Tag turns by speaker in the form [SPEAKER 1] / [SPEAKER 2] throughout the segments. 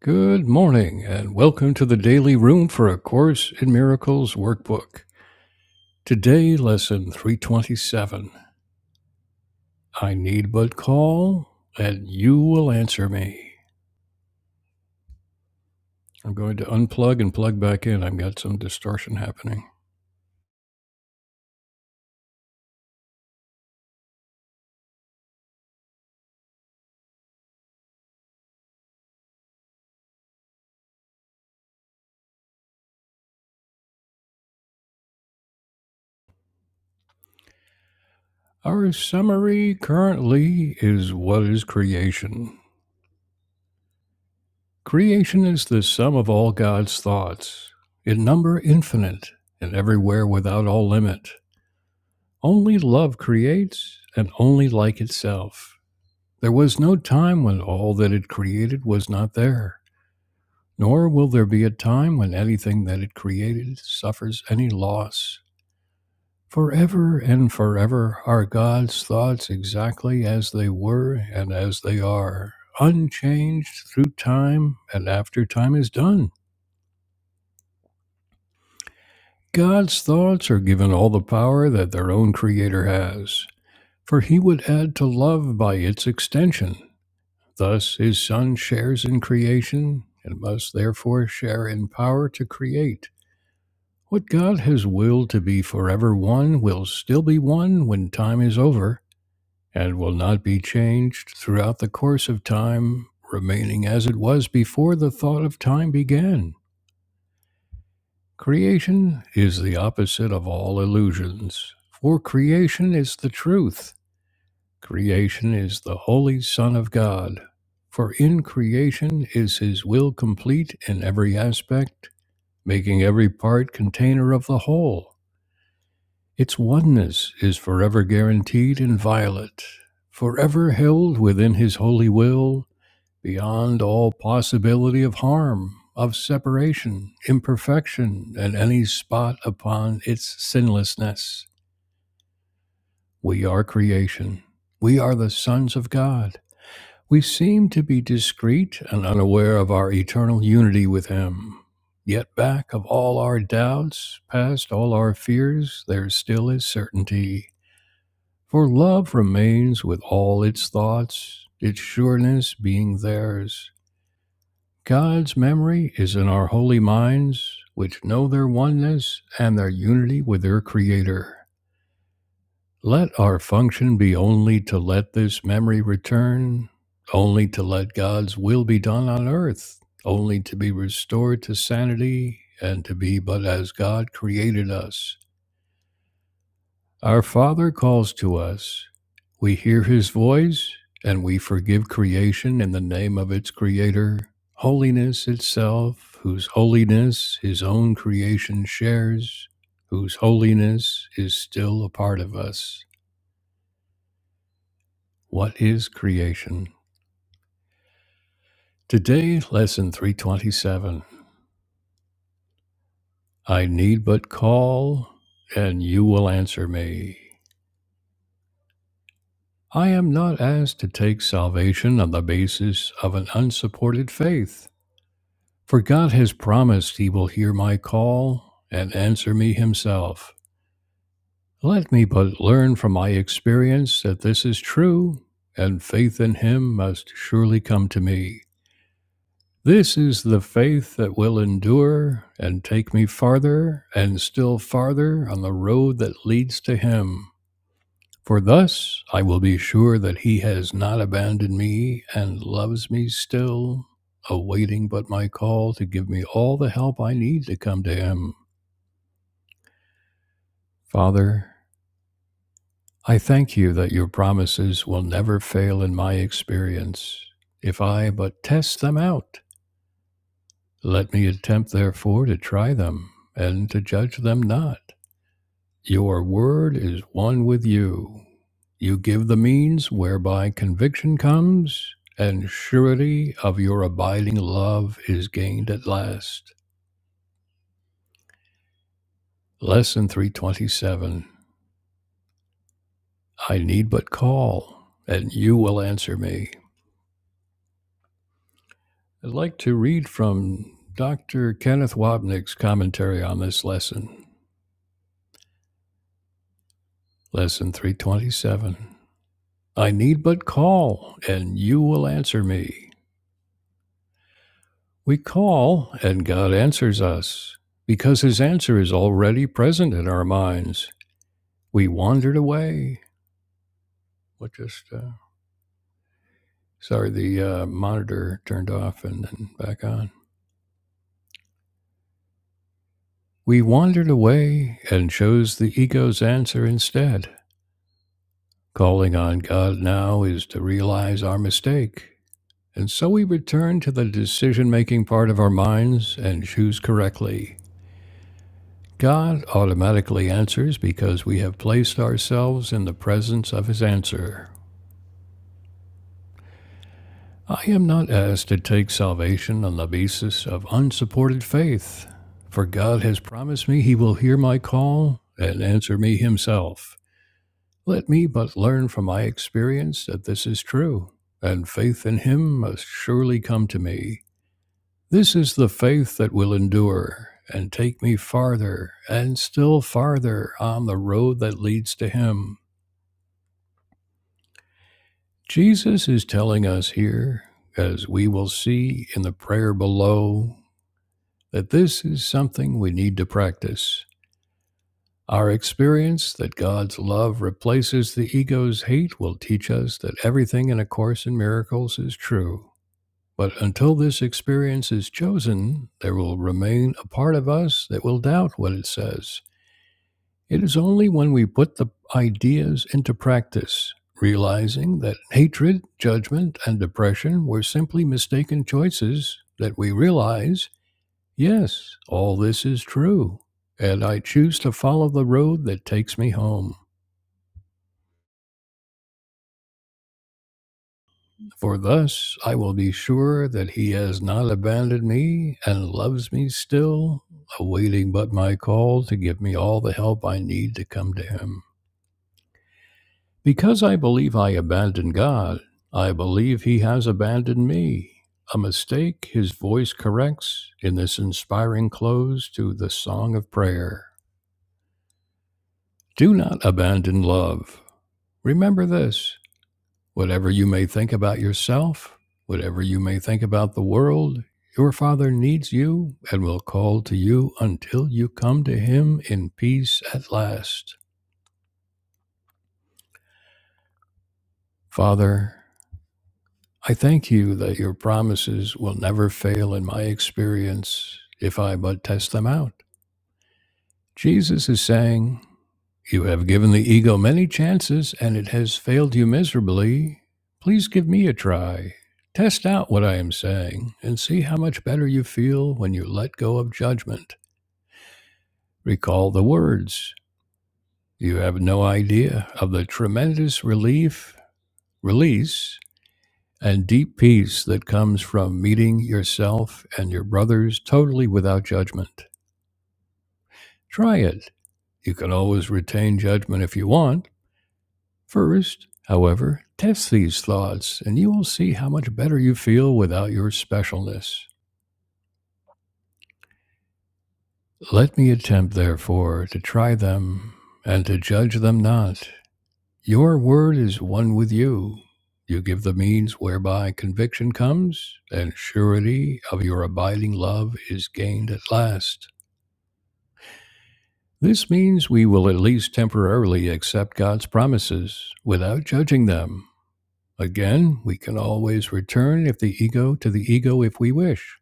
[SPEAKER 1] Good morning, and welcome to the Daily Room for A Course in Miracles workbook. Today, lesson 327 I need but call, and you will answer me. I'm going to unplug and plug back in. I've got some distortion happening. Our summary currently is What is creation? Creation is the sum of all God's thoughts, in number infinite, and everywhere without all limit. Only love creates, and only like itself. There was no time when all that it created was not there, nor will there be a time when anything that it created suffers any loss. Forever and forever are God's thoughts exactly as they were and as they are, unchanged through time and after time is done. God's thoughts are given all the power that their own Creator has, for He would add to love by its extension. Thus, his Son shares in creation and must therefore share in power to create. What God has willed to be forever one will still be one when time is over, and will not be changed throughout the course of time, remaining as it was before the thought of time began. Creation is the opposite of all illusions, for creation is the truth Creation is the Holy Son of God. For in creation is His will complete in every aspect, making every part container of the whole. Its oneness is forever guaranteed and violate, forever held within His holy will, beyond all possibility of harm, of separation, imperfection, and any spot upon its sinlessness. We are creation. We are the sons of God. We seem to be discreet and unaware of our eternal unity with Him. Yet back of all our doubts, past all our fears, there still is certainty. For love remains with all its thoughts, its sureness being theirs. God's memory is in our holy minds, which know their oneness and their unity with their Creator. Let our function be only to let this memory return, only to let God's will be done on earth, only to be restored to sanity and to be but as God created us. Our Father calls to us. We hear his voice and we forgive creation in the name of its creator, holiness itself, whose holiness his own creation shares, whose holiness is still a part of us. What is creation? Today, lesson 327. I need but call, and you will answer me. I am not asked to take salvation on the basis of an unsupported faith, for God has promised he will hear my call and answer me himself. Let me but learn from my experience that this is true, and faith in him must surely come to me. This is the faith that will endure and take me farther and still farther on the road that leads to Him. For thus I will be sure that He has not abandoned me and loves me still, awaiting but my call to give me all the help I need to come to Him. Father, I thank you that your promises will never fail in my experience, if I but test them out. Let me attempt therefore to try them, and to judge them not. Your word is one with you. You give the means whereby conviction comes, and surety of your abiding love is gained at last. Lesson 327 I need but call, and you will answer me. I'd like to read from Dr. Kenneth Wapnick's commentary on this lesson. Lesson 327. I need but call, and you will answer me. We call, and God answers us, because his answer is already present in our minds. We wandered away. What just, uh, sorry, the uh, monitor turned off and then back on. We wandered away and chose the ego's answer instead. Calling on God now is to realize our mistake. And so we return to the decision making part of our minds and choose correctly. God automatically answers because we have placed ourselves in the presence of his answer. I am not asked to take salvation on the basis of unsupported faith, for God has promised me he will hear my call and answer me himself. Let me but learn from my experience that this is true, and faith in him must surely come to me. This is the faith that will endure and take me farther and still farther on the road that leads to him. Jesus is telling us here, as we will see in the prayer below, that this is something we need to practice. Our experience that God's love replaces the ego's hate will teach us that everything in A Course in Miracles is true. But until this experience is chosen, there will remain a part of us that will doubt what it says. It is only when we put the ideas into practice, realizing that hatred, judgment, and depression were simply mistaken choices, that we realize, yes, all this is true, and I choose to follow the road that takes me home. For thus I will be sure that he has not abandoned me and loves me still, awaiting but my call to give me all the help I need to come to him. Because I believe I abandoned God, I believe He has abandoned me. A mistake His voice corrects in this inspiring close to the Song of Prayer. Do not abandon love. Remember this whatever you may think about yourself, whatever you may think about the world, your Father needs you and will call to you until you come to Him in peace at last. Father, I thank you that your promises will never fail in my experience if I but test them out. Jesus is saying, You have given the ego many chances and it has failed you miserably. Please give me a try. Test out what I am saying and see how much better you feel when you let go of judgment. Recall the words. You have no idea of the tremendous relief, release and deep peace that comes from meeting yourself and your brothers totally without judgment. Try it. You can always retain judgment if you want. First, however, test these thoughts and you will see how much better you feel without your specialness. Let me attempt, therefore, to try them and to judge them not. Your word is one with you. You give the means whereby conviction comes, and surety of your abiding love is gained at last. This means we will at least temporarily accept God's promises without judging them. Again, we can always return if the ego to the ego if we wish.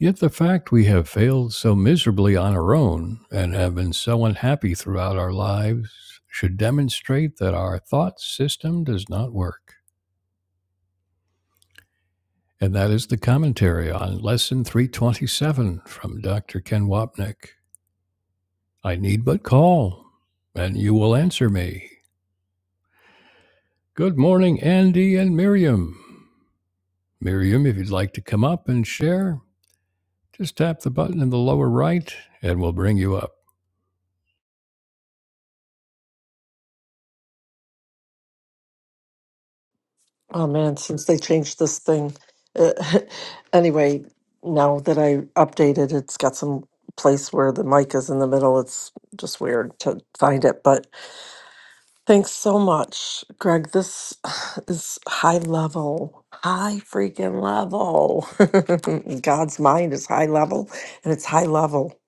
[SPEAKER 1] Yet the fact we have failed so miserably on our own and have been so unhappy throughout our lives should demonstrate that our thought system does not work. And that is the commentary on lesson 327 from Dr. Ken Wapnick. I need but call, and you will answer me. Good morning, Andy and Miriam. Miriam, if you'd like to come up and share, just tap the button in the lower right and we'll bring you up.
[SPEAKER 2] Oh man, since they changed this thing. Uh, anyway, now that I updated, it's got some place where the mic is in the middle. It's just weird to find it. But thanks so much, Greg. This is high level, high freaking level. God's mind is high level, and it's high level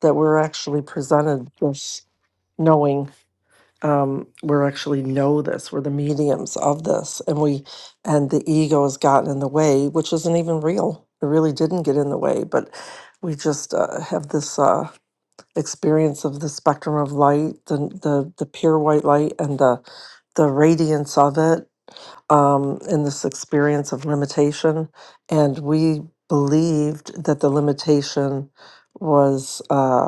[SPEAKER 2] that we're actually presented this knowing um, we're actually know this we're the mediums of this and we and the ego has gotten in the way which isn't even real it really didn't get in the way but we just uh, have this uh, experience of the spectrum of light the, the the pure white light and the the radiance of it um, in this experience of limitation and we believed that the limitation was Uh,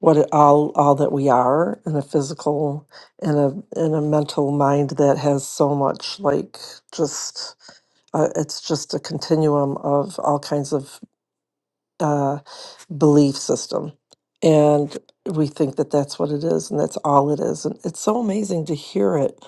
[SPEAKER 2] what it, all all that we are and a physical and a and a mental mind that has so much like just uh, it's just a continuum of all kinds of uh, belief system. And we think that that's what it is and that's all it is. And it's so amazing to hear it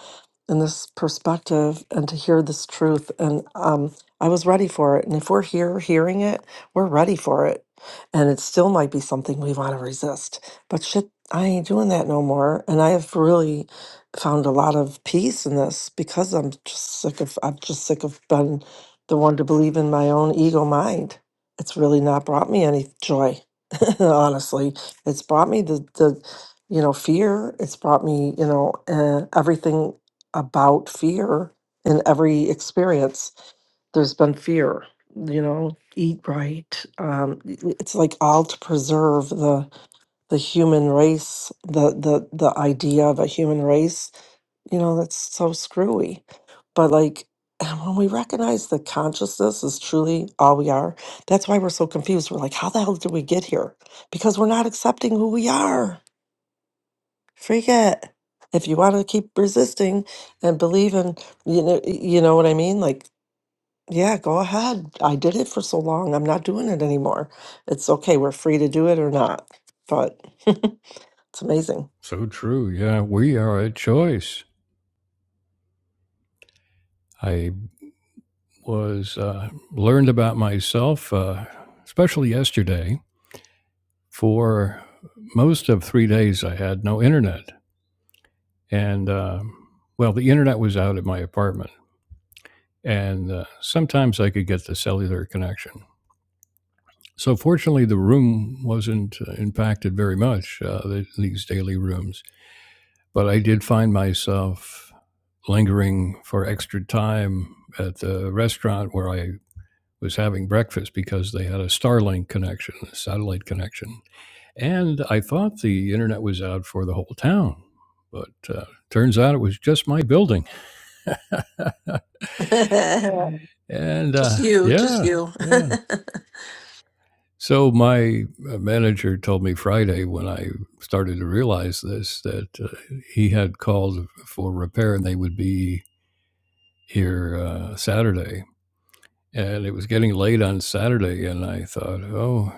[SPEAKER 2] in this perspective and to hear this truth. And um, I was ready for it. And if we're here hearing it, we're ready for it. And it still might be something we want to resist. But shit, I ain't doing that no more. And I have really found a lot of peace in this because I'm just sick of, I'm just sick of being the one to believe in my own ego mind it's really not brought me any joy honestly it's brought me the the you know fear it's brought me you know uh, everything about fear in every experience there's been fear you know eat right um i- i- it's like all to preserve the the human race the the the idea of a human race you know, that's so screwy. But like, and when we recognize that consciousness is truly all we are, that's why we're so confused. We're like, how the hell did we get here? Because we're not accepting who we are. Freak it. If you want to keep resisting and believe in, you know, you know what I mean? Like, yeah, go ahead. I did it for so long. I'm not doing it anymore. It's okay. We're free to do it or not. But it's amazing.
[SPEAKER 1] So true. Yeah, we are a choice. I was uh, learned about myself, uh, especially yesterday. For most of three days, I had no internet. And, uh, well, the internet was out at my apartment. And uh, sometimes I could get the cellular connection. So fortunately, the room wasn't uh, impacted very much, uh, th- these daily rooms. But I did find myself lingering for extra time at the restaurant where I was having breakfast because they had a Starlink connection, a satellite connection. And I thought the internet was out for the whole town, but uh, turns out it was just my building.
[SPEAKER 2] just
[SPEAKER 1] And uh,
[SPEAKER 2] you, just
[SPEAKER 1] yeah,
[SPEAKER 2] you.
[SPEAKER 1] yeah. So my uh, manager told me Friday when I started to realize this that uh, he had called for repair and they would be here uh, Saturday. And it was getting late on Saturday, and I thought, oh,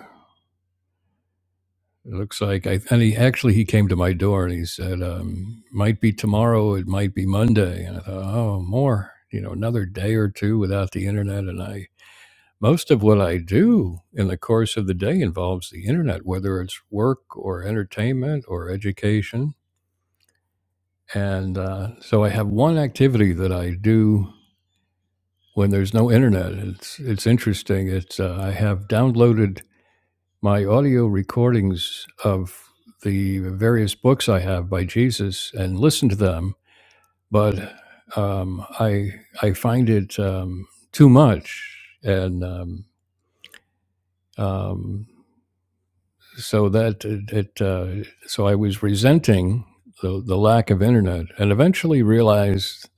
[SPEAKER 1] it looks like I. And he actually he came to my door and he said, um, might be tomorrow, it might be Monday. And I thought, oh, more, you know, another day or two without the internet, and I most of what I do in the course of the day involves the internet, whether it's work or entertainment or education. And uh, so I have one activity that I do when there's no internet. It's it's interesting. It's uh, I have downloaded my audio recordings of the various books I have by Jesus and listened to them, but um, I I find it um, too much and. Um, um, so that it, it uh, so I was resenting the the lack of internet, and eventually realized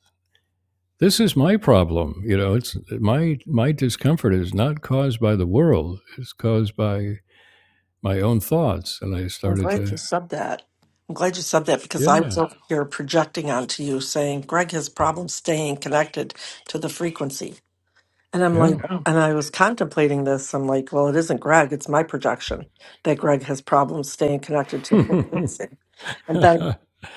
[SPEAKER 1] this is my problem. You know, it's my my discomfort is not caused by the world; it's caused by my own thoughts. And I
[SPEAKER 2] I'm
[SPEAKER 1] started
[SPEAKER 2] glad you
[SPEAKER 1] to,
[SPEAKER 2] said that. I'm glad you said that because I
[SPEAKER 1] yeah,
[SPEAKER 2] was over here projecting onto you saying Greg has problems staying connected to the frequency. And I'm
[SPEAKER 1] yeah,
[SPEAKER 2] like, Yeah. and I was contemplating this. I'm like, well, it isn't Greg, it's my projection that Greg has problems staying connected to frequency. and then.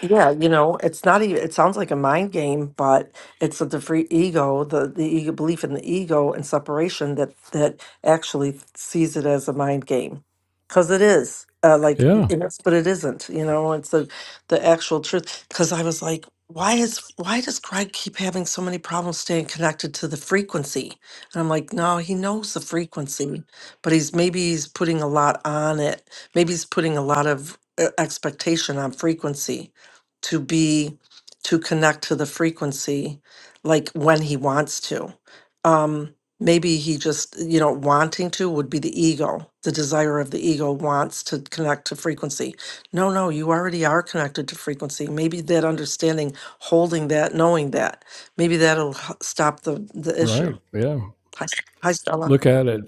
[SPEAKER 2] Yeah, you know, it's not even, it sounds like a mind game, but it's the free ego, the the ego belief in the ego and separation that that actually sees it as a mind game. Because it is. Uh, like
[SPEAKER 1] yeah,
[SPEAKER 2] it is, but it isn't, you know, it's the the actual truth. Because I was like, why is why does Greg keep having so many problems staying connected to the frequency? And I'm like, no, he knows the frequency, but he's maybe he's putting a lot on it. Maybe he's putting a lot of uh, expectation on frequency to be to connect to the frequency like when he wants to um maybe he just you know wanting to would be the ego the desire of the ego wants to connect to frequency no no you already are connected to frequency maybe that understanding holding that knowing that maybe that'll h- stop the the issue
[SPEAKER 1] right, yeah.
[SPEAKER 2] Hi, S- hi, Stella.
[SPEAKER 1] Look at it.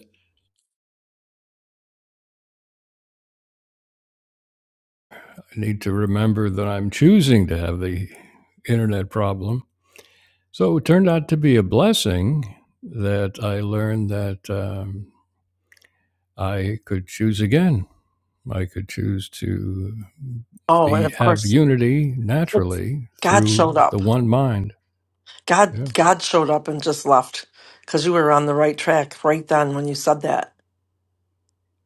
[SPEAKER 1] I need to remember that I'm choosing to have the internet problem So it turned out to be a blessing that I learned that um, I could choose again. I could choose to
[SPEAKER 2] Oh, and
[SPEAKER 1] be
[SPEAKER 2] of
[SPEAKER 1] have
[SPEAKER 2] course,
[SPEAKER 1] unity
[SPEAKER 2] it's-
[SPEAKER 1] naturally
[SPEAKER 2] God showed
[SPEAKER 1] through the
[SPEAKER 2] up.
[SPEAKER 1] one mind.
[SPEAKER 2] God,
[SPEAKER 1] Yeah.
[SPEAKER 2] God showed up and just left because you were on the right track right then when you said that.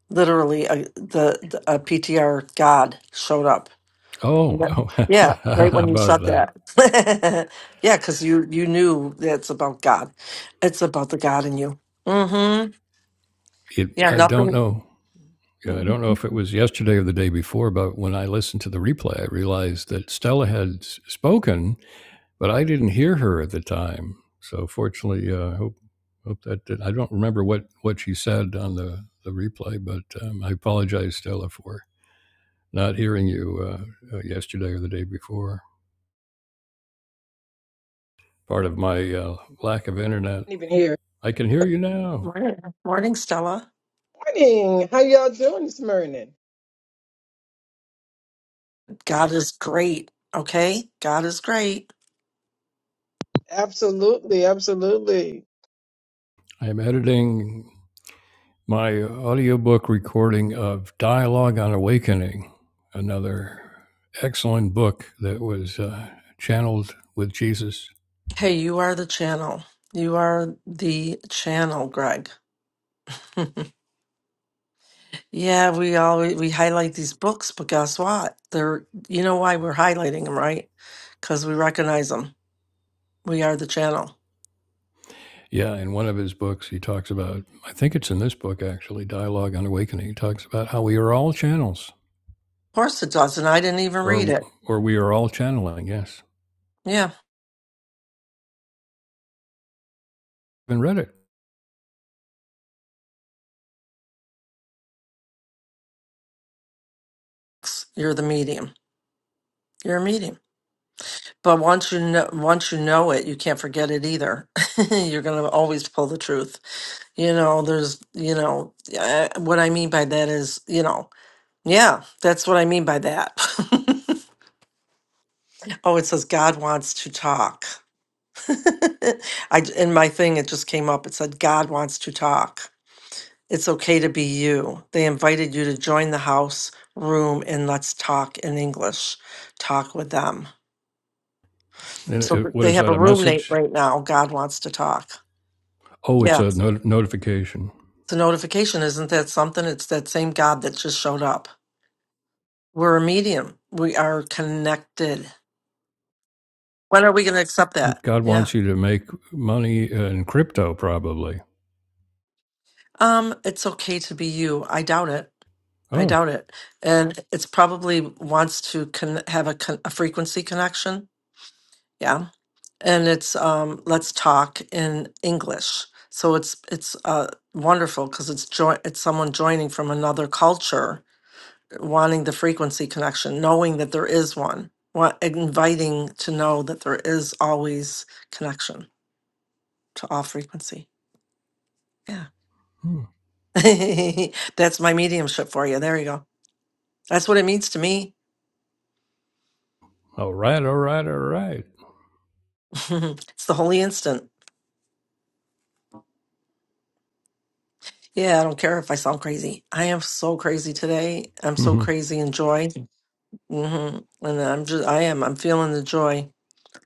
[SPEAKER 2] Literally, a, the, the a PTR God showed up. And
[SPEAKER 1] Oh,
[SPEAKER 2] that-
[SPEAKER 1] oh
[SPEAKER 2] yeah,
[SPEAKER 1] how
[SPEAKER 2] right when you
[SPEAKER 1] about
[SPEAKER 2] said
[SPEAKER 1] that?
[SPEAKER 2] that. yeah, because you you knew that's about God. It's about the God in you. Mm-hmm.
[SPEAKER 1] It.
[SPEAKER 2] Yeah,
[SPEAKER 1] I don't
[SPEAKER 2] nothing.
[SPEAKER 1] know. Yeah, I
[SPEAKER 2] Mm.
[SPEAKER 1] don't know if it was yesterday or the day before, but when I listened to the replay, I realized that Stella had spoken but I didn't hear her at the time. So fortunately, I uh, hope hope that did. I don't remember what what she said on the the replay, but um, I apologize, Stella, for not hearing you uh, uh, yesterday or the day before. Part of my uh, lack of internet.
[SPEAKER 3] even here.
[SPEAKER 1] I can hear you now.
[SPEAKER 2] Morning, morning, Stella.
[SPEAKER 3] Morning. How y'all doing this morning?
[SPEAKER 2] God is great. Okay, God is great.
[SPEAKER 3] Absolutely, absolutely.
[SPEAKER 1] I am editing my audiobook recording of Dialogue on Awakening, another excellent book that was uh, channeled with Jesus
[SPEAKER 2] Hey, you are the channel. You are the channel, Greg. yeah, we always we highlight these books, but guess what? They're you know why we're highlighting them, right? Because we recognize them. We are the channel. Of
[SPEAKER 1] Yeah, in one of his books, he talks about, I think it's in this book actually, Dialogue on Awakening. He talks about how we are all channels,
[SPEAKER 2] course it does, and I didn't even read
[SPEAKER 1] or
[SPEAKER 2] it.
[SPEAKER 1] or we are all channeling. Yes,
[SPEAKER 2] Yeah,
[SPEAKER 1] and read it.
[SPEAKER 2] you're the medium. You're a medium. But once you know, once you know it, you can't forget it either. you're going to always pull the truth. You know, there's, you know, uh, what I mean by that is, you know, yeah, that's what I mean by that. oh, it says God wants to talk. I in my thing it just came up. It said God wants to talk. It's okay to be you. They invited you to join the house room and let's talk in English. Talk with them
[SPEAKER 1] And
[SPEAKER 2] So
[SPEAKER 1] it,
[SPEAKER 2] th-
[SPEAKER 1] what
[SPEAKER 2] they
[SPEAKER 1] is
[SPEAKER 2] have
[SPEAKER 1] that?
[SPEAKER 2] a
[SPEAKER 1] A
[SPEAKER 2] roommate
[SPEAKER 1] message?
[SPEAKER 2] right now. God wants to talk.
[SPEAKER 1] Oh, it's
[SPEAKER 2] Yeah.
[SPEAKER 1] a not- notification.
[SPEAKER 2] The notification isn't that something? It's that same God that just showed up. We're a medium. We are connected. When are we going to accept that?
[SPEAKER 1] God
[SPEAKER 2] Yeah.
[SPEAKER 1] wants you to make money in crypto, probably.
[SPEAKER 2] Um, it's okay to be you. I doubt it. I
[SPEAKER 1] Oh,
[SPEAKER 2] doubt it. And it's probably wants to con- have a, con- a frequency connection. Yeah. And it's um, let's talk in English. So it's it's uh, wonderful because it's jo- it's someone joining from another culture wanting the frequency connection, knowing that there is one, want, inviting to know that there is always connection to all frequency. Yeah.
[SPEAKER 1] hmm.
[SPEAKER 2] That's my mediumship for you. There you go. That's what it means to me.
[SPEAKER 1] all right, all right, all right.
[SPEAKER 2] it's the holy instant. Yeah, I don't care if I sound crazy. I am so crazy today. I'm so crazy in joy. hmm And I'm just, I am, I'm feeling the joy.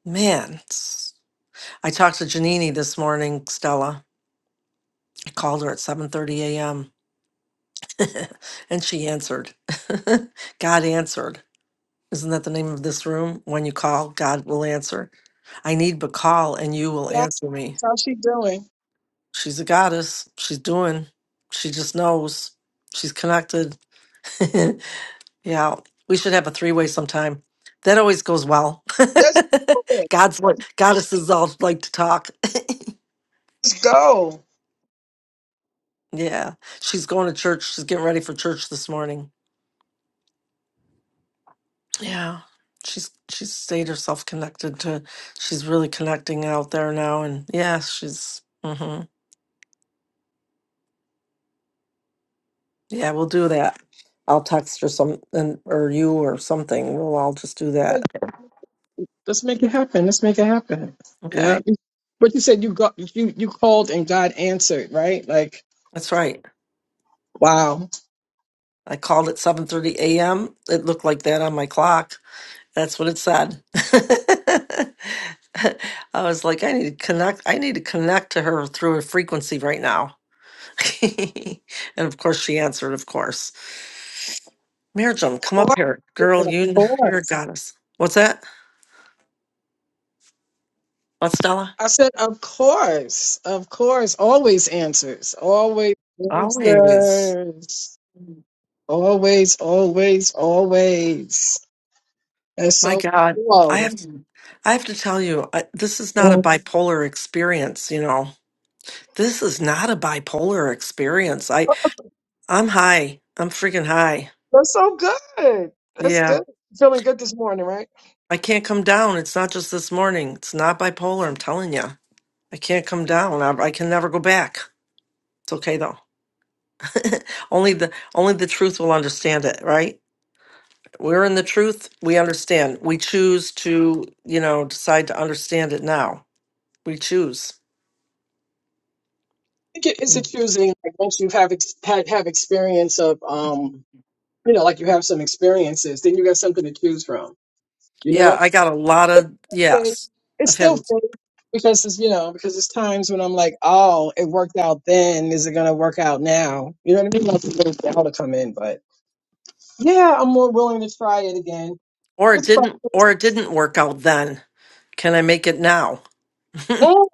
[SPEAKER 2] Man, it's- I talked to Janini this morning, Stella. I called her at 7.30 a.m and she answered. God answered. Isn't that the name of this room? When you call, God will answer. I need but call and you will
[SPEAKER 3] That's
[SPEAKER 2] answer me.
[SPEAKER 3] how she doing?
[SPEAKER 2] She's a goddess. She's doing. She just knows. She's connected. yeah. We should have a three way sometime. That always goes well.
[SPEAKER 3] Let's do it.
[SPEAKER 2] God's what goddesses all like to talk.
[SPEAKER 3] Let's go.
[SPEAKER 2] Yeah. She's going to church. She's getting ready for church this morning. Yeah. She's she's stayed herself connected to she's really connecting out there now and yeah, she's hmm Yeah, we'll do that. I'll text her some and or you or something. We'll all just do
[SPEAKER 3] Yeah,
[SPEAKER 2] that.
[SPEAKER 3] Let's make it happen. Let's make it happen. Yeah.
[SPEAKER 2] Okay.
[SPEAKER 3] But you said you got you you called and God answered, right? Like,
[SPEAKER 2] That's right.
[SPEAKER 3] wow. Of
[SPEAKER 2] I called at seven thirty AM. It looked like that on my clock. That's what it said. I was like, I need to connect I need to connect to her through a frequency right now. and of course she answered, of course. Mirjam, come up
[SPEAKER 3] course.
[SPEAKER 2] here. Girl,
[SPEAKER 3] Of
[SPEAKER 2] you, you're a
[SPEAKER 3] course.
[SPEAKER 2] goddess. What's that? What, Stella?
[SPEAKER 3] I said, of course, of course, always answers, always
[SPEAKER 2] Always.
[SPEAKER 3] answers, always, always, always. That's
[SPEAKER 2] My
[SPEAKER 3] so
[SPEAKER 2] God. I
[SPEAKER 3] cool.
[SPEAKER 2] have I have to tell you, I, this is not a
[SPEAKER 3] Mhm.
[SPEAKER 2] bipolar experience, you know. This is not a bipolar experience. I I'm high. I'm freaking high.
[SPEAKER 3] That's so good. That's
[SPEAKER 2] Yeah.
[SPEAKER 3] good. Feeling good this morning, right?
[SPEAKER 2] I can't come down. It's not just this morning. It's not bipolar, I'm telling you. I can't come down. I, I can never go back. It's okay though. only the only the truth will understand it, right? We're in the truth. We understand. We choose to, you know, decide to understand it now. We choose.
[SPEAKER 3] I think it is accusing like once you have ex- had have experience of um you know like you have some experiences, then you got something to choose from, you
[SPEAKER 2] Yeah,
[SPEAKER 3] know.
[SPEAKER 2] I got a lot
[SPEAKER 3] But
[SPEAKER 2] of
[SPEAKER 3] it's
[SPEAKER 2] yes. I've had
[SPEAKER 3] still fake because it's you know because it's times when I'm like, oh, it worked out then. Is it gonna work out now? You know what I mean? Like a little doubt to come in, but yeah, I'm more willing to try it again.
[SPEAKER 2] or it
[SPEAKER 3] It's
[SPEAKER 2] didn't
[SPEAKER 3] practice.
[SPEAKER 2] or it didn't work out then. Can I make it now?
[SPEAKER 3] Mm,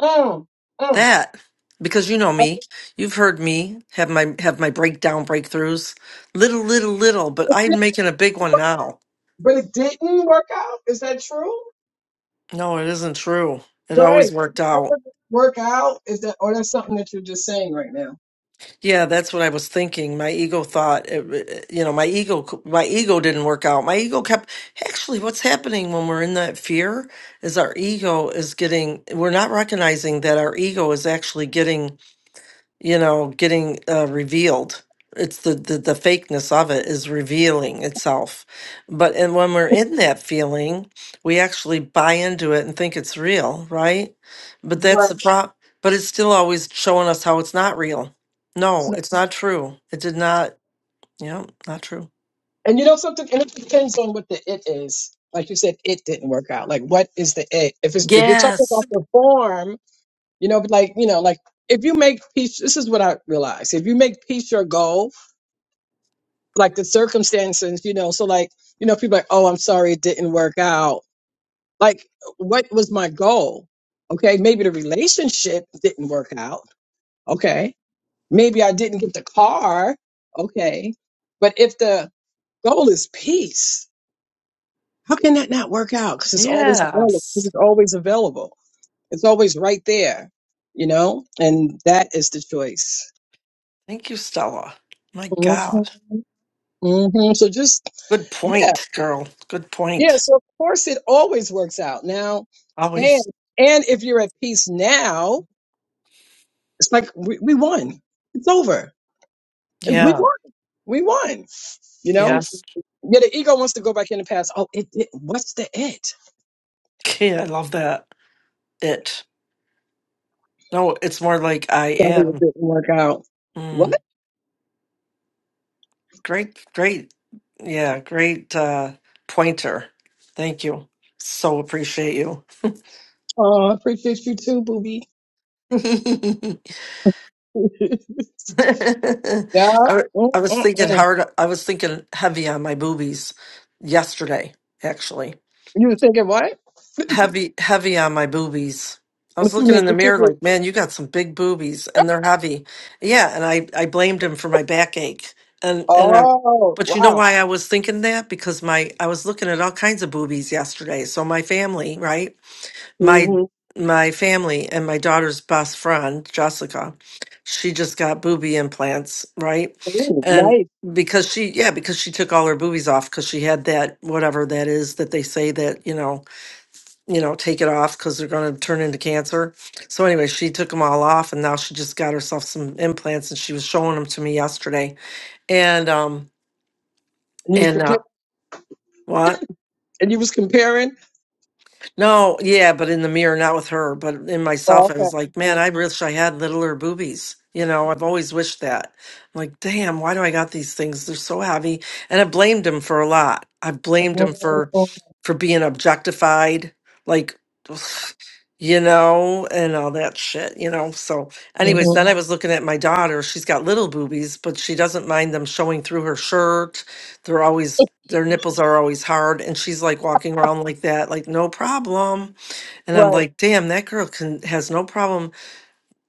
[SPEAKER 3] mm, mm.
[SPEAKER 2] That because you know me. You've heard me have my have my breakdown breakthroughs. Little little little, but
[SPEAKER 3] It
[SPEAKER 2] I'm
[SPEAKER 3] didn't
[SPEAKER 2] making a big one
[SPEAKER 3] work,
[SPEAKER 2] now.
[SPEAKER 3] but it didn't work out. Is that true?
[SPEAKER 2] No, it isn't true. It always
[SPEAKER 3] Right.
[SPEAKER 2] worked
[SPEAKER 3] That
[SPEAKER 2] out.
[SPEAKER 3] doesn't Work out is that, or that's something that you're just saying right now.
[SPEAKER 2] Yeah, that's what I was thinking. My ego thought, it- you know, my ego, my ego didn't work out. My ego kept, actually, what's happening when we're in that fear is our ego is getting, we're not recognizing that our ego is actually getting you know, getting uh, revealed. It's the, the the fakeness of it is revealing itself. But and when we're in that feeling, we actually buy into it and think it's real, right? But that's the
[SPEAKER 3] Right.
[SPEAKER 2] problem. But it's still always showing us how it's not real.
[SPEAKER 3] It's
[SPEAKER 2] No,
[SPEAKER 3] not-
[SPEAKER 2] it's not true. It did not. Yeah, not true.
[SPEAKER 3] And you know something, and it depends on what the it is. Like you said, it didn't work out. Like, what is the it? If it's if you're talking
[SPEAKER 2] Yes.
[SPEAKER 3] about the form, you know, but like you know, like if you make peace, this is what I realize. If you make peace your goal, like the circumstances, you know, so like you know, people are like, oh, I'm sorry, it didn't work out Like, what was my goal? Okay, maybe the relationship didn't work out. Okay, maybe I didn't get the car. Okay, but if the goal is peace, how can that not work out? Because it's always available. Because
[SPEAKER 2] Yes.
[SPEAKER 3] it's always available. It's always right there. You know, and that is the choice.
[SPEAKER 2] Thank you, Stella. My
[SPEAKER 3] hmm
[SPEAKER 2] God.
[SPEAKER 3] hmm So just
[SPEAKER 2] Good
[SPEAKER 3] yeah,
[SPEAKER 2] point, girl. Good
[SPEAKER 3] yeah.
[SPEAKER 2] point.
[SPEAKER 3] So of course it always works out now, and
[SPEAKER 2] Always.
[SPEAKER 3] and if you're at peace now, It's like we, we won. It's over. We
[SPEAKER 2] Yeah.
[SPEAKER 3] won. We won. You know?
[SPEAKER 2] Yes.
[SPEAKER 3] Yeah, the ego wants to go back in the past. Oh, it, it what's the it?
[SPEAKER 2] Okay, I love that. it. No, it's more like I
[SPEAKER 3] Sorry it
[SPEAKER 2] am.
[SPEAKER 3] didn't work out. What?
[SPEAKER 2] Mm, great, great. Yeah, great uh, pointer. Thank you. So appreciate you.
[SPEAKER 3] Oh, I appreciate you too, booby.
[SPEAKER 2] I,
[SPEAKER 3] yeah.
[SPEAKER 2] w-
[SPEAKER 3] mm
[SPEAKER 2] I was
[SPEAKER 3] mm
[SPEAKER 2] thinking
[SPEAKER 3] mm.
[SPEAKER 2] hard. I was thinking heavy on my boobies yesterday, actually.
[SPEAKER 3] You were thinking what?
[SPEAKER 2] heavy heavy on my boobies. I was
[SPEAKER 3] what you
[SPEAKER 2] looking
[SPEAKER 3] mean?
[SPEAKER 2] in the
[SPEAKER 3] What you
[SPEAKER 2] mirror
[SPEAKER 3] mean?
[SPEAKER 2] like, man, you got some big boobies and they're heavy. Yeah, and I I blamed him for my backache. And and I
[SPEAKER 3] Oh,
[SPEAKER 2] but you know
[SPEAKER 3] wow.
[SPEAKER 2] why I was thinking that? Because my I was looking at all kinds of boobies yesterday. So my family, right? My
[SPEAKER 3] hmm
[SPEAKER 2] my family and my daughter's best friend, Jessica, she just got boobie implants, right?
[SPEAKER 3] Ooh,
[SPEAKER 2] And
[SPEAKER 3] nice.
[SPEAKER 2] because she yeah, because she took all her boobies off because she had that whatever that is that they say that, you know, you know, take it off because they're going to turn into cancer. So anyway, she took them all off, and now she just got herself some implants, and she was showing them to me yesterday. And um,
[SPEAKER 3] And you was
[SPEAKER 2] and uh,
[SPEAKER 3] comparing
[SPEAKER 2] what?
[SPEAKER 3] and you was comparing?
[SPEAKER 2] No, yeah, but in the mirror, not with her, but in
[SPEAKER 3] Oh,
[SPEAKER 2] myself, I
[SPEAKER 3] okay.
[SPEAKER 2] was like, man,
[SPEAKER 3] Mm,
[SPEAKER 2] I wish I had littler boobies. You know, I've always wished that. I'm like, damn, why do I got these things? They're so heavy, and I blamed him for a lot. I blamed him for for being objectified, like. you know, and all that shit, you know. So, anyways, then I was looking at my daughter. She's got little boobies, but she doesn't mind them showing through her shirt. They're always, their nipples are always hard. And she's like walking around like that, like, no problem. And I'm
[SPEAKER 3] Right.
[SPEAKER 2] like, damn, that girl can, has no problem,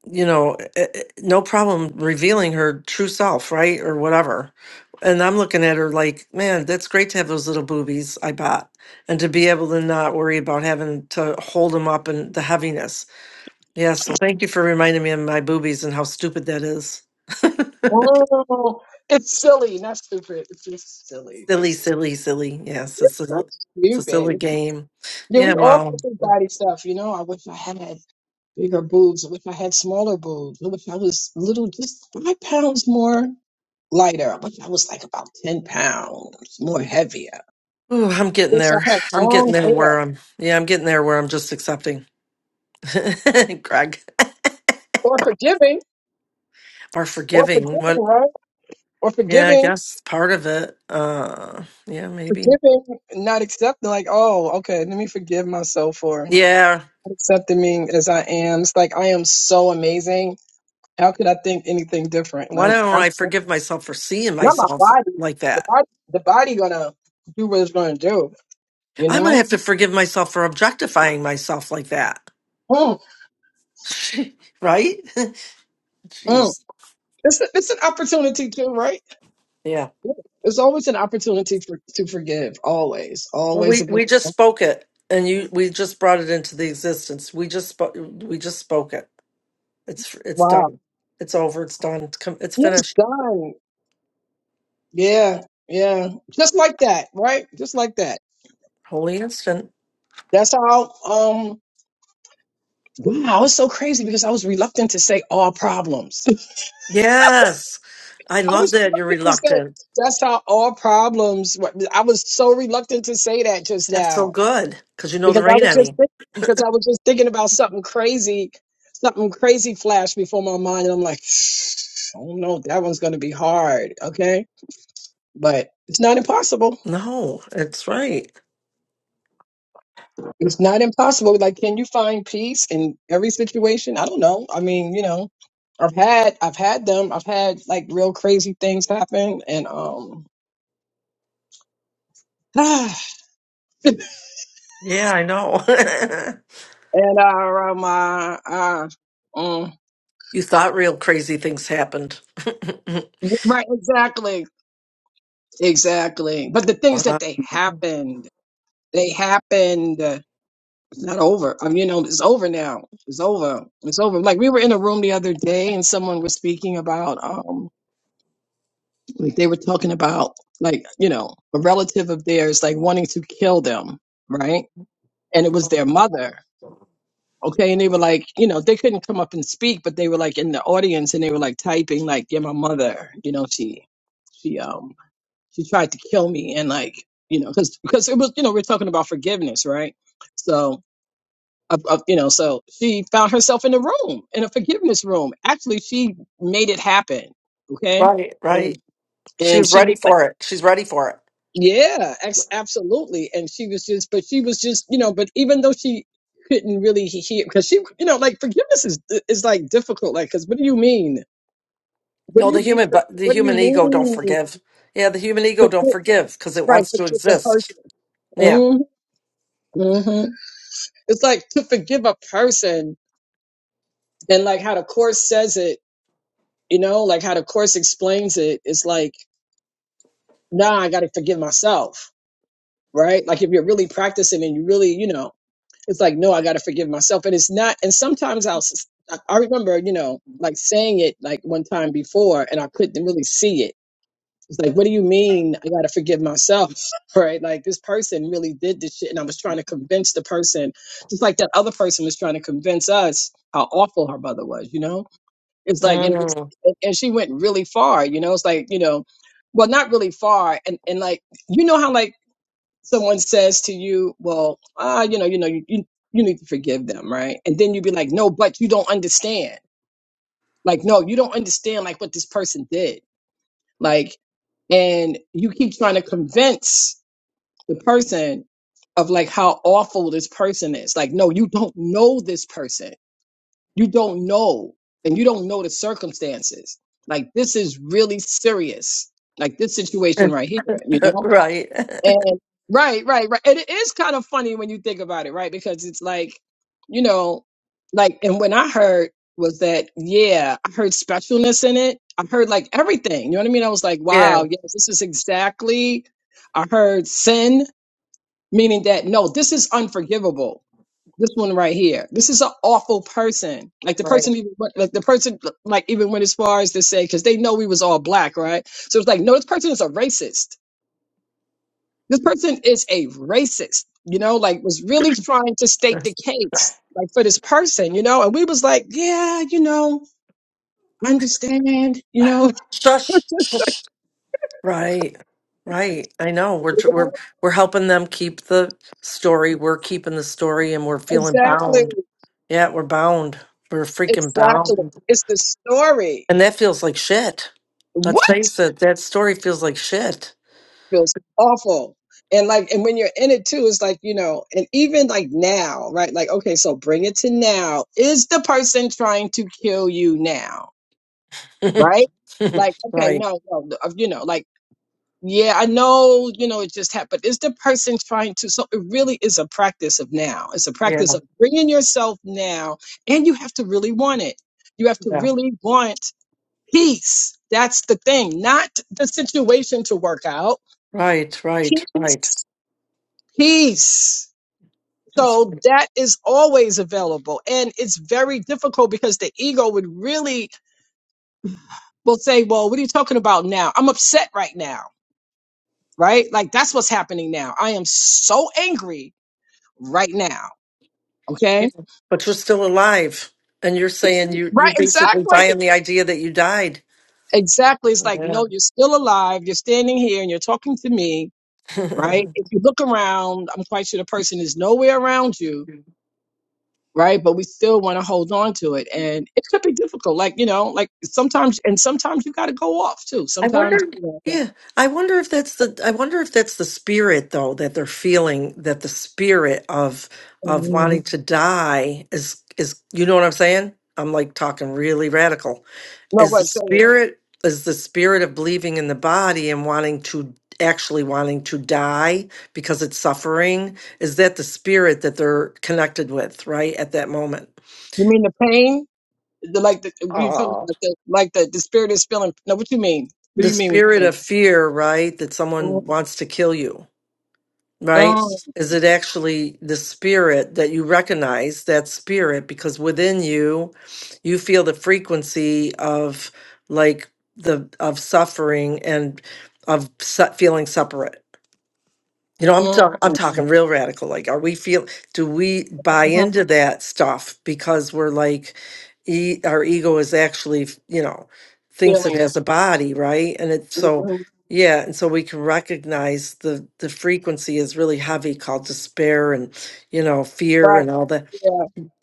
[SPEAKER 2] you know, eh, eh, no problem revealing her true self, right? Or whatever. And I'm looking at her like, man, that's great to have those little boobies, I bought, And to be able to not worry about having to hold them up and the heaviness yeah, so thank you for reminding me of my boobies and how stupid that is.
[SPEAKER 3] Oh, it's silly, not stupid. It's just silly.
[SPEAKER 2] Silly, silly, silly. Yes, it's a,
[SPEAKER 3] That's
[SPEAKER 2] it's a silly
[SPEAKER 3] stupid.
[SPEAKER 2] game.
[SPEAKER 3] Yeah,
[SPEAKER 2] Yeah,
[SPEAKER 3] we all go
[SPEAKER 2] well,
[SPEAKER 3] through body stuff, you know. I wish I had bigger boobs. I wish I had smaller boobs. I wish I was little, just five pounds more lighter. I wish I was like about 10 pounds more heavier. I
[SPEAKER 2] ooh, I'm getting
[SPEAKER 3] wish I
[SPEAKER 2] there.
[SPEAKER 3] had
[SPEAKER 2] I'm
[SPEAKER 3] long
[SPEAKER 2] getting there
[SPEAKER 3] hair.
[SPEAKER 2] where I'm. Yeah, I'm getting there where I'm just accepting, Greg,
[SPEAKER 3] Or forgiving.
[SPEAKER 2] or
[SPEAKER 3] Or
[SPEAKER 2] forgiving.
[SPEAKER 3] forgiving,
[SPEAKER 2] What?
[SPEAKER 3] right? Or
[SPEAKER 2] Yeah, I
[SPEAKER 3] forgiving.
[SPEAKER 2] guess part of it. Uh, yeah, maybe.
[SPEAKER 3] Forgiving, not accepting, like, oh, okay, let me forgive myself for not
[SPEAKER 2] Yeah.
[SPEAKER 3] accepting me as I am. It's like, I am so amazing. How could I think anything different?
[SPEAKER 2] Why
[SPEAKER 3] Like,
[SPEAKER 2] don't I forgive myself for seeing
[SPEAKER 3] Not my
[SPEAKER 2] myself
[SPEAKER 3] body.
[SPEAKER 2] like
[SPEAKER 3] The
[SPEAKER 2] that?
[SPEAKER 3] body, the body gonna do what it's gonna do. You
[SPEAKER 2] I'm gonna
[SPEAKER 3] know.
[SPEAKER 2] have to forgive myself for objectifying myself like that.
[SPEAKER 3] Mm,
[SPEAKER 2] right?
[SPEAKER 3] mm.
[SPEAKER 2] Jeez.
[SPEAKER 3] It's a, it's an opportunity too, right?
[SPEAKER 2] yeah.
[SPEAKER 3] Yeah. It's always an opportunity for, to forgive. Always,
[SPEAKER 2] Well,
[SPEAKER 3] always
[SPEAKER 2] we we just
[SPEAKER 3] available.
[SPEAKER 2] spoke it, and you we just brought it into the existence. We just spoke. We just spoke it. It's it's
[SPEAKER 3] Wow.
[SPEAKER 2] done. It's over. It's done. It's com- it's
[SPEAKER 3] It's
[SPEAKER 2] finished.
[SPEAKER 3] done. Yeah, yeah. Just like that, right? Just like that.
[SPEAKER 2] Holy instant.
[SPEAKER 3] That's how. Um. Wow, it's so crazy because I was reluctant to say all problems.
[SPEAKER 2] Yes, I
[SPEAKER 3] I
[SPEAKER 2] love
[SPEAKER 3] was
[SPEAKER 2] that you're
[SPEAKER 3] reluctant to
[SPEAKER 2] reluctant.
[SPEAKER 3] say that's how all problems. I was so reluctant to say that just
[SPEAKER 2] That's so
[SPEAKER 3] now
[SPEAKER 2] good because you know
[SPEAKER 3] because
[SPEAKER 2] there
[SPEAKER 3] I
[SPEAKER 2] ain't
[SPEAKER 3] was just
[SPEAKER 2] any.
[SPEAKER 3] think- because I was just thinking about something crazy, something crazy flashed before my mind, and I'm like, I don't know, that one's going to be hard, okay? But it's not impossible.
[SPEAKER 2] No, it's right.
[SPEAKER 3] It's not impossible. Like, can you find peace in every situation? I don't know. I mean, you know, I've had I've had them. I've had like real crazy things happen, and um, and
[SPEAKER 2] Yeah, I know.
[SPEAKER 3] uh, um, uh, uh, mm,
[SPEAKER 2] you thought real crazy things happened.
[SPEAKER 3] right, exactly, exactly. But the things
[SPEAKER 2] Wow.
[SPEAKER 3] that they happened. They happened. uh, It's not over. Um, you know, it's over now. It's over. It's over. Like we were in a room the other day, and someone was speaking about, um, like they were talking about, like you know, a relative of theirs, like wanting to kill them, right? And it was their mother. Okay, and they were like, you know, they couldn't come up and speak, but they were like in the audience, and they were like typing, like, yeah, my mother. You know, she, she, um, she tried to kill me, and like, you know, because because it was, you know, we're talking about forgiveness, right? So of, of you know so she found herself in a room in a forgiveness room actually she made it happen okay
[SPEAKER 2] right,
[SPEAKER 3] and,
[SPEAKER 2] right. She
[SPEAKER 3] and
[SPEAKER 2] was
[SPEAKER 3] she
[SPEAKER 2] ready
[SPEAKER 3] was like
[SPEAKER 2] for it. She's ready for it.
[SPEAKER 3] yeah ex- absolutely and she was just but she was just you know but even though she couldn't really hear because she you know like forgiveness is is like difficult like because what do you mean what
[SPEAKER 2] No,
[SPEAKER 3] do you
[SPEAKER 2] the
[SPEAKER 3] mean
[SPEAKER 2] human, but the
[SPEAKER 3] what do you
[SPEAKER 2] human ego don't
[SPEAKER 3] mean
[SPEAKER 2] forgive. Yeah, the human ego don't
[SPEAKER 3] forgive,
[SPEAKER 2] forgive because it
[SPEAKER 3] right
[SPEAKER 2] wants to
[SPEAKER 3] forgive the
[SPEAKER 2] exist.
[SPEAKER 3] person
[SPEAKER 2] Yeah.
[SPEAKER 3] mm-hmm. mm-hmm. it's like to forgive a person and like how the course says it you know like how the course explains it it's like nah i gotta forgive myself right like if you're really practicing and you really you know it's like no i gotta forgive myself and it's not and sometimes i'll s- i I remember you know like saying it like one time before and i couldn't really see it it's like what do you mean i gotta forgive myself right like this person really did this shit and i was trying to convince the person just like that other person was trying to convince us how awful her mother was you know it's like, and, it was,
[SPEAKER 2] Mm,
[SPEAKER 3] and she went really far, you know, it's like, you know, well, not really far. And, and like, you know how like someone says to you, well, ah, you know, you know, you, you, you need to forgive them. Right. And then you'd be like, no, but you don't understand. Like, no, you don't understand like what this person did. Like, and you keep trying to convince the person of like how awful this person is. Like, no, you don't know this person you don't know and you don't know the circumstances like this is really serious like this situation right here you know
[SPEAKER 2] right.
[SPEAKER 3] and right right right and it is kind of funny when you think about it right because it's like you know like and when i heard was that yeah i heard specialness in it i heard like everything you know what i mean i was like
[SPEAKER 2] Yeah.
[SPEAKER 3] wow yes this is exactly i heard sin meaning that no this is unforgivable this one right here. This is an awful person. Like the
[SPEAKER 2] Right.
[SPEAKER 3] person, even like the person, like even went as far as to say because they know we was all black, right? So it's like, no, this person is a racist. This person is a racist. You know, like was really trying to state the case, like for this person, you know. And we was like, yeah, you know, I understand, you know.
[SPEAKER 2] Shush. Shush. Right. Right. I know. We're
[SPEAKER 3] You
[SPEAKER 2] tr- we're
[SPEAKER 3] know?
[SPEAKER 2] we're helping them keep the story. We're keeping the story, and we're feeling
[SPEAKER 3] Exactly,
[SPEAKER 2] bound. Yeah, we're bound. We're freaking
[SPEAKER 3] exactly.
[SPEAKER 2] bound,
[SPEAKER 3] It's the story.
[SPEAKER 2] and that feels like shit.
[SPEAKER 3] What?
[SPEAKER 2] Let's face it. That story feels like shit.
[SPEAKER 3] feels awful. And like, and when you're in it too, it's like, you know, and even like now, right? Like, okay, so bring it to now. Is the person trying to kill you now?
[SPEAKER 2] right.
[SPEAKER 3] Right? Like, okay, no, no, no, uh, you know, like, yeah, I know, you know, it just happened. Is the person trying to? So it really is a practice of now. It's a
[SPEAKER 2] Yeah.
[SPEAKER 3] practice of bringing yourself now, and you have to really want it. You have to
[SPEAKER 2] Yeah.
[SPEAKER 3] really want peace. That's the thing, not the situation to work out.
[SPEAKER 2] Right. Right. Right.
[SPEAKER 3] Peace peace.
[SPEAKER 2] That's
[SPEAKER 3] So that is always available. And it's very difficult because the ego would really will say, Well, what are you talking about now? I'm upset right now, right? Like that's what's happening now. I am so angry right now. Okay.
[SPEAKER 2] But you're still alive, and you're saying you you're
[SPEAKER 3] Right.
[SPEAKER 2] basically buying
[SPEAKER 3] Exactly.
[SPEAKER 2] the idea that you died.
[SPEAKER 3] Exactly. It's like,
[SPEAKER 2] Yeah.
[SPEAKER 3] no, you're still alive. You're standing here and you're talking to me, right? If you look around, I'm quite sure the person is nowhere around you right? But we still want to hold on to it. And it could be difficult. Like, you know, like sometimes, and sometimes you got to go off too.
[SPEAKER 2] I
[SPEAKER 3] Sometimes,
[SPEAKER 2] wonder.
[SPEAKER 3] you know,
[SPEAKER 2] Yeah, I wonder if that's the. I wonder if that's the spirit though that they're feeling that the spirit of of
[SPEAKER 3] Mhm.
[SPEAKER 2] wanting Mhm. to die is is. You know what I'm saying? I'm like talking really radical.
[SPEAKER 3] no,
[SPEAKER 2] is the
[SPEAKER 3] what, say it.
[SPEAKER 2] spirit is the spirit of believing in the body and wanting to actually wanting to die because it's suffering is that the spirit that they're connected with right at that moment
[SPEAKER 3] You mean the pain? The, like, the, you talking about
[SPEAKER 2] Oh,
[SPEAKER 3] the, like the, the spirit is feeling. No, what you mean? What do
[SPEAKER 2] the
[SPEAKER 3] you mean when
[SPEAKER 2] spirit
[SPEAKER 3] you say,
[SPEAKER 2] of fear right that
[SPEAKER 3] mm,
[SPEAKER 2] someone wants to kill you right
[SPEAKER 3] mm,
[SPEAKER 2] is it actually the spirit that you recognize that spirit because within you you feel the frequency of like the of suffering and of se- feeling separate You know, I'm talking I'm
[SPEAKER 3] mm,
[SPEAKER 2] talking real radical. Like, are we feel do we buy
[SPEAKER 3] mhm,
[SPEAKER 2] into that stuff because we're like e- our ego is actually, f- you know, thinks it
[SPEAKER 3] feeling?
[SPEAKER 2] has a body, right? And it so
[SPEAKER 3] mhm,
[SPEAKER 2] yeah, and so we can recognize the the frequency is really heavy called despair and you know, fear
[SPEAKER 3] Right.
[SPEAKER 2] and all that.
[SPEAKER 3] yeah.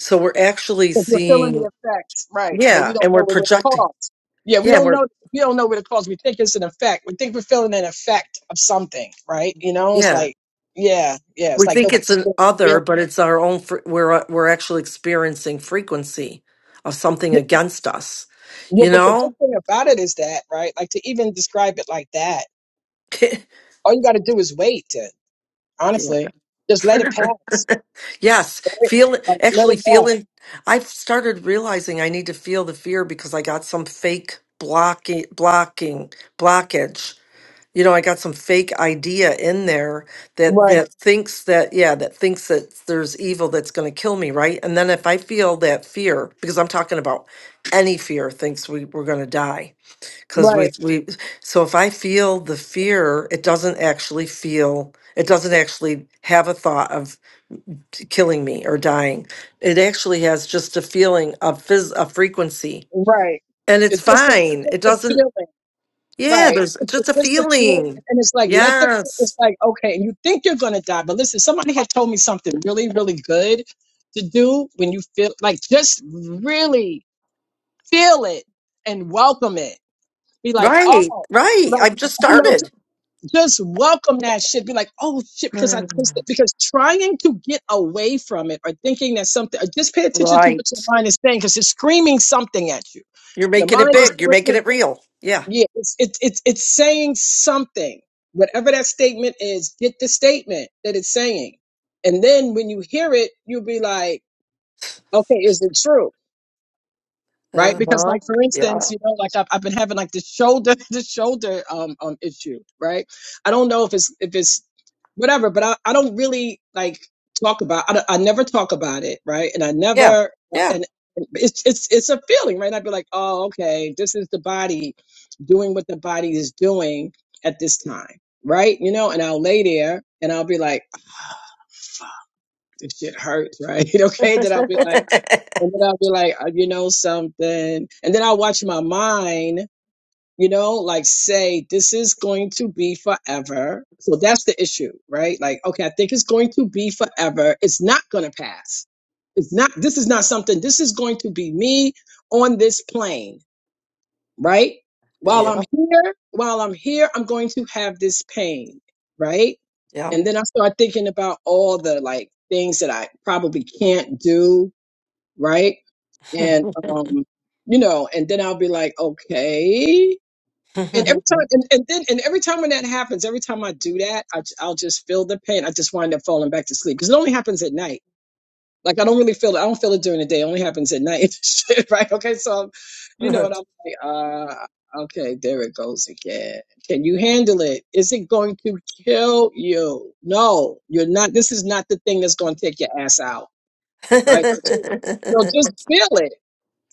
[SPEAKER 2] So we're actually
[SPEAKER 3] because we're feeling
[SPEAKER 2] seeing
[SPEAKER 3] the effects, right? But we
[SPEAKER 2] yeah, and
[SPEAKER 3] don't
[SPEAKER 2] we're
[SPEAKER 3] know what it
[SPEAKER 2] projecting.
[SPEAKER 3] caused. Yeah, we
[SPEAKER 2] Yeah,
[SPEAKER 3] don't
[SPEAKER 2] we're
[SPEAKER 3] know. We don't know what it caused. We think it's an effect. We think we're feeling an effect of something, right? You know, it's
[SPEAKER 2] yeah.
[SPEAKER 3] like, yeah, yeah. It's
[SPEAKER 2] We
[SPEAKER 3] like
[SPEAKER 2] think it's
[SPEAKER 3] nobody's
[SPEAKER 2] an
[SPEAKER 3] feeling
[SPEAKER 2] other,
[SPEAKER 3] it.
[SPEAKER 2] but it's our own. Fre- we're uh, we're actually experiencing frequency of something
[SPEAKER 3] yeah,
[SPEAKER 2] against us.
[SPEAKER 3] yeah.
[SPEAKER 2] You
[SPEAKER 3] But the good
[SPEAKER 2] know.
[SPEAKER 3] thing about it is that, right? Like to even describe it like that, all you got to do is wait. To,
[SPEAKER 2] Yeah.
[SPEAKER 3] honestly, just let it pass,
[SPEAKER 2] Yes,
[SPEAKER 3] right?
[SPEAKER 2] feel
[SPEAKER 3] Like let
[SPEAKER 2] actually
[SPEAKER 3] it pass,
[SPEAKER 2] feeling. I've started realizing I need to feel the fear because I got some fake blocking blocking blockage you know, I got some fake idea in there that
[SPEAKER 3] right?
[SPEAKER 2] that thinks that yeah, that thinks that there's evil that's going to kill me, right? And then if I feel that fear, because I'm talking about any fear thinks we we're going to die because we
[SPEAKER 3] Right?
[SPEAKER 2] we so if I feel the fear, it doesn't actually feel it doesn't actually have a thought of t- killing me or dying. It actually has just a feeling of phys- a frequency.
[SPEAKER 3] Right?
[SPEAKER 2] And it's
[SPEAKER 3] It's just a, it's
[SPEAKER 2] fine.
[SPEAKER 3] just
[SPEAKER 2] It
[SPEAKER 3] a
[SPEAKER 2] doesn't
[SPEAKER 3] feeling.
[SPEAKER 2] yeah,
[SPEAKER 3] Right.
[SPEAKER 2] there's just
[SPEAKER 3] It's
[SPEAKER 2] a
[SPEAKER 3] just a feeling.
[SPEAKER 2] feeling.
[SPEAKER 3] And it's like, let the,
[SPEAKER 2] Yes.
[SPEAKER 3] it's like, okay, and you think you're going to die. But listen, somebody had told me something really, really good to do when you feel like just really feel it and welcome it. Be like,
[SPEAKER 2] Right,
[SPEAKER 3] oh,
[SPEAKER 2] right.
[SPEAKER 3] like,
[SPEAKER 2] I've just
[SPEAKER 3] you know,
[SPEAKER 2] started.
[SPEAKER 3] just, just welcome that shit. Be like, oh shit, because I twisted.
[SPEAKER 2] Mm.
[SPEAKER 3] Because trying to get away from it or thinking that something, or just pay attention to
[SPEAKER 2] Right.
[SPEAKER 3] what your mind is saying because it's screaming something at you.
[SPEAKER 2] You're
[SPEAKER 3] Your
[SPEAKER 2] making it
[SPEAKER 3] mind is
[SPEAKER 2] big. You're
[SPEAKER 3] screaming.
[SPEAKER 2] making it real. Yeah.
[SPEAKER 3] Yeah, it's it's it's it's saying something. Whatever that statement is, get the statement that it's saying, and then when you hear it, you'll be like, okay, is it true? right? Because
[SPEAKER 2] Uh-huh.
[SPEAKER 3] like for instance,
[SPEAKER 2] Yeah.
[SPEAKER 3] you know, like I've, I've been having like this shoulder this shoulder um um issue, right? I don't know if it's if it's whatever, but I, I don't really like talk about I, don't- I never talk about it, right? And I
[SPEAKER 2] Yeah.
[SPEAKER 3] never uh,
[SPEAKER 2] Yeah.
[SPEAKER 3] and and it's it's it's a feeling, right? I'd be like, oh okay, this is the body doing what the body is doing at this time, right? You know, and I'll lay there and I'll be like, this shit hurts, right? okay, then I'll be like. And then I'll be like, uh, you know something. And then I'll watch my mind, you know, like say, this is going to be forever. So that's the issue, right? Like, okay, I think it's going to be forever. It's not going to pass. It's not, this is not something, this is going to be me on this plane, right? While I'm here, while I'm here, I'm going to have this pain, right?
[SPEAKER 2] yeah.
[SPEAKER 3] and then I start thinking about all the like things that I probably can't do, right? and um you know and then i'll be like okay and
[SPEAKER 2] Yeah.
[SPEAKER 3] every time and, and then and every time when that happens every time i do that I, will just feel the pain i just wind up falling back to sleep because it only happens at night like i don't really feel it i don't feel it during the day it only happens at night Shit, right okay so I'm, you know and i'm like uh okay there it goes again can you handle it is it going to kill you no you're not this is not the thing that's going to take your ass out right so just feel it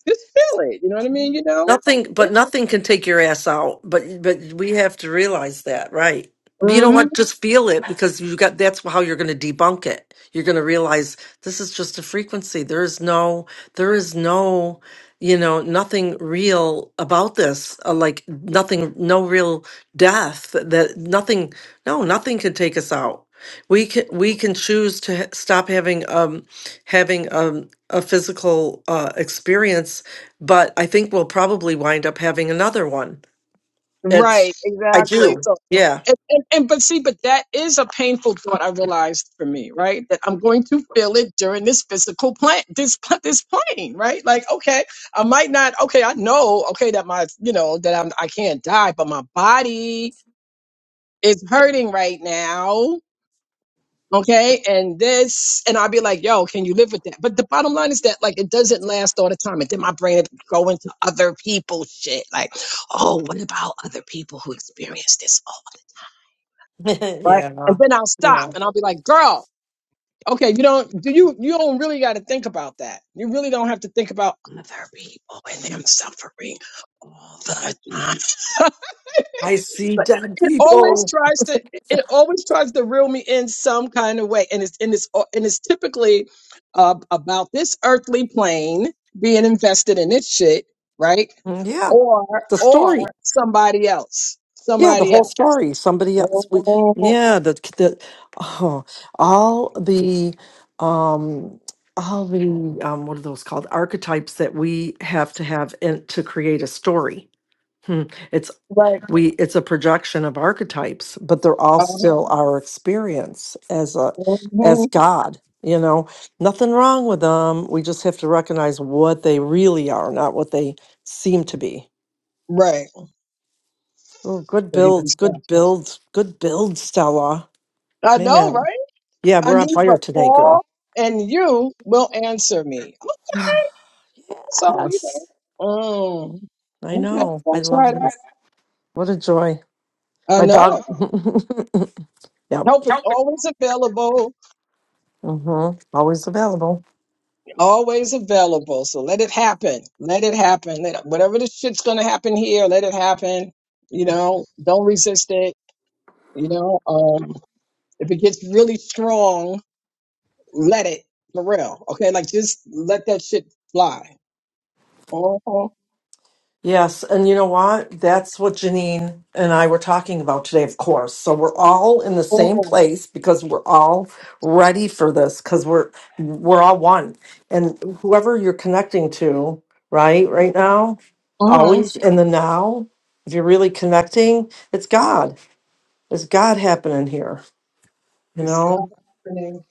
[SPEAKER 3] just feel it. You know what I mean? You know?
[SPEAKER 2] Nothing, but nothing can take your ass out. But but we have to realize that, right? You
[SPEAKER 3] Yeah.
[SPEAKER 2] know
[SPEAKER 3] hmm
[SPEAKER 2] what? Just feel it because you got. That's how you're going to debunk it. You're going to realize this is just a frequency. There is no, there is no, you know, nothing real about this. Uh, like nothing, no real death. That nothing, no, nothing can take us out. We can we can choose to ha- stop having um having um a physical uh experience but I think we'll probably wind up having another one.
[SPEAKER 3] Right.
[SPEAKER 2] It's, I
[SPEAKER 3] Exactly.
[SPEAKER 2] do.
[SPEAKER 3] So,
[SPEAKER 2] Yeah.
[SPEAKER 3] and, and, and but see, but that is a painful thought. I realized for me, right, that I'm going to feel it during this physical plan, this pl- this plane, right? Like, okay, I might not. Okay, I know. Okay, that my, you know, that I'm, I can't die, but my body is hurting right now. Okay. And this, and I'll be like, yo, can you live with that? But the bottom line is that, like, it doesn't last all the time. And then my brain would go into other people's shit. Like, oh, what about other people who experience this? Oh, right.
[SPEAKER 2] yeah.
[SPEAKER 3] And then I'll
[SPEAKER 2] Yeah.
[SPEAKER 3] stop and I'll be like, girl, okay, you don't, do you, you don't really got to think about that. You really don't have to think about other people and them suffering all the time.
[SPEAKER 2] I see dead
[SPEAKER 3] always
[SPEAKER 2] people.
[SPEAKER 3] tries to it always tries to reel me in some kind of way and it's and it's and it's typically uh, about this earthly plane being invested in this shit right
[SPEAKER 2] Mm, Yeah.
[SPEAKER 3] or
[SPEAKER 2] The
[SPEAKER 3] or
[SPEAKER 2] story.
[SPEAKER 3] somebody else
[SPEAKER 2] Yeah. The
[SPEAKER 3] somebody
[SPEAKER 2] whole
[SPEAKER 3] else
[SPEAKER 2] story. Somebody else. We,
[SPEAKER 3] Mhm,
[SPEAKER 2] yeah. The, the, oh, all the, um, all the, um, what are those called? Archetypes that we have to have in, to create a story. Hmm.
[SPEAKER 3] right
[SPEAKER 2] we it's a projection of archetypes but they're all
[SPEAKER 3] uh-huh,
[SPEAKER 2] still our experience as a as
[SPEAKER 3] mhm,
[SPEAKER 2] god you know nothing wrong with them we just have to recognize what they really are not what they seem to be
[SPEAKER 3] right
[SPEAKER 2] oh good
[SPEAKER 3] crazy
[SPEAKER 2] build
[SPEAKER 3] stuff
[SPEAKER 2] good build good build stella
[SPEAKER 3] i know
[SPEAKER 2] man
[SPEAKER 3] right
[SPEAKER 2] yeah
[SPEAKER 3] i
[SPEAKER 2] we're on
[SPEAKER 3] need a
[SPEAKER 2] fire today girl
[SPEAKER 3] call and you will answer me okay so you know
[SPEAKER 2] yes
[SPEAKER 3] mm,
[SPEAKER 2] i
[SPEAKER 3] okay
[SPEAKER 2] know i
[SPEAKER 3] don't
[SPEAKER 2] love
[SPEAKER 3] try that
[SPEAKER 2] this what a joy
[SPEAKER 3] i
[SPEAKER 2] my
[SPEAKER 3] know
[SPEAKER 2] dog yep
[SPEAKER 3] Help is always available,
[SPEAKER 2] mm hmm always available
[SPEAKER 3] always available. So let it happen. Let it happen. Let, whatever the shit's gonna happen here, let it happen. You know, don't resist it. You know, um, if it gets really strong, let it for real. Okay, like just let that shit fly. Oh, oh,
[SPEAKER 2] Yes, and you know what? That's what Janine and I were talking about today, of course. So we're all in the same
[SPEAKER 3] oh.
[SPEAKER 2] place because we're all ready for this because we're we're all one. And whoever you're connecting to, right, right now,
[SPEAKER 3] uh
[SPEAKER 2] always in the now, if you're really connecting, it's God. It's God happening here, you
[SPEAKER 3] It's God
[SPEAKER 2] know?
[SPEAKER 3] happening.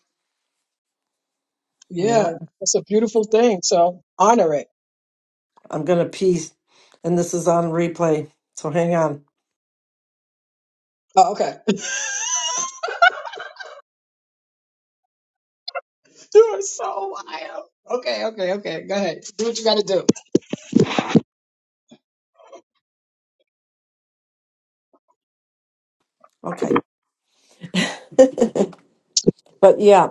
[SPEAKER 2] Yeah.
[SPEAKER 3] Yeah, it's a beautiful thing. So honor it.
[SPEAKER 2] I'm gonna pee and this is on replay. So hang on.
[SPEAKER 3] Oh, okay. You are so wild. Okay, okay, okay. Go ahead. Do what you gotta do.
[SPEAKER 2] Okay. but yeah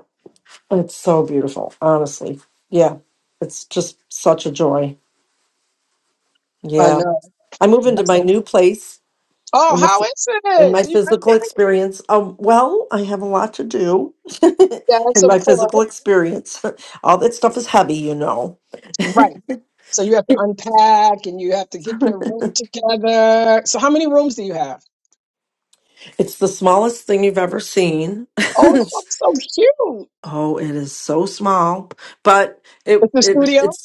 [SPEAKER 2] It's so beautiful, honestly. Yeah, it's just such a joy.
[SPEAKER 3] I know.
[SPEAKER 2] Yeah, I move into
[SPEAKER 3] That's
[SPEAKER 2] my
[SPEAKER 3] okay.
[SPEAKER 2] new place
[SPEAKER 3] Oh,
[SPEAKER 2] in this
[SPEAKER 3] how is
[SPEAKER 2] and
[SPEAKER 3] it?
[SPEAKER 2] my
[SPEAKER 3] Do you like
[SPEAKER 2] physical
[SPEAKER 3] it?
[SPEAKER 2] experience. Um, well, I have a lot to do
[SPEAKER 3] Yes,
[SPEAKER 2] in
[SPEAKER 3] of
[SPEAKER 2] my physical
[SPEAKER 3] course.
[SPEAKER 2] experience. All that stuff is heavy, you know.
[SPEAKER 3] Right. So you have to unpack and you have to get your room together. So how many rooms do you have?
[SPEAKER 2] It's the smallest thing you've ever seen.
[SPEAKER 3] Oh, it's so cute.
[SPEAKER 2] oh, it is so small, but it
[SPEAKER 3] It's a
[SPEAKER 2] it
[SPEAKER 3] studio.
[SPEAKER 2] it's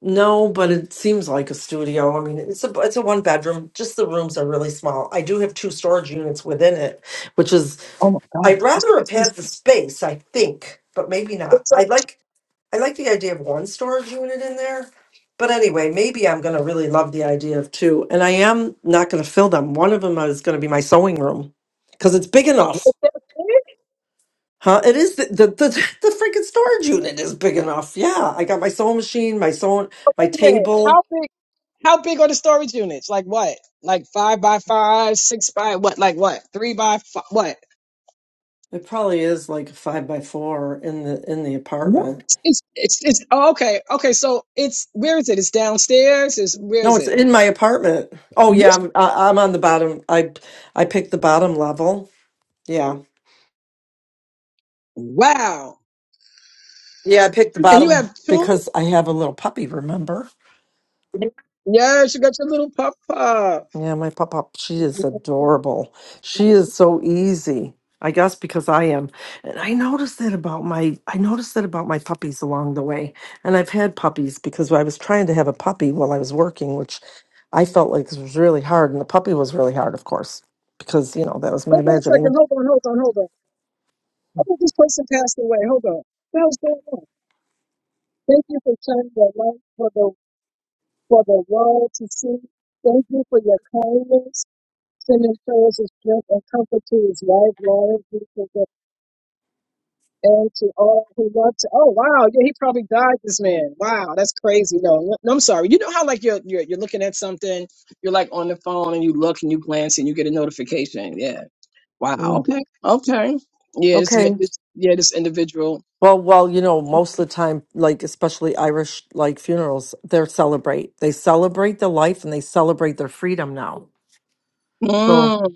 [SPEAKER 2] No, but it seems like a studio. I mean, it's a it's a one bedroom. Just the rooms are really small. I do have two storage units within it, which is
[SPEAKER 3] Oh my God,
[SPEAKER 2] I'd
[SPEAKER 3] that's
[SPEAKER 2] rather have had the
[SPEAKER 3] amazing.
[SPEAKER 2] space, I think, but maybe not.
[SPEAKER 3] It's a,
[SPEAKER 2] I like I like the idea of one storage unit in there. But anyway, maybe I'm going to really love the idea of two. And I am not going to fill them. One of them is going to be my sewing room because it's big enough.
[SPEAKER 3] it's that big?
[SPEAKER 2] Huh? It is the the, the the freaking storage unit is big enough. Yeah, I got my sewing machine, my sewing,
[SPEAKER 3] Oh,
[SPEAKER 2] my
[SPEAKER 3] Wait a minute.
[SPEAKER 2] table.
[SPEAKER 3] How big? How big are the storage units? Like what? Like five by five, six by what? Like what? Three by five, what?
[SPEAKER 2] It probably is like a five by four in the in the
[SPEAKER 3] What?
[SPEAKER 2] apartment.
[SPEAKER 3] It's it's it's oh, okay okay. So it's where is it? It's downstairs. Is where
[SPEAKER 2] No,
[SPEAKER 3] is
[SPEAKER 2] it's
[SPEAKER 3] it?
[SPEAKER 2] in my apartment. Oh yeah, I'm I- I'm on the bottom. I I picked the bottom level. Yeah,
[SPEAKER 3] Wow.
[SPEAKER 2] yeah, I picked the
[SPEAKER 3] And you
[SPEAKER 2] bottom
[SPEAKER 3] have two?
[SPEAKER 2] because I have a little puppy. Remember?
[SPEAKER 3] Yes, you got your little pup pup.
[SPEAKER 2] Yeah, my pop pop, she is
[SPEAKER 3] Hold
[SPEAKER 2] adorable. She is so easy. I guess because I am. And I noticed that about my I noticed that about my puppies along the way. And I've had puppies because I was trying to have a puppy while I was working, which I felt like was really hard. And the puppy was really hard, of course, because you know, that was my
[SPEAKER 3] on a
[SPEAKER 2] imagining.
[SPEAKER 3] second. Hold on, hold on, hold on. I think this person passed away. Hold on. What the hell's going on? Thank you for shining your light for the for the world to see. Thank you for your kindness, sending prayers of strength and comfort to his life, Lord. And to all who love to, oh wow, yeah, he probably died. This man, wow, that's crazy. No, no, no, I'm sorry. You know how like you're you're you're looking at something, you're like on the phone and you look and you glance and you get a notification. Yeah, wow,
[SPEAKER 2] Mm,
[SPEAKER 3] okay, okay, yeah, this
[SPEAKER 2] Okay.
[SPEAKER 3] it's, yeah, this individual.
[SPEAKER 2] Well, well, you know, most of the time, like especially Irish like funerals, they're celebrate. They celebrate the life and they celebrate their freedom now. So.
[SPEAKER 3] Mm,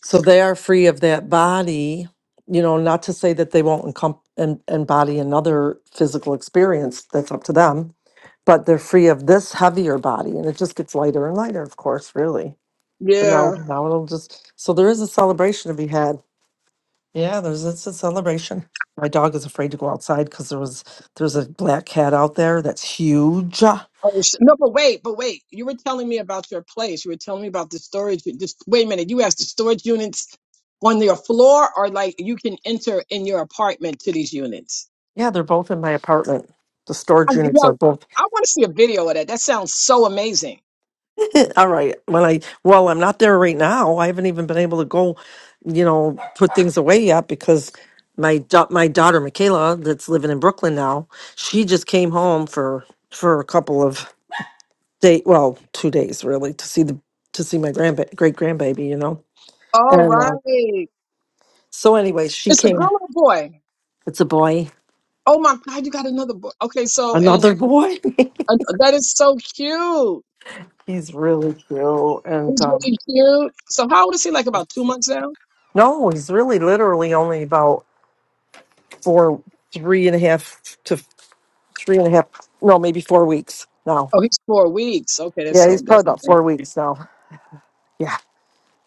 [SPEAKER 2] So they are free of that body, you know, not to say that they won't encom- en- embody another physical experience, that's up to them, but they're free of this heavier body. And it just gets lighter and lighter, of course, really. But now,
[SPEAKER 3] yeah.
[SPEAKER 2] now it'll just, so there is a celebration to be had. Yeah, there's, it's a celebration. My dog is afraid to go outside because there was, there's a black cat out there that's huge. Yeah,
[SPEAKER 3] Oh, sh- no, but wait, but wait. You were telling me about your place. You were telling me about the storage. Just wait a minute. You asked the storage units on your floor, or like you can enter in your apartment to these units.
[SPEAKER 2] they're both in my apartment. The
[SPEAKER 3] I,
[SPEAKER 2] storage
[SPEAKER 3] yo,
[SPEAKER 2] units are both
[SPEAKER 3] I want to see a video of that. That sounds so amazing.
[SPEAKER 2] All right. Well, I well, I'm not there right now. I haven't even been able to go, you know, put things away yet because my da- my daughter Michaela, that's living in Brooklyn now, she just came home for for a couple of day, well, two days really, to see the to see my grandba- great grandbaby, you know.
[SPEAKER 3] All
[SPEAKER 2] And uh,
[SPEAKER 3] right.
[SPEAKER 2] so, anyway, she
[SPEAKER 3] It's a girl
[SPEAKER 2] came.
[SPEAKER 3] or a boy?
[SPEAKER 2] It's a boy,
[SPEAKER 3] Oh my God, you got another boy. Okay, so, and
[SPEAKER 2] another boy.
[SPEAKER 3] uh, that is so cute.
[SPEAKER 2] he's really cute, and
[SPEAKER 3] It's
[SPEAKER 2] um,
[SPEAKER 3] really cute. So, how old is he? Like about two months now?
[SPEAKER 2] no, he's really literally only about four, three and a half three and a half, no, maybe four weeks now.
[SPEAKER 3] Oh, he's four weeks. Okay, that's
[SPEAKER 2] Yeah, he's
[SPEAKER 3] so,
[SPEAKER 2] probably
[SPEAKER 3] that's the
[SPEAKER 2] about
[SPEAKER 3] thing.
[SPEAKER 2] four weeks now. Yeah.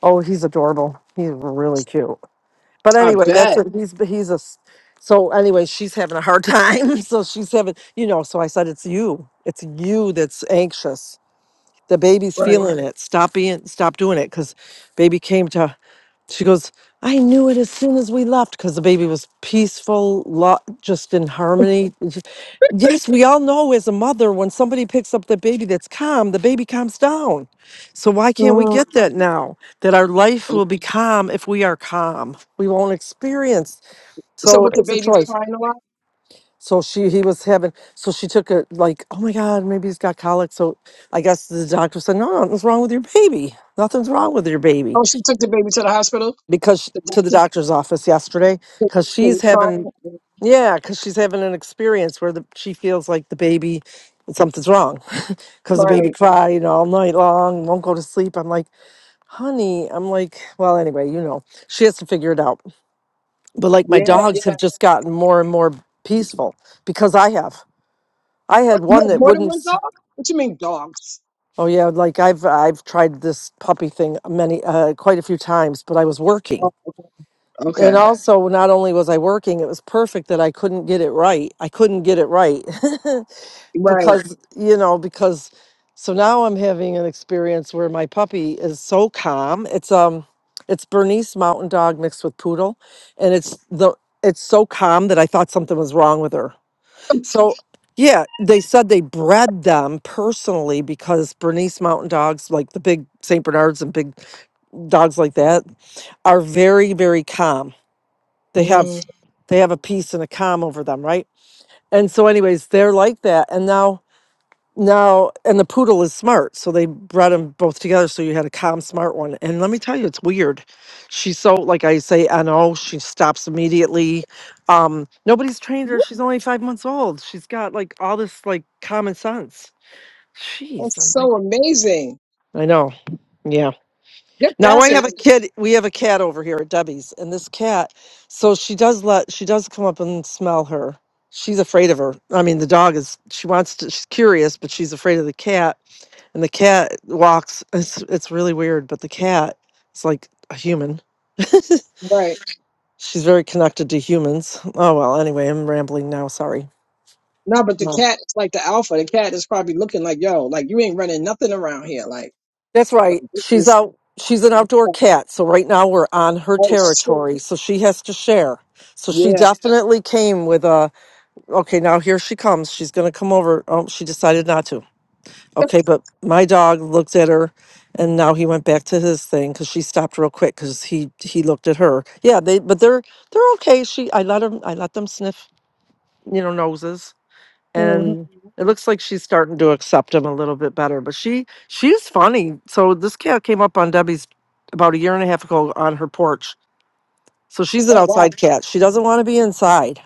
[SPEAKER 2] Oh, he's adorable. He's really cute. But
[SPEAKER 3] I
[SPEAKER 2] anyway, that's
[SPEAKER 3] bet.
[SPEAKER 2] it. He's he's a. s- So anyway, she's having a hard time. So she's having, you know. So I said, it's you. It's you that's anxious. The baby's
[SPEAKER 3] Right.
[SPEAKER 2] feeling it. Stop being. Stop doing it because baby came to She goes, I knew it as soon as we left because the baby was peaceful, lo- just in harmony. It's just- Yes, we all know as a mother, when somebody picks up the baby that's calm, the baby calms down. So why can't we
[SPEAKER 3] Mm.
[SPEAKER 2] get that now? That our life
[SPEAKER 3] Mm.
[SPEAKER 2] will be calm if we are calm. We won't experience.
[SPEAKER 3] So,
[SPEAKER 2] So
[SPEAKER 3] but the
[SPEAKER 2] it's a
[SPEAKER 3] baby's
[SPEAKER 2] choice.
[SPEAKER 3] crying a lot?
[SPEAKER 2] So she, he was having, so she took a like, oh my God, maybe he's got colic. So I guess the doctor said, no, no, nothing's wrong with your baby. Nothing's wrong with your baby
[SPEAKER 3] Oh, she took the baby to the hospital?
[SPEAKER 2] because
[SPEAKER 3] The
[SPEAKER 2] to the
[SPEAKER 3] doctor
[SPEAKER 2] doctor's office yesterday
[SPEAKER 3] said
[SPEAKER 2] because
[SPEAKER 3] he
[SPEAKER 2] she's
[SPEAKER 3] was
[SPEAKER 2] having
[SPEAKER 3] crying?
[SPEAKER 2] yeah because she's having an experience where the, she feels like the baby something's wrong because the baby
[SPEAKER 3] Right.
[SPEAKER 2] cried all night long won't go to sleep i'm like honey i'm like well anyway you know she has to figure it out but like my
[SPEAKER 3] Yeah,
[SPEAKER 2] dogs
[SPEAKER 3] yeah.
[SPEAKER 2] have just gotten more and more peaceful because i have i had
[SPEAKER 3] You
[SPEAKER 2] one
[SPEAKER 3] have
[SPEAKER 2] that
[SPEAKER 3] more than
[SPEAKER 2] wouldn't
[SPEAKER 3] one
[SPEAKER 2] s-
[SPEAKER 3] dog? What you mean dogs?
[SPEAKER 2] oh yeah like i've i've tried this puppy thing many uh, quite a few times but i was working
[SPEAKER 3] Oh, Okay.
[SPEAKER 2] And also, not only was I working, it was perfect that I couldn't get it right. I couldn't get it right
[SPEAKER 3] Right.
[SPEAKER 2] because, you know, because so now I'm having an experience where my puppy is so calm. It's, um, it's Bernese Mountain Dog mixed with Poodle. And it's the, it's so calm that I thought something was wrong with her. So, yeah, they said they bred them personally because Bernese Mountain Dogs, like the big St. Bernards and big dogs like that, are very, very calm. They have
[SPEAKER 3] Mm.
[SPEAKER 2] they have a peace and a calm over them, right? And so, anyways, they're like that. And now, now, and the poodle is smart. So they bred them both together. So you had a calm, smart one. And let me tell you, it's weird. She's so, like I say, NO, she stops immediately. Um, nobody's trained her.
[SPEAKER 3] Woo,
[SPEAKER 2] She's only five months old. She's got like all this like common sense. Jeez,
[SPEAKER 3] That's
[SPEAKER 2] I'm like,
[SPEAKER 3] so amazing.
[SPEAKER 2] I know. Yeah.
[SPEAKER 3] They're
[SPEAKER 2] Now I have a
[SPEAKER 3] fascinating.
[SPEAKER 2] kid. We have a cat over here at Debbie's, and this cat, so she does let she does come up and smell her. She's afraid of her. I mean, the dog is she wants to. She's curious, but she's afraid of the cat. And the cat walks. It's it's really weird, but the cat is like a human.
[SPEAKER 3] Right.
[SPEAKER 2] she's very connected to humans. Oh well. Anyway, I'm rambling now. Sorry.
[SPEAKER 3] No, but the
[SPEAKER 2] No,
[SPEAKER 3] cat is like the alpha. The cat is probably looking like, yo, like you ain't running nothing around here. Like,
[SPEAKER 2] that's
[SPEAKER 3] like
[SPEAKER 2] right.
[SPEAKER 3] this
[SPEAKER 2] She's
[SPEAKER 3] is,
[SPEAKER 2] out. She's an outdoor
[SPEAKER 3] like,
[SPEAKER 2] cat, so right now we're on her
[SPEAKER 3] oh shit.
[SPEAKER 2] territory, so she has to share. So she
[SPEAKER 3] Yeah.
[SPEAKER 2] definitely came with a Okay, now here she comes. She's going to come over. Oh, she decided not to. Okay, but my dog looked at her and now he went back to his thing cuz she stopped real quick cuz he he looked at her. Yeah, they but they're they're okay. She I let them I let them sniff, you know, noses
[SPEAKER 3] hmm
[SPEAKER 2] and it looks like she's starting to accept him a little bit better, but she she's funny. So this cat came up on Debbie's about a year and a half ago on her porch. So she's an
[SPEAKER 3] Oh wow.
[SPEAKER 2] outside cat. She doesn't want to be inside.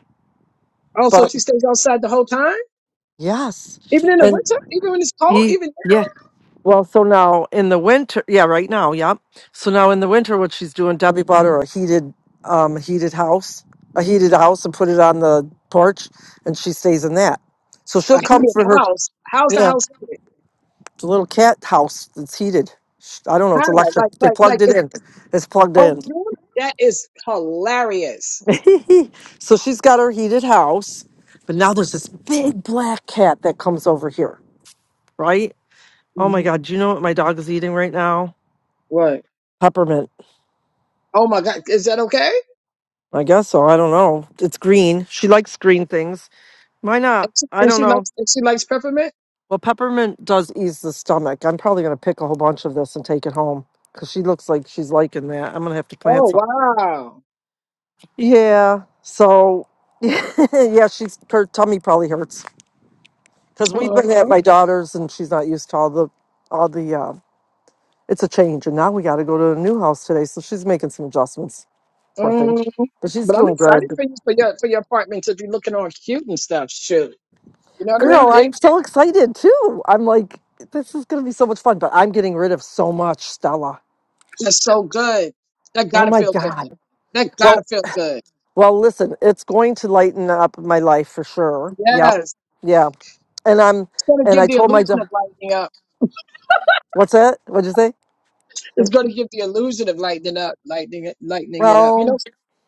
[SPEAKER 3] Oh, so
[SPEAKER 2] But
[SPEAKER 3] she stays outside the whole time?
[SPEAKER 2] yes.
[SPEAKER 3] Even in the
[SPEAKER 2] And
[SPEAKER 3] winter? Even when it's cold?
[SPEAKER 2] he
[SPEAKER 3] Even
[SPEAKER 2] yeah, Well, so now in the winter, yeah, right now, yep. So now in the winter, what she's doing, Debbie bought her a heated, um, heated house, a heated house, and put it on the porch, and she stays in that. So she'll
[SPEAKER 3] a
[SPEAKER 2] come
[SPEAKER 3] heated
[SPEAKER 2] for her,
[SPEAKER 3] house? How's the
[SPEAKER 2] yeah,
[SPEAKER 3] house heated?
[SPEAKER 2] it's a little cat house that's heated. Sh- I don't know, it's
[SPEAKER 3] How?
[SPEAKER 2] electric.
[SPEAKER 3] Like,
[SPEAKER 2] They
[SPEAKER 3] like, like
[SPEAKER 2] plugged it
[SPEAKER 3] it's,
[SPEAKER 2] in. It's plugged
[SPEAKER 3] oh,
[SPEAKER 2] in.
[SPEAKER 3] really? That is hilarious.
[SPEAKER 2] so she's got her heated house, but now there's this big black cat that comes over here, right? Oh my
[SPEAKER 3] Mhm.
[SPEAKER 2] God, do you know what my dog is eating right now?
[SPEAKER 3] Right.
[SPEAKER 2] Peppermint.
[SPEAKER 3] Oh my God. Is that okay?
[SPEAKER 2] I guess so. I don't know. It's green. She likes green things. Why not?
[SPEAKER 3] And she,
[SPEAKER 2] I
[SPEAKER 3] and
[SPEAKER 2] don't
[SPEAKER 3] she
[SPEAKER 2] know.
[SPEAKER 3] likes and she likes peppermint.
[SPEAKER 2] Well, peppermint does ease the stomach. I'm probably going to pick a whole bunch of this and take it home because she looks like she's liking that. I'm going to have to plant
[SPEAKER 3] Oh
[SPEAKER 2] some.
[SPEAKER 3] wow!
[SPEAKER 2] Yeah. So, yeah, she's her tummy probably hurts because we've been at
[SPEAKER 3] Mhm,
[SPEAKER 2] my daughter's and she's not used to all the all the. Uh, it's a change, and now we got to go to a new house today. So she's making some adjustments. Poor thing,
[SPEAKER 3] mhm.
[SPEAKER 2] but she's
[SPEAKER 3] But I'm
[SPEAKER 2] doing
[SPEAKER 3] excited
[SPEAKER 2] good.
[SPEAKER 3] for you for your for your apartment to be looking all cute and stuff. Shoot, you know what I mean?
[SPEAKER 2] Girl,
[SPEAKER 3] Yeah,
[SPEAKER 2] I'm so excited too. I'm like, this is going to be so much fun, but I'm getting rid of so much, Stella.
[SPEAKER 3] that's so good. That
[SPEAKER 2] Oh
[SPEAKER 3] gotta
[SPEAKER 2] my
[SPEAKER 3] feel good.
[SPEAKER 2] God.
[SPEAKER 3] That gotta
[SPEAKER 2] Well,
[SPEAKER 3] feel good.
[SPEAKER 2] well, listen, it's going to lighten up my life for sure. Yep.
[SPEAKER 3] Yes,
[SPEAKER 2] Yeah. And I'm,
[SPEAKER 3] it's gonna
[SPEAKER 2] and
[SPEAKER 3] give
[SPEAKER 2] I
[SPEAKER 3] the
[SPEAKER 2] told my,
[SPEAKER 3] illusion
[SPEAKER 2] da-
[SPEAKER 3] of lightening up.
[SPEAKER 2] what's that? What'd you say?
[SPEAKER 3] It's gonna give the illusion of lightening up, lightening it, lightening it up. You know,
[SPEAKER 2] Well,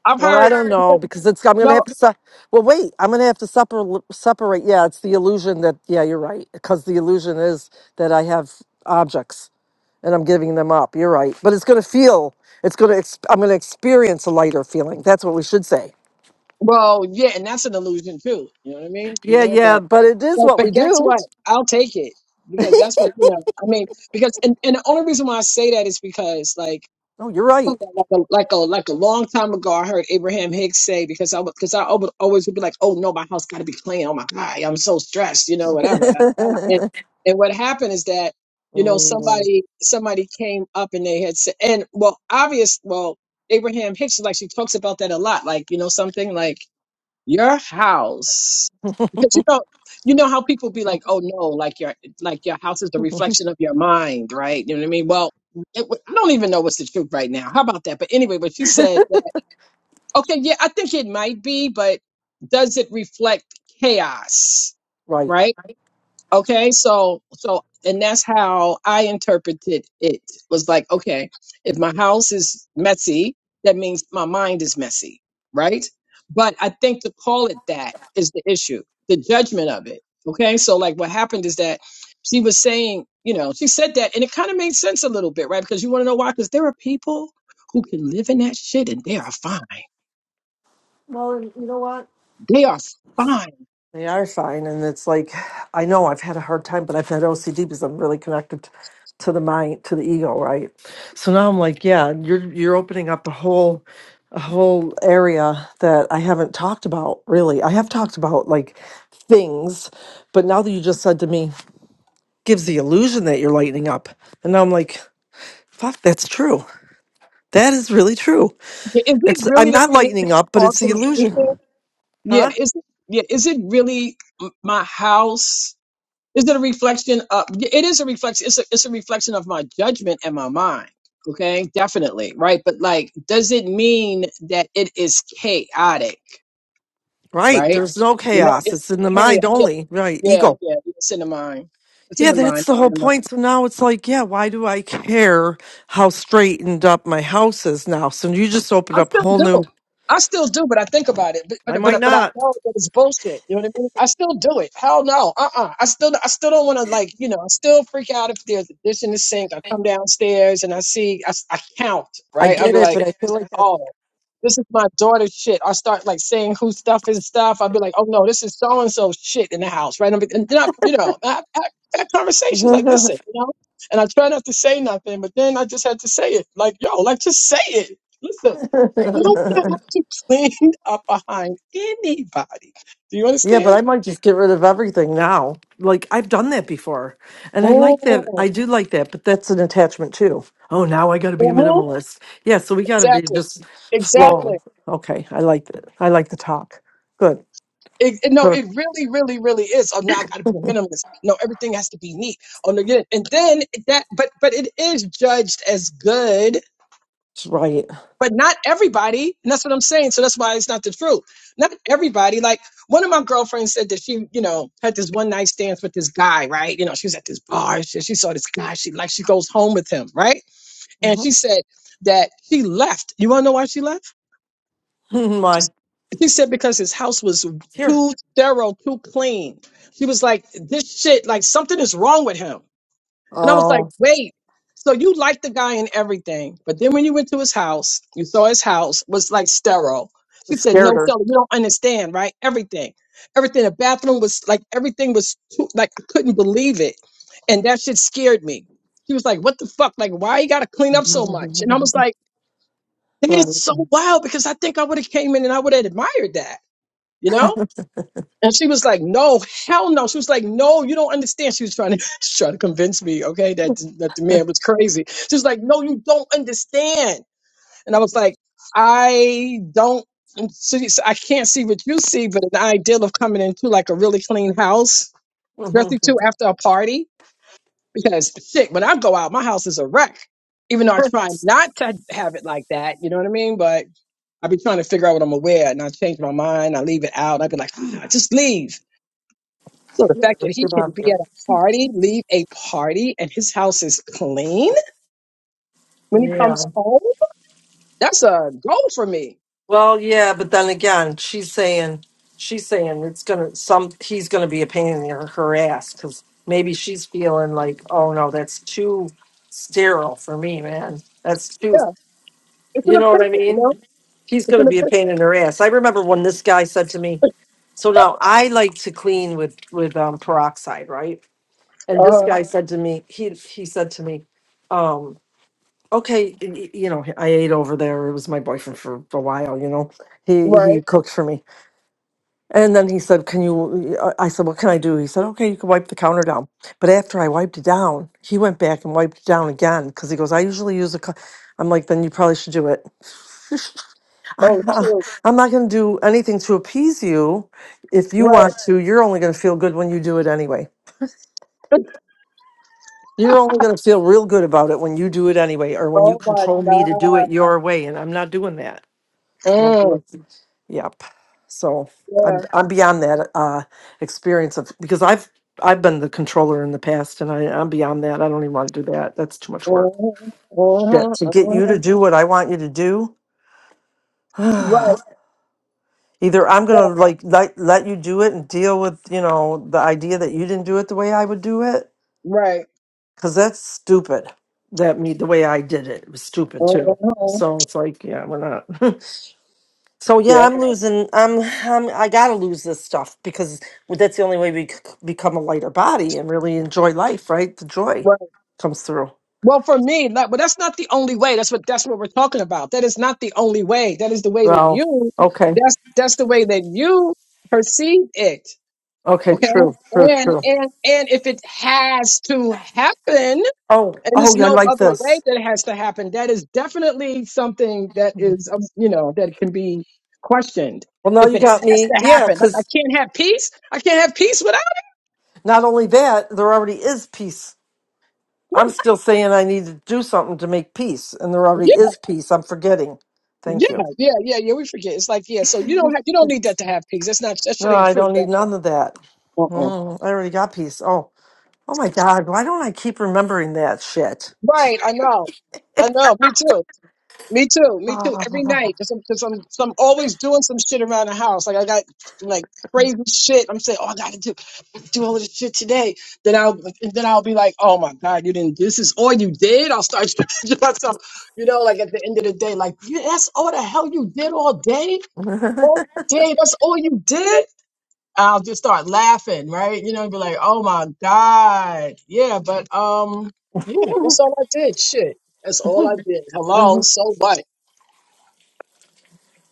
[SPEAKER 3] I've
[SPEAKER 2] well, I
[SPEAKER 3] heard
[SPEAKER 2] don't know because it's, I'm going to have
[SPEAKER 3] no.
[SPEAKER 2] to, se- well, wait, I'm going to have to separ- separate. Yeah. It's the illusion that, yeah, you're right. Because the illusion is that I have objects. and I'm giving them up. You're right. But it's going to feel, it's going to, ex- I'm going to experience a lighter feeling. That's what we should say.
[SPEAKER 3] Well, yeah, and that's an illusion too. You know what I mean? You
[SPEAKER 2] Yeah,
[SPEAKER 3] know, but.
[SPEAKER 2] yeah, but it is
[SPEAKER 3] But,
[SPEAKER 2] what we
[SPEAKER 3] but guess
[SPEAKER 2] do.
[SPEAKER 3] what? I'll take it because that's what you know. I mean, because and, and the only reason why I say that is because like
[SPEAKER 2] Oh, you're right.
[SPEAKER 3] like a like a, like a long time ago, I heard Abraham Hicks say because I because I would always would be like, oh no, my house got to be clean. Oh my god, I'm so stressed, you know, whatever. da, da, da. And and what happened is that you know
[SPEAKER 2] Mm,
[SPEAKER 3] somebody somebody came up and they had said and well obvious well Abraham Hicks like she talks about that a lot like you know something like your house because you know you know how people be like oh no like your like your house is the reflection of your mind right you know what i mean well it, wa- i don't even know what's the truth right now how about that but anyway but she said that okay yeah i think it might be but does it reflect chaos
[SPEAKER 2] right.
[SPEAKER 3] right Okay, so so and that's how I interpreted it. Was like, okay, if my house is messy, that means my mind is messy, right? But I think to call it that is the issue, the judgment of it. Okay, so like what happened is that she was saying, you know, she said that, and it kind of made sense a little bit, right? Because you want to know why? Because there are people who can live in that shit and they are fine.
[SPEAKER 2] Well, you know what?
[SPEAKER 3] They are fine.
[SPEAKER 2] They are fine. And it's like, I know I've had a hard time, but I've had OCD because I'm really connected to the mind, to the ego, right? So now I'm like, yeah, you're you're opening up a whole a whole area that I haven't talked about really. I have talked about like things, but now that you just said to me, gives the illusion that you're lightening up. And now I'm like, fuck, that's true. That is really true.
[SPEAKER 3] Is it
[SPEAKER 2] It's
[SPEAKER 3] really
[SPEAKER 2] I'm
[SPEAKER 3] the
[SPEAKER 2] not
[SPEAKER 3] thing
[SPEAKER 2] lightening
[SPEAKER 3] that's
[SPEAKER 2] up, but it's the
[SPEAKER 3] causing anything?
[SPEAKER 2] illusion.
[SPEAKER 3] Yeah,
[SPEAKER 2] Huh?
[SPEAKER 3] is it, yeah, is it really m- my house? Is it a reflection of y- it is a reflection it's a, it's a reflection of my judgment and my mind. Okay? Definitely, right? But like does it mean that it is chaotic,
[SPEAKER 2] Right.
[SPEAKER 3] right?
[SPEAKER 2] There's no
[SPEAKER 3] You know,
[SPEAKER 2] chaos.
[SPEAKER 3] it's
[SPEAKER 2] It's in the
[SPEAKER 3] chaotic.
[SPEAKER 2] mind
[SPEAKER 3] Yeah,
[SPEAKER 2] only. Right.
[SPEAKER 3] yeah,
[SPEAKER 2] Ego.
[SPEAKER 3] yeah. It's in the mind. It's in
[SPEAKER 2] Yeah,
[SPEAKER 3] the
[SPEAKER 2] that's the whole
[SPEAKER 3] mind.
[SPEAKER 2] point. So now it's like, yeah, why do I care how straightened up my house is now? So you just opened
[SPEAKER 3] I
[SPEAKER 2] up a
[SPEAKER 3] still
[SPEAKER 2] whole new.
[SPEAKER 3] do. I still do, but I think about it. But
[SPEAKER 2] I
[SPEAKER 3] but
[SPEAKER 2] might
[SPEAKER 3] but, but I
[SPEAKER 2] not.
[SPEAKER 3] know that it's bullshit. You know what I mean? I still do it. Hell no. Uh uh I still I still don't want to like you know. I still freak out if there's a dish in the sink. I come downstairs and I see I, s- I count
[SPEAKER 2] I
[SPEAKER 3] right. I'll
[SPEAKER 2] get
[SPEAKER 3] be
[SPEAKER 2] it, but
[SPEAKER 3] like,
[SPEAKER 2] I feel like
[SPEAKER 3] oh, this is my daughter's shit. I start like saying whose stuff is stuff. I'll be like, oh no, this is so and so shit in the house, right? And, be, and then I, you know, I, I, I have conversations
[SPEAKER 2] that's.
[SPEAKER 3] like, listen, you know. And I try not to say nothing, but then I just had to say it. Like, yo, like just say it. Listen. You don't have to clean up behind anybody. Do you
[SPEAKER 2] yeah, but
[SPEAKER 3] understand?
[SPEAKER 2] I might just get rid of everything now. Like I've done that before, and I like that.
[SPEAKER 3] Oh,
[SPEAKER 2] I do like that, but that's an attachment too. Oh, now I got to be a
[SPEAKER 3] uh-huh.
[SPEAKER 2] minimalist. Yeah, so we got to be
[SPEAKER 3] exactly.
[SPEAKER 2] just slow.
[SPEAKER 3] Exactly.
[SPEAKER 2] Okay, I like that. I like the talk. Good.
[SPEAKER 3] It, it- no,
[SPEAKER 2] Her.
[SPEAKER 3] it really, really, really is. Oh, now I got to be a minimalist. No, everything has to be neat. Oh, no, yeah. and then that, but but it is judged as good,
[SPEAKER 2] It's right.
[SPEAKER 3] but not everybody. And that's what I'm saying. So that's why it's not the truth. Not everybody. Like one of my girlfriends said that she, you know, had this one night stands with this guy, right? You know, she was at this bar. She, she saw this guy. She like she goes home with him, right? And
[SPEAKER 2] hmm
[SPEAKER 3] she said that she left. You want to know why she left?
[SPEAKER 2] Why?
[SPEAKER 3] She said because his house was
[SPEAKER 2] Here.
[SPEAKER 3] too sterile, too clean. She was like, this shit, like something is wrong with him. And I was like, wait. So you liked the guy and everything, but then when you went to his house, you saw his house was like sterile. She
[SPEAKER 2] It
[SPEAKER 3] said,
[SPEAKER 2] scared
[SPEAKER 3] "No,
[SPEAKER 2] her.
[SPEAKER 3] Stella, you don't understand, right? Everything, everything. The bathroom was like everything was too, like I couldn't believe it, and that shit scared me." She was like, "What the fuck? Like, why you gotta clean up so much?" And I was like. that
[SPEAKER 2] Right.
[SPEAKER 3] is so wild because I think I would have came in and I would have admired that, you know? And she was like, no, hell no. She was like, no, you don't understand. She was trying to she's trying to convince me, okay, that that the man was crazy. She was like, no, you don't understand. And I was like, I don't see, so I can't see what you see, but the idea of coming into like a really clean house,
[SPEAKER 2] hmm
[SPEAKER 3] especially too after a party, because shit, when I go out, my house is a wreck. Even though I try not to have it like that, you know what I mean? But I be trying to figure out what I'm gonna wear, and I change my mind. I leave it out. I be like, ah, just leave. So the
[SPEAKER 2] Yeah.
[SPEAKER 3] fact that
[SPEAKER 2] it's
[SPEAKER 3] he
[SPEAKER 2] your
[SPEAKER 3] can
[SPEAKER 2] mom.
[SPEAKER 3] be at a party, leave a party, and his house is clean when he comes
[SPEAKER 2] Yeah.
[SPEAKER 3] home, that's a goal for me.
[SPEAKER 2] Well, yeah, but then again, she's saying she's saying it's gonna some he's gonna be a pain in her, her ass because maybe she's feeling like, oh no, that's too sterile for me, man. That's too,
[SPEAKER 3] Yeah, it's an
[SPEAKER 2] you know what I
[SPEAKER 3] opinion, you know.
[SPEAKER 2] mean? He's
[SPEAKER 3] It's
[SPEAKER 2] gonna
[SPEAKER 3] an
[SPEAKER 2] be a
[SPEAKER 3] opinion.
[SPEAKER 2] pain in her ass. I remember when this guy said to me, so now I like to clean with with um, peroxide, right?
[SPEAKER 3] Uh
[SPEAKER 2] And this
[SPEAKER 3] huh.
[SPEAKER 2] guy said to me, he he said to me. um, okay, y- y- you know, I ate over there. It was my boyfriend for a while, you know. He
[SPEAKER 3] Right.
[SPEAKER 2] he cooked for me. And then he said, "Can you I I said, "What can I do?" He said, "Okay, you can wipe the counter down." But after I wiped it down, he went back and wiped it down again cuz he goes, "I usually use a cu-" I'm like, "Then you probably should do it." I'm
[SPEAKER 3] Oh,
[SPEAKER 2] not
[SPEAKER 3] sure.
[SPEAKER 2] I'm not going to do anything to appease you. If you
[SPEAKER 3] Right.
[SPEAKER 2] want to, you're only going to feel good when you do it anyway. You're only going to feel real good about it when you do it anyway or when you
[SPEAKER 3] Oh my
[SPEAKER 2] control me to do
[SPEAKER 3] God.
[SPEAKER 2] it your way and I'm not doing that. Not
[SPEAKER 3] Mm,
[SPEAKER 2] guilty. Yep. So I'm
[SPEAKER 3] yeah.
[SPEAKER 2] I'm beyond that uh experience of because I've I've been the controller in the past and I, I'm beyond that. I don't even want to do that. That's too much work.
[SPEAKER 3] Mm-hmm, mm-hmm,
[SPEAKER 2] Shit. To get you to
[SPEAKER 3] mm-hmm.
[SPEAKER 2] do what I want you to do.
[SPEAKER 3] Right.
[SPEAKER 2] Either I'm
[SPEAKER 3] Right.
[SPEAKER 2] gonna like let, let you do it and deal with, you know, the idea that you didn't do it the way I would do it.
[SPEAKER 3] Right.
[SPEAKER 2] Cause that's stupid. That me the way I did it, it was stupid too.
[SPEAKER 3] Mm-hmm.
[SPEAKER 2] So it's like, yeah, we're not. So
[SPEAKER 3] Yeah.
[SPEAKER 2] yeah, I'm losing. I'm, I'm I gotta lose this stuff because that's the only way we c- become a lighter body and really enjoy life. Right, the
[SPEAKER 3] right.
[SPEAKER 2] joy comes through.
[SPEAKER 3] Well, for me, that, but that's not the only way. That's what that's what we're talking about. That is not the only way. That is the way that
[SPEAKER 2] Well,
[SPEAKER 3] you
[SPEAKER 2] okay,
[SPEAKER 3] that's that's the way that you perceive it.
[SPEAKER 2] okay,
[SPEAKER 3] Okay,
[SPEAKER 2] true, true,
[SPEAKER 3] and
[SPEAKER 2] true.
[SPEAKER 3] and and if it has to happen,
[SPEAKER 2] Oh,
[SPEAKER 3] and there's
[SPEAKER 2] oh, yeah, I
[SPEAKER 3] no
[SPEAKER 2] like
[SPEAKER 3] other way
[SPEAKER 2] this.
[SPEAKER 3] that it has to happen, that is definitely something that is um, you know that can be questioned.
[SPEAKER 2] Well, now
[SPEAKER 3] If
[SPEAKER 2] you
[SPEAKER 3] it
[SPEAKER 2] got
[SPEAKER 3] has
[SPEAKER 2] me.
[SPEAKER 3] to
[SPEAKER 2] Yeah,
[SPEAKER 3] happen, like I
[SPEAKER 2] because
[SPEAKER 3] can't have peace. I can't have peace without.
[SPEAKER 2] not only that, there already is peace. I'm still saying I need to do something to make peace, and there already
[SPEAKER 3] Yeah,
[SPEAKER 2] is peace. I'm forgetting. Thank
[SPEAKER 3] Yeah,
[SPEAKER 2] you.
[SPEAKER 3] yeah, yeah, yeah. We forget. It's like yeah. So you don't have you don't need that to have peace. That's not that shit
[SPEAKER 2] No,
[SPEAKER 3] ain't
[SPEAKER 2] I don't
[SPEAKER 3] true.
[SPEAKER 2] need none of that.
[SPEAKER 3] Uh-uh.
[SPEAKER 2] Mm, I already got peace. Oh. Oh my God, why don't I keep remembering that shit?
[SPEAKER 3] Right, I know. I know. Me too. Me too. Me too. Every night, because I'm, i I'm, 'cause I'm always doing some shit around the house. Like I got like crazy shit. I'm saying, oh, I gotta do do all of this shit today. Then I'll then I'll be like, oh my god, you didn't. do This is all you did. I'll start judging myself. You know, like at the end of the day, like "Yeah, that's all the hell you did all day. All day. That's all you did. I'll just start laughing, right? You know, be like, "Oh my god, yeah." But um, yeah, that's
[SPEAKER 2] Mhm.
[SPEAKER 3] all I did. Shit, that's all I did. Hello, so what?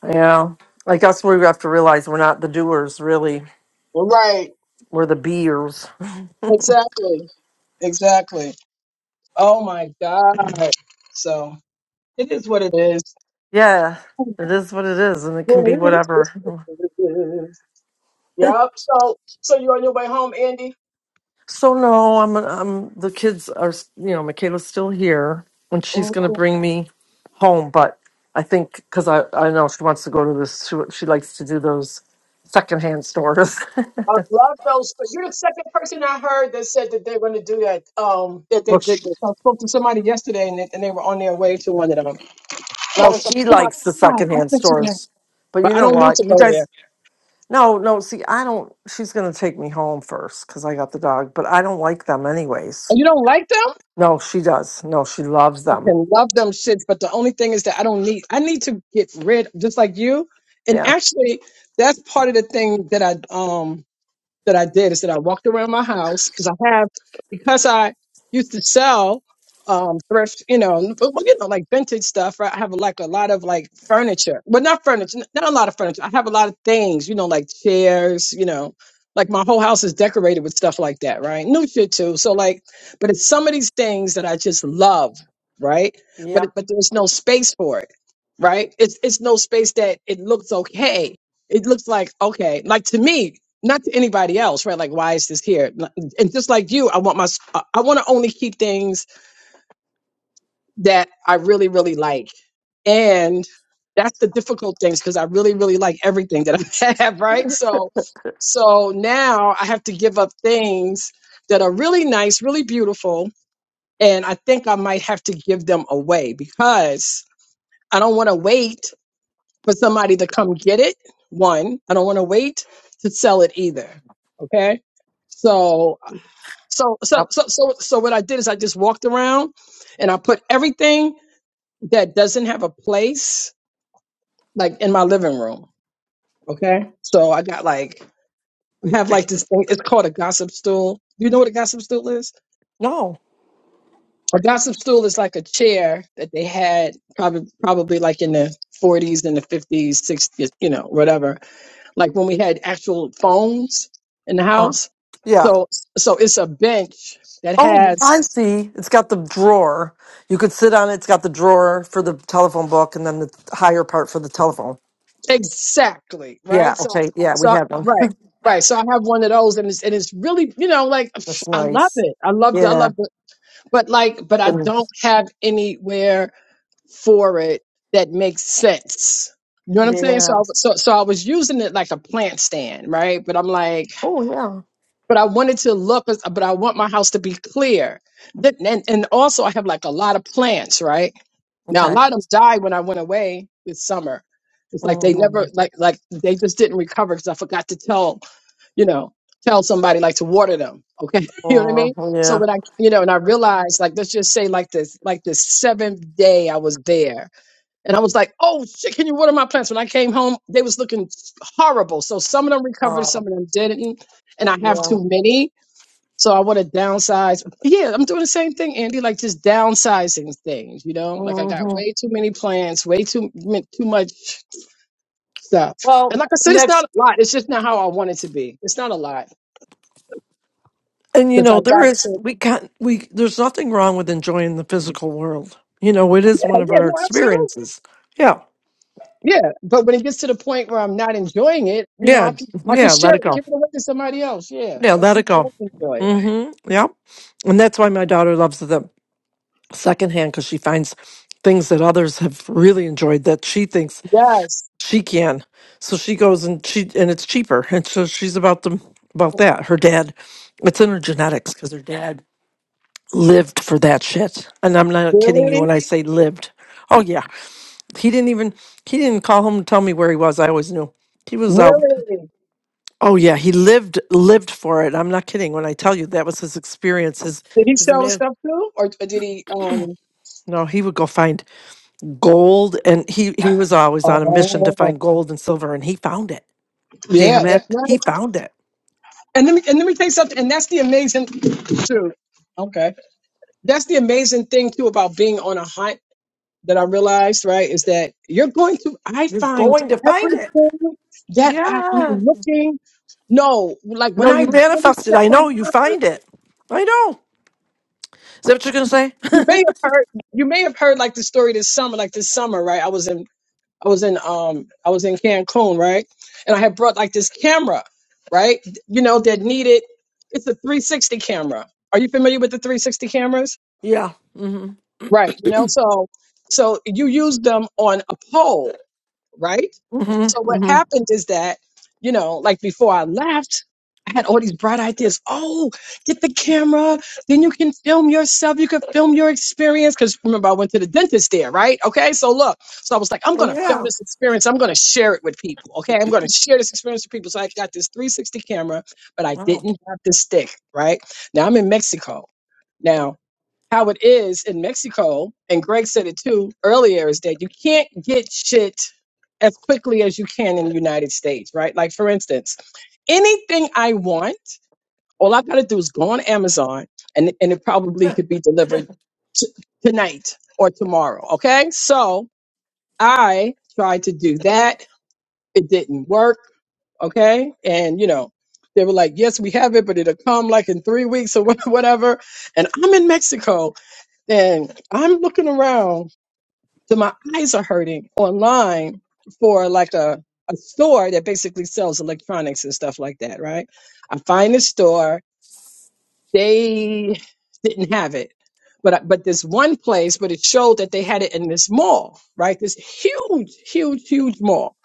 [SPEAKER 2] yeah. I guess we have to realize we're not the doers, really.
[SPEAKER 3] Right,
[SPEAKER 2] We're the beers.
[SPEAKER 3] exactly, exactly. Oh my god. So it is what it is.
[SPEAKER 2] Yeah, it is what it is, and it can be whatever.
[SPEAKER 3] Yup. So, so you on your way home, Andy?
[SPEAKER 2] So no, I'm. I'm. The kids are. You know, Michaela's still here, and she's going to bring me home. But I think because I, I know she wants to go to this. She, she likes to do those secondhand stores.
[SPEAKER 3] I love those. But you're the second person I heard that said that they're going to do that. Um, that they
[SPEAKER 2] Well.
[SPEAKER 3] did this. I spoke to somebody yesterday, and they, and they were on their way to one of them. And I
[SPEAKER 2] Well,
[SPEAKER 3] was like,
[SPEAKER 2] she
[SPEAKER 3] oh my
[SPEAKER 2] likes the
[SPEAKER 3] god, I'm
[SPEAKER 2] secondhand
[SPEAKER 3] such a
[SPEAKER 2] stores, but you
[SPEAKER 3] But I
[SPEAKER 2] know
[SPEAKER 3] don't need
[SPEAKER 2] what?
[SPEAKER 3] to
[SPEAKER 2] You
[SPEAKER 3] go there.
[SPEAKER 2] guys, no, no. See, I don't. She's gonna take me home first because I got the dog, but I don't like them anyways.
[SPEAKER 3] And you don't like them?
[SPEAKER 2] No, she does. No, she loves
[SPEAKER 3] I
[SPEAKER 2] them.
[SPEAKER 3] can love them shits. But the only thing is that I don't need. I need to get rid, just like you. And
[SPEAKER 2] Yeah.
[SPEAKER 3] actually, that's part of the thing that I um that I did is that I walked around my house because I have because I used to sell um thrift, you know, but well, you know, like vintage stuff, right? I have like a lot of like furniture. Well not furniture, n- not a lot of furniture. I have a lot of things, you know, like chairs, you know, like my whole house is decorated with stuff like that, right? New shit too. So like, but it's some of these things that I just love, right? But
[SPEAKER 2] Yep.
[SPEAKER 3] it- but there's no space for it, right? It's it's no space that it looks okay it looks like okay like to me not to anybody else, right? Like, why is this here? And just like you, I want my, I want to only keep things that I really, really like. And that's the difficult things because I really, really like everything that I have, right? So, so now I have to give up things that are really nice, really beautiful. And I think I might have to give them away because I don't want to wait for somebody to come get it. One, I don't want to wait to sell it either. Okay. So So so
[SPEAKER 2] Yep.
[SPEAKER 3] so so so what I did is I just walked around and I put everything that doesn't have a place like in my living room. Okay. So I got like I have like this thing. It's called a gossip stool. You know what a gossip stool is?
[SPEAKER 2] No.
[SPEAKER 3] A gossip stool is like a chair that they had probably probably like in the 40s and the 50s, 60s, you know, whatever. Like when we had actual phones in the
[SPEAKER 2] Uh,
[SPEAKER 3] house.
[SPEAKER 2] yeah.
[SPEAKER 3] So so it's a bench that
[SPEAKER 2] Oh,
[SPEAKER 3] has
[SPEAKER 2] I see. It's got the drawer. You could sit on it. It's got the drawer for the telephone book, and then the higher part for the telephone.
[SPEAKER 3] Exactly.
[SPEAKER 2] Yeah.
[SPEAKER 3] Right. So,
[SPEAKER 2] Okay. Yeah, we
[SPEAKER 3] so,
[SPEAKER 2] have them.
[SPEAKER 3] right. Right. So I have one of those and it's, and it's really, you know, like
[SPEAKER 2] That's
[SPEAKER 3] I love
[SPEAKER 2] nice.
[SPEAKER 3] it. I love the, I
[SPEAKER 2] Yeah.
[SPEAKER 3] love the, but like, but I
[SPEAKER 2] Then-
[SPEAKER 3] don't have anywhere for it that makes sense. You know what I'm saying? So, I,
[SPEAKER 2] Yeah.
[SPEAKER 3] was- so, so I was using it like a plant stand, right? But I'm like,
[SPEAKER 2] Oh, yeah.
[SPEAKER 3] but I wanted to look, but I want my house to be clear. That, and, and also I have like a lot of plants, right? Now a
[SPEAKER 2] Okay.
[SPEAKER 3] lot of them died when I went away this summer. It's like they
[SPEAKER 2] Mm-hmm.
[SPEAKER 3] never like like they just didn't recover because I forgot to tell you know tell somebody like to water them. Okay, you know what I
[SPEAKER 2] Oh,
[SPEAKER 3] mean. So
[SPEAKER 2] yeah.
[SPEAKER 3] when I you know and I realized like let's just say like this like the seventh day I was there and I was like oh shit can you water my plants? When I came home they was looking horrible. So some of them recovered,
[SPEAKER 2] Oh,
[SPEAKER 3] some of them didn't, and I have
[SPEAKER 2] yeah.
[SPEAKER 3] too many. So I want to downsize. Yeah, I'm doing the same thing, Andy. Like just downsizing things, you know. Like I got
[SPEAKER 2] hmm
[SPEAKER 3] way too many plans, way too m- too much stuff.
[SPEAKER 2] Well,
[SPEAKER 3] And like I said, it's not
[SPEAKER 2] next,
[SPEAKER 3] a lot. It's just not how I want it to be. It's not a lot
[SPEAKER 2] and you
[SPEAKER 3] because I
[SPEAKER 2] know, there
[SPEAKER 3] got
[SPEAKER 2] is,
[SPEAKER 3] to.
[SPEAKER 2] we can't, we, there's nothing wrong with enjoying the physical world. You know, it is
[SPEAKER 3] Yeah,
[SPEAKER 2] one of
[SPEAKER 3] yeah,
[SPEAKER 2] our
[SPEAKER 3] no, absolutely.
[SPEAKER 2] experiences. Yeah.
[SPEAKER 3] Yeah, but when it gets to the point where I'm not enjoying it, you know,
[SPEAKER 2] Yeah.
[SPEAKER 3] I can I can
[SPEAKER 2] Yeah. Let
[SPEAKER 3] share
[SPEAKER 2] it
[SPEAKER 3] it,
[SPEAKER 2] go.
[SPEAKER 3] give it away to somebody else. Yeah,
[SPEAKER 2] Yeah.
[SPEAKER 3] let
[SPEAKER 2] Let it
[SPEAKER 3] somebody
[SPEAKER 2] go.
[SPEAKER 3] else enjoy it.
[SPEAKER 2] Mm hmm. Yeah. And that's why my daughter loves the secondhand because she finds things that others have really enjoyed that she thinks
[SPEAKER 3] Yes,
[SPEAKER 2] She can. So she goes and she and it's cheaper. And so she's about them about that. Her dad, it's in her genetics because her dad lived for that shit. And I'm not kidding you
[SPEAKER 3] really,
[SPEAKER 2] when I say lived. Oh yeah, he didn't even he didn't call home and tell me where he was. I always knew he was out.
[SPEAKER 3] really.
[SPEAKER 2] Oh yeah, he lived lived for it. I'm not kidding when I tell you that was his experience. His
[SPEAKER 3] Did he
[SPEAKER 2] his
[SPEAKER 3] sell the
[SPEAKER 2] man.
[SPEAKER 3] stuff too, or, or did he? um
[SPEAKER 2] No, he would go find gold, and he he was always on a mission to
[SPEAKER 3] Oh,
[SPEAKER 2] find gold and silver, and he found it.
[SPEAKER 3] yeah,
[SPEAKER 2] Damn
[SPEAKER 3] that's
[SPEAKER 2] it,
[SPEAKER 3] right.
[SPEAKER 2] he found it
[SPEAKER 3] And let me and let me tell you something. And that's the amazing too. Okay, that's the amazing thing too about being on a hunt that I realized right is that you're going to. I
[SPEAKER 2] You're
[SPEAKER 3] find
[SPEAKER 2] going to find it.
[SPEAKER 3] everything that I am
[SPEAKER 2] Yeah.
[SPEAKER 3] looking. No, like when
[SPEAKER 2] No,
[SPEAKER 3] I
[SPEAKER 2] you
[SPEAKER 3] really
[SPEAKER 2] manifest it.
[SPEAKER 3] set
[SPEAKER 2] I
[SPEAKER 3] my
[SPEAKER 2] know. You
[SPEAKER 3] mind,
[SPEAKER 2] find it. I know. Is that what you're gonna say?
[SPEAKER 3] you may have heard. You may have heard like the story this summer. Like this summer, right? I was in I was in um I was in Cancun, right? And I had brought like this camera, right? You know, that needed it's a 360 camera. Are you familiar with the 360 cameras?
[SPEAKER 2] Yeah. Mm-hmm.
[SPEAKER 3] Right, you know, so so you use them on a pole right? So
[SPEAKER 2] Mm-hmm.
[SPEAKER 3] what
[SPEAKER 2] Mm-hmm.
[SPEAKER 3] happened is that, you know, like before I left, I had all these bright ideas. Oh, get the camera, then you can film yourself. You can film your experience because remember I went to the dentist there, right? Okay, so look, so I was like, I'm
[SPEAKER 2] Oh,
[SPEAKER 3] gonna film
[SPEAKER 2] yeah.
[SPEAKER 3] this experience. I'm gonna share it with people. Okay, I'm gonna share this experience with people. So I got this 360 camera, but I
[SPEAKER 2] Wow.
[SPEAKER 3] didn't have the stick, right? Now I'm in Mexico. Now, how it is in Mexico, and Greg said it too earlier, is that you can't get shit as quickly as you can in the United States, right? Like, for instance, anything I want, all I've got to do is go on Amazon and, and it probably could be delivered t- tonight or tomorrow, okay? So I tried to do that. It didn't work, okay? And, you know, they were like, yes, we have it, but it'll come like in three weeks or whatever. And I'm in Mexico and I'm looking around, so my eyes are hurting online for like a, a store that basically sells electronics and stuff like that, right? I find a store, they didn't have it. But, I- but this one place, but it showed that they had it in this mall, right? This huge, huge, huge mall.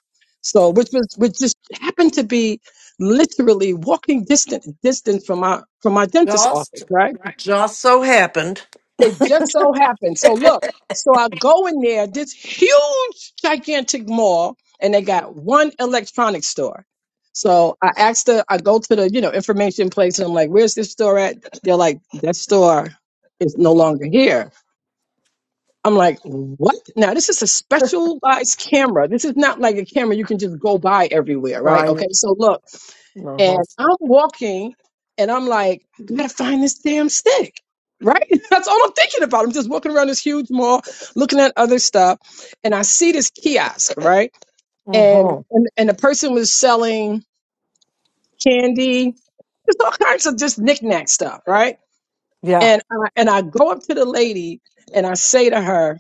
[SPEAKER 3] So, which was, which just happened to be literally walking distant, distance from my, from my dentist's
[SPEAKER 2] Just
[SPEAKER 3] office, right?
[SPEAKER 2] just so happened.
[SPEAKER 3] It just so happened. So look, so I go in there, this huge, gigantic mall, and they got one electronics store. So I asked her, I go to the, you know, information place and I'm like, where's this store at? They're like, that store is no longer here. I'm like, what? Now this is a specialized camera. This is not like a camera you can just go buy everywhere, right?
[SPEAKER 2] Right.
[SPEAKER 3] Okay. So look. And
[SPEAKER 2] Uh-huh.
[SPEAKER 3] I'm walking and I'm like, I gotta find this damn stick. Right? That's all I'm thinking about. I'm just walking around this huge mall looking at other stuff. And I see this kiosk, right? And
[SPEAKER 2] Uh-huh.
[SPEAKER 3] and, and the person was selling candy, just all kinds of just knickknack stuff, right?
[SPEAKER 2] Yeah.
[SPEAKER 3] And I, and I go up to the lady and I say to her,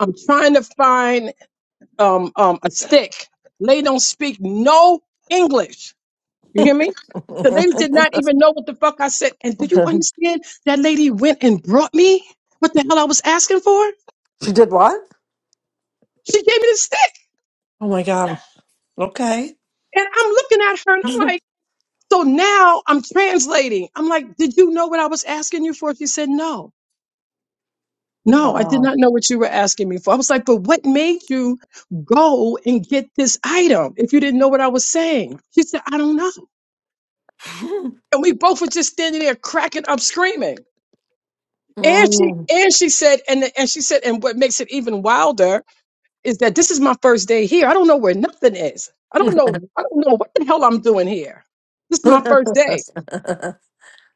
[SPEAKER 3] I'm trying to find um, um, a stick. Lady don't speak no English You hear me? The lady did not even know what the fuck I said. And do you understand? That lady went and brought me what the hell I was asking for.
[SPEAKER 2] She did what?
[SPEAKER 3] She gave me the stick.
[SPEAKER 2] Oh my god. Okay.
[SPEAKER 3] And I'm looking at her and I'm like, so now I'm translating. I'm like, did you know what I was asking you for? She said, no. No, I did
[SPEAKER 2] Wow.
[SPEAKER 3] not know what you were asking me for. I was like, but what made you go and get this item if you didn't know what I was saying? She said, I don't know. And we both were just standing there cracking up screaming. And she
[SPEAKER 2] Mm.
[SPEAKER 3] and she said, and and she said, and what makes it even wilder is that this is my first day here. I don't know where nothing is. I don't know. I don't know what the hell I'm doing here. This is my first day,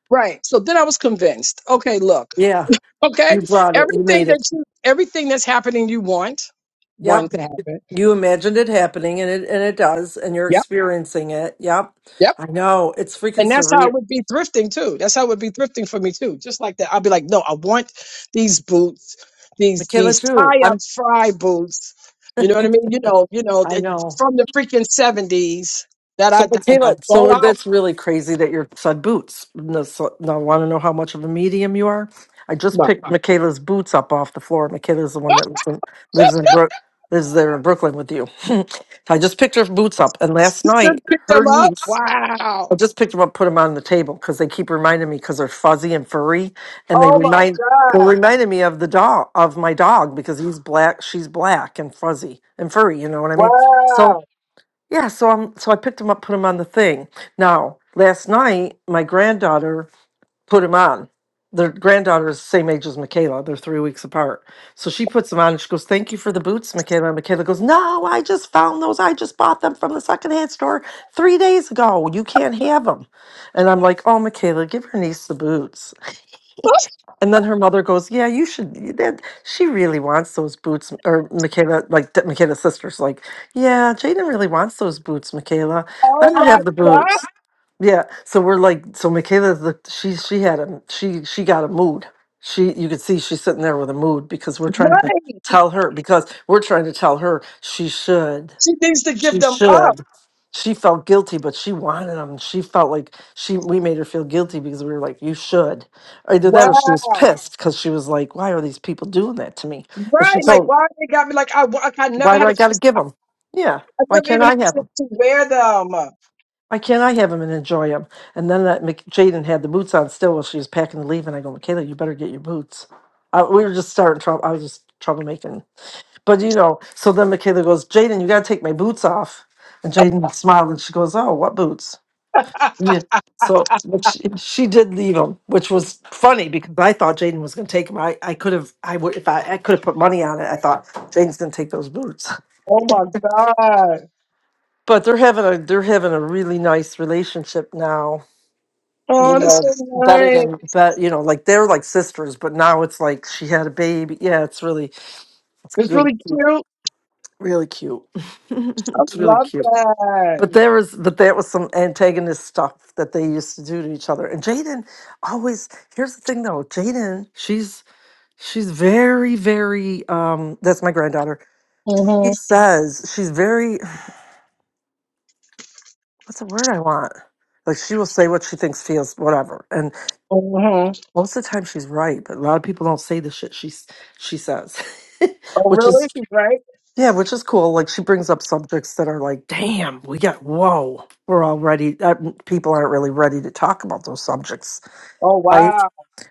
[SPEAKER 3] right? So then I was convinced. Okay, look,
[SPEAKER 2] Yeah.
[SPEAKER 3] okay,
[SPEAKER 2] You brought it. You
[SPEAKER 3] everything
[SPEAKER 2] made
[SPEAKER 3] that
[SPEAKER 2] it.
[SPEAKER 3] you, everything that's happening, you want, one
[SPEAKER 2] Yep.
[SPEAKER 3] to happen.
[SPEAKER 2] You imagined it happening and it and it does, and you're
[SPEAKER 3] Yep,
[SPEAKER 2] experiencing it. Yep.
[SPEAKER 3] yep.
[SPEAKER 2] I know. It's freaking
[SPEAKER 3] And that's how
[SPEAKER 2] surreal.
[SPEAKER 3] it would be thrifting too. That's how it would be thrifting for me too. Just like that. I'd be like, no, I want these boots, these
[SPEAKER 2] Michaela
[SPEAKER 3] these
[SPEAKER 2] too.
[SPEAKER 3] tie-up
[SPEAKER 2] I'm
[SPEAKER 3] fry boots. You know what I mean? You know, you know,
[SPEAKER 2] I
[SPEAKER 3] th-
[SPEAKER 2] know.
[SPEAKER 3] from the freaking seventies that I
[SPEAKER 2] So
[SPEAKER 3] and
[SPEAKER 2] Michaela,
[SPEAKER 3] I'll go
[SPEAKER 2] so
[SPEAKER 3] out.
[SPEAKER 2] that's really crazy that your son boots. No, so, now I want to know how much of a medium you are. I just
[SPEAKER 3] My,
[SPEAKER 2] picked Michaela's boots up off the floor. Michaela's the one that lives in, lives in Brook lives there in Brooklyn with you. I just picked her boots up and last
[SPEAKER 3] just
[SPEAKER 2] night
[SPEAKER 3] pick
[SPEAKER 2] her
[SPEAKER 3] them up.
[SPEAKER 2] niece
[SPEAKER 3] Wow.
[SPEAKER 2] I just picked them up, put them on the table because they keep reminding me because they're fuzzy and furry, and they
[SPEAKER 3] Oh
[SPEAKER 2] remind they
[SPEAKER 3] my God.
[SPEAKER 2] reminded me of the dog of my dog because he's black, she's black and fuzzy and furry. You know what I mean? So
[SPEAKER 3] Wow.
[SPEAKER 2] yeah, so I'm so I picked them up, put them on the thing. Now last night, my granddaughter put him on. Their granddaughter is the same age as Michaela. They're three weeks apart. So she puts them on and she goes, Thank you for the boots, Michaela. And Michaela goes, No, I just found those. I just bought them from the secondhand store three days ago. You can't have them. And I'm like, Oh, Michaela, give your niece the boots. And then her mother goes, Yeah, you should. you- That, she really wants those boots. Or Michaela, like Michaela's sister's like, Yeah, Jaden really wants those boots, Michaela. Let
[SPEAKER 3] Oh
[SPEAKER 2] her
[SPEAKER 3] my
[SPEAKER 2] have the boots.
[SPEAKER 3] God.
[SPEAKER 2] Yeah, so we're like, so Michaela, the, she she had a she she got a mood. She you could see she's sitting there with a mood because we're trying to
[SPEAKER 3] Right.
[SPEAKER 2] tell her because we're trying to tell her she should
[SPEAKER 3] She needs to give
[SPEAKER 2] she
[SPEAKER 3] them up.
[SPEAKER 2] should. She felt guilty, but she wanted them. She felt like she we made her feel guilty because we were like, you should. Either that or she was
[SPEAKER 3] Wow.
[SPEAKER 2] pissed because she was like, why are these people doing that to me? But she
[SPEAKER 3] Right. Like
[SPEAKER 2] told,
[SPEAKER 3] why they got me like I, wa- I never
[SPEAKER 2] why do
[SPEAKER 3] had a
[SPEAKER 2] I got to
[SPEAKER 3] chance
[SPEAKER 2] give them? Yeah,
[SPEAKER 3] I
[SPEAKER 2] why
[SPEAKER 3] never
[SPEAKER 2] can't
[SPEAKER 3] even
[SPEAKER 2] I
[SPEAKER 3] had
[SPEAKER 2] have them?
[SPEAKER 3] a chance to wear them.
[SPEAKER 2] Why can't I have them and enjoy them? And then that Mc- Jaden had the boots on still while she was packing to leave, and I go, Michaela, you better get your boots. I, we were just starting trouble. I was just troublemaking, but you know. So then Michaela goes, Jaden, you got to take my boots off. And Jaden smiled and she goes, Oh, what boots? Yeah. So but she, she did leave them, which was funny because I thought Jaden was going to take them. I, I could have I would if I, I could have put money on it. I thought Jaden's going to take those boots.
[SPEAKER 3] Oh my God.
[SPEAKER 2] But they're having a they're having a really nice relationship now you
[SPEAKER 3] Oh, that's
[SPEAKER 2] know
[SPEAKER 3] so
[SPEAKER 2] better
[SPEAKER 3] nice.
[SPEAKER 2] than but you know like they're like sisters but now it's like she had a baby yeah it's really
[SPEAKER 3] It's
[SPEAKER 2] really
[SPEAKER 3] really
[SPEAKER 2] cute
[SPEAKER 3] cute.
[SPEAKER 2] really cute
[SPEAKER 3] I
[SPEAKER 2] it's really
[SPEAKER 3] love
[SPEAKER 2] cute
[SPEAKER 3] that.
[SPEAKER 2] but there was but there was some antagonist stuff that they used to do to each other and jaden always here's the thing though jaden she's she's very very um that's my granddaughter
[SPEAKER 3] hmm
[SPEAKER 2] she says she's very what's the word i want like she will say what she thinks feels whatever and.
[SPEAKER 3] hmm
[SPEAKER 2] Most of the time she's right, but a lot of people don't say the shit she s- she says,
[SPEAKER 3] Oh,
[SPEAKER 2] which is
[SPEAKER 3] really? She's right.
[SPEAKER 2] yeah, which is cool. Like she brings up subjects that are like, damn, we got whoa, we're already uh, people aren't really ready to talk about those subjects,
[SPEAKER 3] Oh,
[SPEAKER 2] right?
[SPEAKER 3] wow.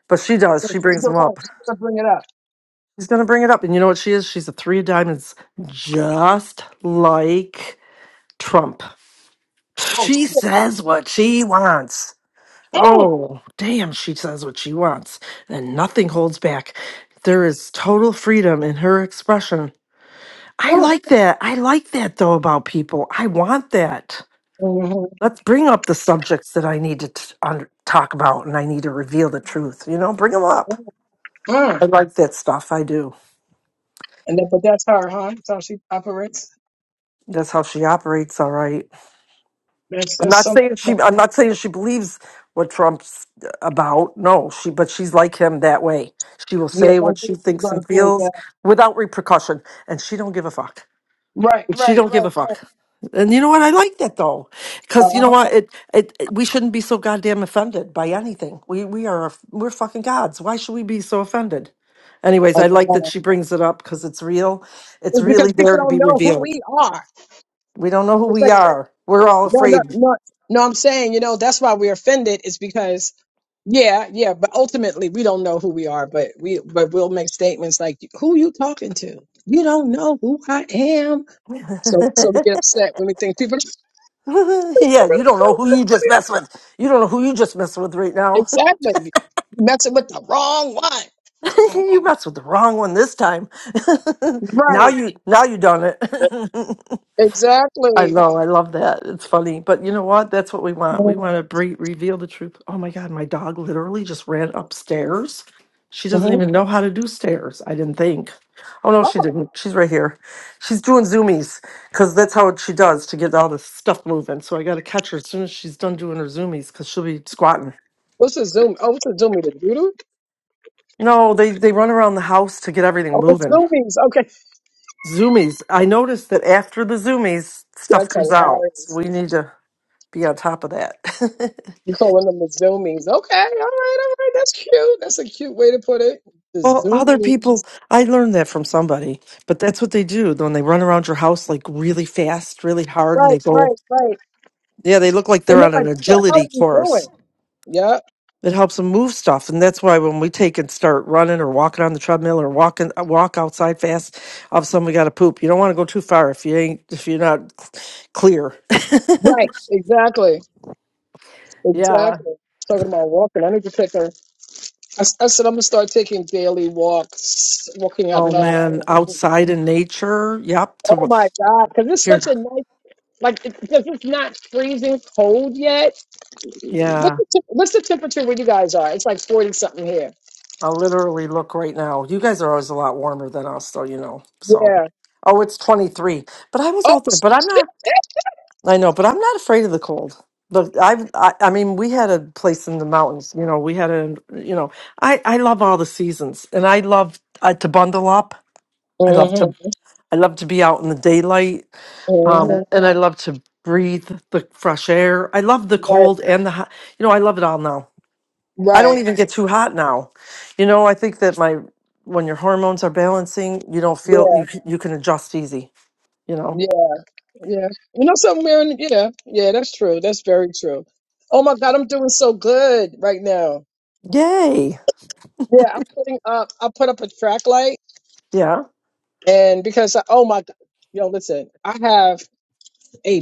[SPEAKER 2] But she does.
[SPEAKER 3] So
[SPEAKER 2] She
[SPEAKER 3] she's
[SPEAKER 2] brings
[SPEAKER 3] the
[SPEAKER 2] them
[SPEAKER 3] one.
[SPEAKER 2] up.
[SPEAKER 3] She's going to bring it up.
[SPEAKER 2] She's gonna bring it up, and you know what she is? She's a three of diamonds, just like Trump.
[SPEAKER 3] Oh,
[SPEAKER 2] She
[SPEAKER 3] shit.
[SPEAKER 2] says what she wants.
[SPEAKER 3] Mm,
[SPEAKER 2] Oh, damn, she says what she wants, and nothing holds back. There is total freedom in her expression. I
[SPEAKER 3] mm,
[SPEAKER 2] like that. I like that, though, about people. I want that.
[SPEAKER 3] mhm,
[SPEAKER 2] Let's bring up the subjects that I need to t- under- talk about and I need to reveal the truth. You know, bring them up.
[SPEAKER 3] mm, mm.
[SPEAKER 2] I like that stuff. I do.
[SPEAKER 3] And then, but that's her, huh? That's how she operates.
[SPEAKER 2] That's how she operates, all right.
[SPEAKER 3] That's,
[SPEAKER 2] I'm
[SPEAKER 3] that's
[SPEAKER 2] not
[SPEAKER 3] something.
[SPEAKER 2] saying she. I'm not saying she believes what Trump's about. No, she. But she's like him that way. She will
[SPEAKER 3] Yeah,
[SPEAKER 2] say
[SPEAKER 3] gonna
[SPEAKER 2] what
[SPEAKER 3] do
[SPEAKER 2] she
[SPEAKER 3] it. You're
[SPEAKER 2] thinks
[SPEAKER 3] gonna
[SPEAKER 2] and
[SPEAKER 3] do it, yeah.
[SPEAKER 2] feels without repercussion, and she don't give a fuck.
[SPEAKER 3] Right,
[SPEAKER 2] She
[SPEAKER 3] right,
[SPEAKER 2] don't give a
[SPEAKER 3] right.
[SPEAKER 2] fuck. And you know what? I like that though, because you know
[SPEAKER 3] Uh-huh.
[SPEAKER 2] what? It, it it- we shouldn't be so goddamn offended by anything. We we are we're fucking gods. Why should we be so offended? Anyways,
[SPEAKER 3] I
[SPEAKER 2] I like that
[SPEAKER 3] know.
[SPEAKER 2] she brings it up because it's real. It's
[SPEAKER 3] It's
[SPEAKER 2] really
[SPEAKER 3] because
[SPEAKER 2] there
[SPEAKER 3] people
[SPEAKER 2] to
[SPEAKER 3] don't
[SPEAKER 2] be
[SPEAKER 3] know who
[SPEAKER 2] revealed.
[SPEAKER 3] we are.
[SPEAKER 2] We don't know who we are. We're all
[SPEAKER 3] No, no,
[SPEAKER 2] afraid.
[SPEAKER 3] no. No, I'm saying, you know, that's why we're offended is because, yeah, yeah, but ultimately we don't know who we are, but we, but we'll make statements like, who you talking to? You don't know who I am. So, so we get upset when we think people
[SPEAKER 2] yeah,
[SPEAKER 3] really
[SPEAKER 2] you don't know
[SPEAKER 3] don't
[SPEAKER 2] who
[SPEAKER 3] know
[SPEAKER 2] you
[SPEAKER 3] who
[SPEAKER 2] just
[SPEAKER 3] they
[SPEAKER 2] mess with. You don't know who you just mess with right
[SPEAKER 3] are.
[SPEAKER 2] now.
[SPEAKER 3] Exactly. Messing with the wrong one.
[SPEAKER 2] you messed with the wrong one this time. now
[SPEAKER 3] Right.
[SPEAKER 2] you now you done it. I
[SPEAKER 3] Exactly.
[SPEAKER 2] know, I love that. It's funny, but you know what? That's what we want. We want to bre- reveal the truth. Oh my God, my dog literally just ran upstairs. She doesn't
[SPEAKER 3] Mhm.
[SPEAKER 2] even know how to do stairs. I didn't think. Oh no,
[SPEAKER 3] Oh,
[SPEAKER 2] she didn't. She's right here. She's doing zoomies because that's how she does to get all the stuff moving. So I got to catch her as soon as she's done doing her zoomies because she'll be squatting.
[SPEAKER 3] what's a Zoom? Oh, what's a Zoomie? The doodle?
[SPEAKER 2] No, they they run around the house to get everything
[SPEAKER 3] Oh, it's
[SPEAKER 2] moving.
[SPEAKER 3] Zoomies. Okay.
[SPEAKER 2] Zoomies. I noticed that after the zoomies, stuff
[SPEAKER 3] That's
[SPEAKER 2] comes out. So
[SPEAKER 3] hilarious.
[SPEAKER 2] we need to be on top of that.
[SPEAKER 3] You calling them the zoomies. Okay, all right, all right. That's cute. That's a cute way to put it. The
[SPEAKER 2] Well, other
[SPEAKER 3] zoomies.
[SPEAKER 2] people, I learned that from somebody, but that's what they do. When they run around your house like really fast, really hard, and they
[SPEAKER 3] Right, right,
[SPEAKER 2] go,
[SPEAKER 3] right.
[SPEAKER 2] yeah, they look like they're
[SPEAKER 3] And they're
[SPEAKER 2] on an
[SPEAKER 3] like, what the hell are
[SPEAKER 2] agility
[SPEAKER 3] you
[SPEAKER 2] course.
[SPEAKER 3] doing? Yeah,
[SPEAKER 2] It helps them move stuff, and that's why when we take and start running or walking on the treadmill or walking uh, walk outside fast, all of a sudden we got to poop. You don't want to go too far if you ain't if you're not clear.
[SPEAKER 3] right. Exactly.
[SPEAKER 2] Yeah.
[SPEAKER 3] Exactly. Talking about walking. I need to take a. I, s- I said, I'm going to start taking daily walks, walking out
[SPEAKER 2] Oh
[SPEAKER 3] low.
[SPEAKER 2] man,
[SPEAKER 3] oh
[SPEAKER 2] outside in nature. Yep. To wa-
[SPEAKER 3] my God. Because it's such
[SPEAKER 2] here.
[SPEAKER 3] a nice, like, because it's not freezing cold yet. What's
[SPEAKER 2] Yeah.
[SPEAKER 3] the, te- what's the temperature where you guys are? It's like 40 something here.
[SPEAKER 2] I'll literally look right now. You guys are always a lot warmer than us, though, you know. So,
[SPEAKER 3] Yeah.
[SPEAKER 2] oh, it's 23. But I was
[SPEAKER 3] Oh,
[SPEAKER 2] out there, but I'm not, I know, but I'm not afraid of the cold. Look, I've, I, I mean, we had a place in the mountains, you know, we had a, you know, I, I love all the seasons and I love uh, to bundle up. I
[SPEAKER 3] shit.
[SPEAKER 2] love to, I love to be out in the daylight.
[SPEAKER 3] hmm
[SPEAKER 2] Um, and I love to breathe the fresh air. I love the
[SPEAKER 3] Right.
[SPEAKER 2] cold and the hot, you know, I love it all now. I don't
[SPEAKER 3] Right.
[SPEAKER 2] even get too hot now. You know, I think that my when your hormones are balancing, you don't feel
[SPEAKER 3] Yeah.
[SPEAKER 2] you c- you can adjust easy. You know.
[SPEAKER 3] Yeah. Yeah. You know something weird? Yeah. Yeah. That's true. That's very true. Oh my God, I'm doing so good right now.
[SPEAKER 2] Yay.
[SPEAKER 3] Yeah. I'm putting up. I put up a track light,
[SPEAKER 2] Yeah.
[SPEAKER 3] and because I, oh my God, yo, listen, I have a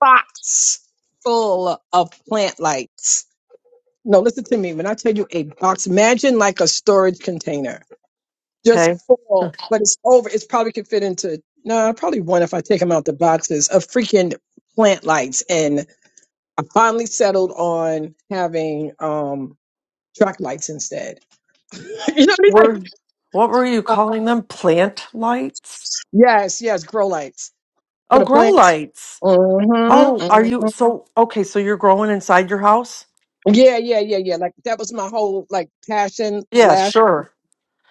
[SPEAKER 3] box full of plant lights. No, listen to me. When I tell you a box, imagine like a storage container. just
[SPEAKER 2] Okay.
[SPEAKER 3] full, but it's over. It's probably could fit into no, probably one if I take them out the boxes of freaking plant lights. And I finally settled on having um track lights instead. you know, what I mean?
[SPEAKER 2] We're
[SPEAKER 3] Like,
[SPEAKER 2] what were you
[SPEAKER 3] uh,
[SPEAKER 2] calling them? Plant lights?
[SPEAKER 3] yes, yes, grow lights for
[SPEAKER 2] Oh,
[SPEAKER 3] the
[SPEAKER 2] grow
[SPEAKER 3] plants.
[SPEAKER 2] lights. Oh,
[SPEAKER 3] Mm-hmm,
[SPEAKER 2] are you
[SPEAKER 3] hmm
[SPEAKER 2] so okay? So you're growing inside your house?
[SPEAKER 3] Yeah, yeah, yeah, yeah. Like that was my whole like passion
[SPEAKER 2] Yeah.
[SPEAKER 3] last.
[SPEAKER 2] Sure.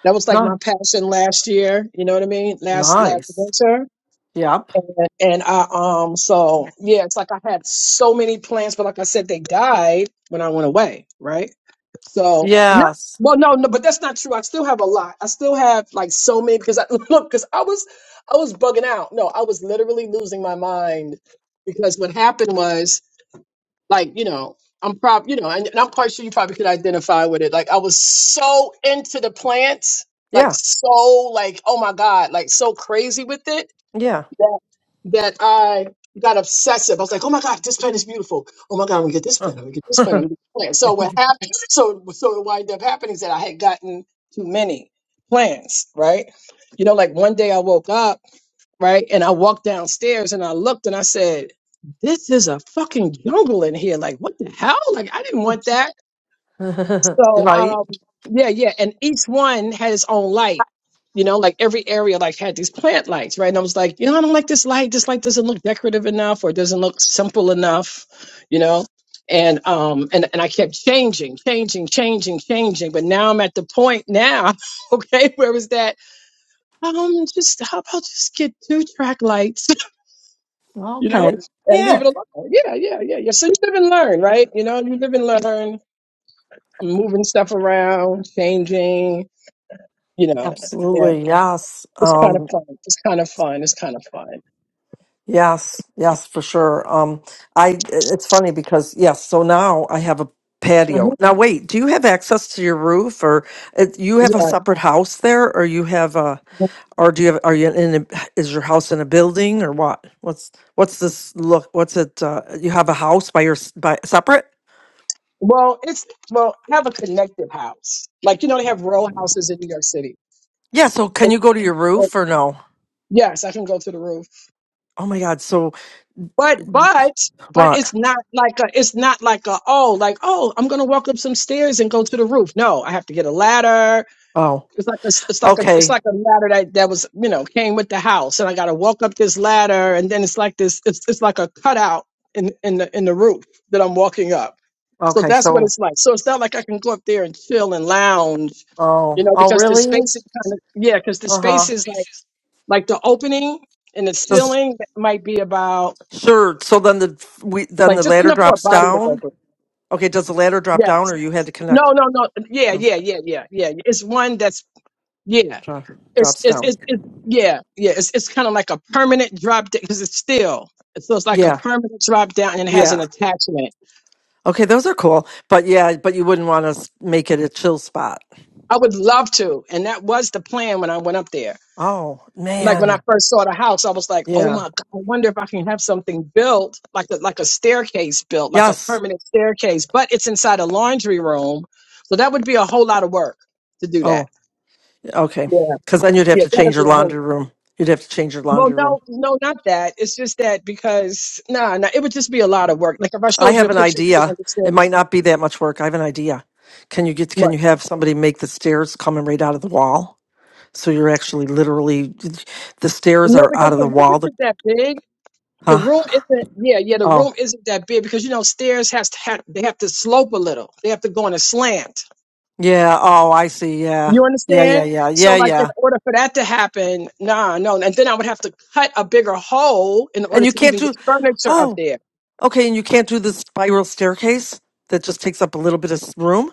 [SPEAKER 3] That was like
[SPEAKER 2] Not
[SPEAKER 3] my passion last year. You know what I mean? Last last
[SPEAKER 2] nice.
[SPEAKER 3] winter.
[SPEAKER 2] Yep.
[SPEAKER 3] And, and I um so yeah, it's like I had so many plans, but like I said, they died when I went away, right? So not
[SPEAKER 2] Yes.
[SPEAKER 3] well, no, no, but that's not true. I still have a lot. I still have like so many because I look because I was I was bugging out. No, I was literally losing my mind because what happened was like you know I'm prob you know and, and I'm quite sure you probably could identify with it. Like I was so into the plants, like
[SPEAKER 2] Yeah.
[SPEAKER 3] so like oh my god, like so crazy with it
[SPEAKER 2] Yeah.
[SPEAKER 3] that that I got obsessive. I was like, oh my God, this plant is beautiful. Oh my God, I'm gonna get this
[SPEAKER 2] Huh.
[SPEAKER 3] plant, I'm gonna get this plant, I'm gonna get this plant. So what happened so so what wound up happening is that I had gotten too many plants, right? You know, like one day I woke up, right, and I walked downstairs and I looked and I said, This is a fucking jungle in here. Like, what the hell? Like I didn't want that. So
[SPEAKER 2] right.
[SPEAKER 3] um yeah, yeah. And each one had its own light. You know, like every area like had these plant lights, right? And I was like, you know, I don't like this light. This light doesn't look decorative enough or doesn't look simple enough, you know? And um and, and I kept changing, changing, changing, changing. But now I'm at the point now, okay, where was that? Um just how about just get two track lights, you know,
[SPEAKER 2] Okay.
[SPEAKER 3] and
[SPEAKER 2] Yeah.
[SPEAKER 3] leave it alone. Yeah, yeah, yeah, yeah. So you live and learn, right? You know, you live and learn. I'm moving stuff around, changing, you know, yeah,
[SPEAKER 2] Absolutely, yes.
[SPEAKER 3] it's kind of
[SPEAKER 2] Um,
[SPEAKER 3] fun. It's kind of fun. It's kind of fun.
[SPEAKER 2] yes, yes, for sure. Um, I it's funny because yes, so now I have a patio.
[SPEAKER 3] hmm
[SPEAKER 2] Now wait, do you have access to your roof or uh, you have a
[SPEAKER 3] Yeah.
[SPEAKER 2] separate house there or you have a or do you have are you in a, is your house in a building or what? What's what's this look what's it uh, you have a house by your s- by separate?
[SPEAKER 3] Well, it's well, I have a connected house. Like you know, they have row houses in New York City.
[SPEAKER 2] Yeah, so can
[SPEAKER 3] And,
[SPEAKER 2] you go to your
[SPEAKER 3] and
[SPEAKER 2] roof or no?
[SPEAKER 3] yes, I can go to the roof,
[SPEAKER 2] Oh my God, so
[SPEAKER 3] but but but
[SPEAKER 2] what?
[SPEAKER 3] it's not like a it's not like a oh like oh I'm gonna walk up some stairs and go to the roof. No, I have to get a ladder.
[SPEAKER 2] Oh.
[SPEAKER 3] It's like a, it's like a, it's
[SPEAKER 2] Okay.
[SPEAKER 3] like a ladder that that was you know came with the house, and I got to walk up this ladder, and then it's like this, it's it's like a cutout in in the in the roof that I'm walking up. So
[SPEAKER 2] Okay,
[SPEAKER 3] that's what
[SPEAKER 2] so
[SPEAKER 3] it's like. So it's not like I can go up there and chill and lounge,
[SPEAKER 2] oh,
[SPEAKER 3] you know,
[SPEAKER 2] oh
[SPEAKER 3] because the
[SPEAKER 2] really?
[SPEAKER 3] space is kind of yeah, because the
[SPEAKER 2] Uh-huh.
[SPEAKER 3] space is like like the opening and the
[SPEAKER 2] The-
[SPEAKER 3] ceiling might be about
[SPEAKER 2] Sure. So then the we then
[SPEAKER 3] like
[SPEAKER 2] the
[SPEAKER 3] just
[SPEAKER 2] ladder
[SPEAKER 3] enough for a
[SPEAKER 2] drops
[SPEAKER 3] body to go
[SPEAKER 2] down.
[SPEAKER 3] through.
[SPEAKER 2] Okay, does the ladder drop down,
[SPEAKER 3] Yes.
[SPEAKER 2] or you had to
[SPEAKER 3] No,
[SPEAKER 2] connect?
[SPEAKER 3] no, no. Yeah,
[SPEAKER 2] No,
[SPEAKER 3] yeah, yeah, yeah, yeah. It's one that's yeah.
[SPEAKER 2] drop,
[SPEAKER 3] it's
[SPEAKER 2] drops
[SPEAKER 3] it's
[SPEAKER 2] down.
[SPEAKER 3] it's, it's yeah yeah it's it's kind of like a permanent drop down because it's still so it's like a
[SPEAKER 2] Yeah,
[SPEAKER 3] permanent drop down and it has
[SPEAKER 2] yeah.
[SPEAKER 3] an attachment.
[SPEAKER 2] Okay, those are cool. But yeah, but you wouldn't want to make it a chill spot.
[SPEAKER 3] I would love to, and that was the plan when I went up there.
[SPEAKER 2] Oh
[SPEAKER 3] Like when I
[SPEAKER 2] man.
[SPEAKER 3] first saw the house, I was like, "Oh my
[SPEAKER 2] Yeah.
[SPEAKER 3] god! I wonder if I can have something built like a, like a staircase built, like a
[SPEAKER 2] Yes.
[SPEAKER 3] permanent staircase." But it's inside a laundry room, so that would be a whole lot of work to do that.
[SPEAKER 2] Oh, okay.
[SPEAKER 3] Yeah,
[SPEAKER 2] Because then you'd have
[SPEAKER 3] yeah,
[SPEAKER 2] to change
[SPEAKER 3] that'd
[SPEAKER 2] your
[SPEAKER 3] be a whole
[SPEAKER 2] laundry room. You'd have to change your
[SPEAKER 3] Well,
[SPEAKER 2] laundry room.
[SPEAKER 3] no, no, not that. It's just that because nah, nah, it would just be a lot of work. Like if I
[SPEAKER 2] I
[SPEAKER 3] showed you
[SPEAKER 2] have
[SPEAKER 3] a
[SPEAKER 2] an
[SPEAKER 3] picture, you would
[SPEAKER 2] idea.
[SPEAKER 3] understand.
[SPEAKER 2] It might not be that much work. I have an idea. Can you get?
[SPEAKER 3] But
[SPEAKER 2] Can you have somebody make the stairs coming right out of the wall? So you're actually literally the stairs
[SPEAKER 3] no,
[SPEAKER 2] are
[SPEAKER 3] because
[SPEAKER 2] out of
[SPEAKER 3] the
[SPEAKER 2] the
[SPEAKER 3] room
[SPEAKER 2] wall. The-
[SPEAKER 3] isn't that big. The
[SPEAKER 2] Huh?
[SPEAKER 3] room isn't. Yeah, yeah, the
[SPEAKER 2] Oh,
[SPEAKER 3] room isn't that big because you know stairs has to have they have to slope a little. They have to go on a slant.
[SPEAKER 2] yeah. Oh, I see. Yeah,
[SPEAKER 3] You
[SPEAKER 2] yeah, yeah,
[SPEAKER 3] understand?
[SPEAKER 2] yeah,
[SPEAKER 3] So
[SPEAKER 2] yeah,
[SPEAKER 3] like in
[SPEAKER 2] yeah.
[SPEAKER 3] order for that to happen, nah, no, and then I would have to cut a bigger hole in order
[SPEAKER 2] And you
[SPEAKER 3] to
[SPEAKER 2] can't
[SPEAKER 3] even get
[SPEAKER 2] do.
[SPEAKER 3] furniture up
[SPEAKER 2] Oh,
[SPEAKER 3] there.
[SPEAKER 2] okay. And you can't do the spiral staircase that just takes up a little bit of s- room.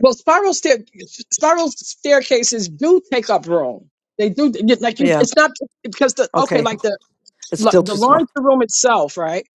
[SPEAKER 3] Well, spiral stair spiral staircases do take up room. They do like you.
[SPEAKER 2] Yeah.
[SPEAKER 3] It's not because the okay,
[SPEAKER 2] Okay.
[SPEAKER 3] like the
[SPEAKER 2] It's
[SPEAKER 3] like,
[SPEAKER 2] still
[SPEAKER 3] the
[SPEAKER 2] too small.
[SPEAKER 3] laundry room itself, right?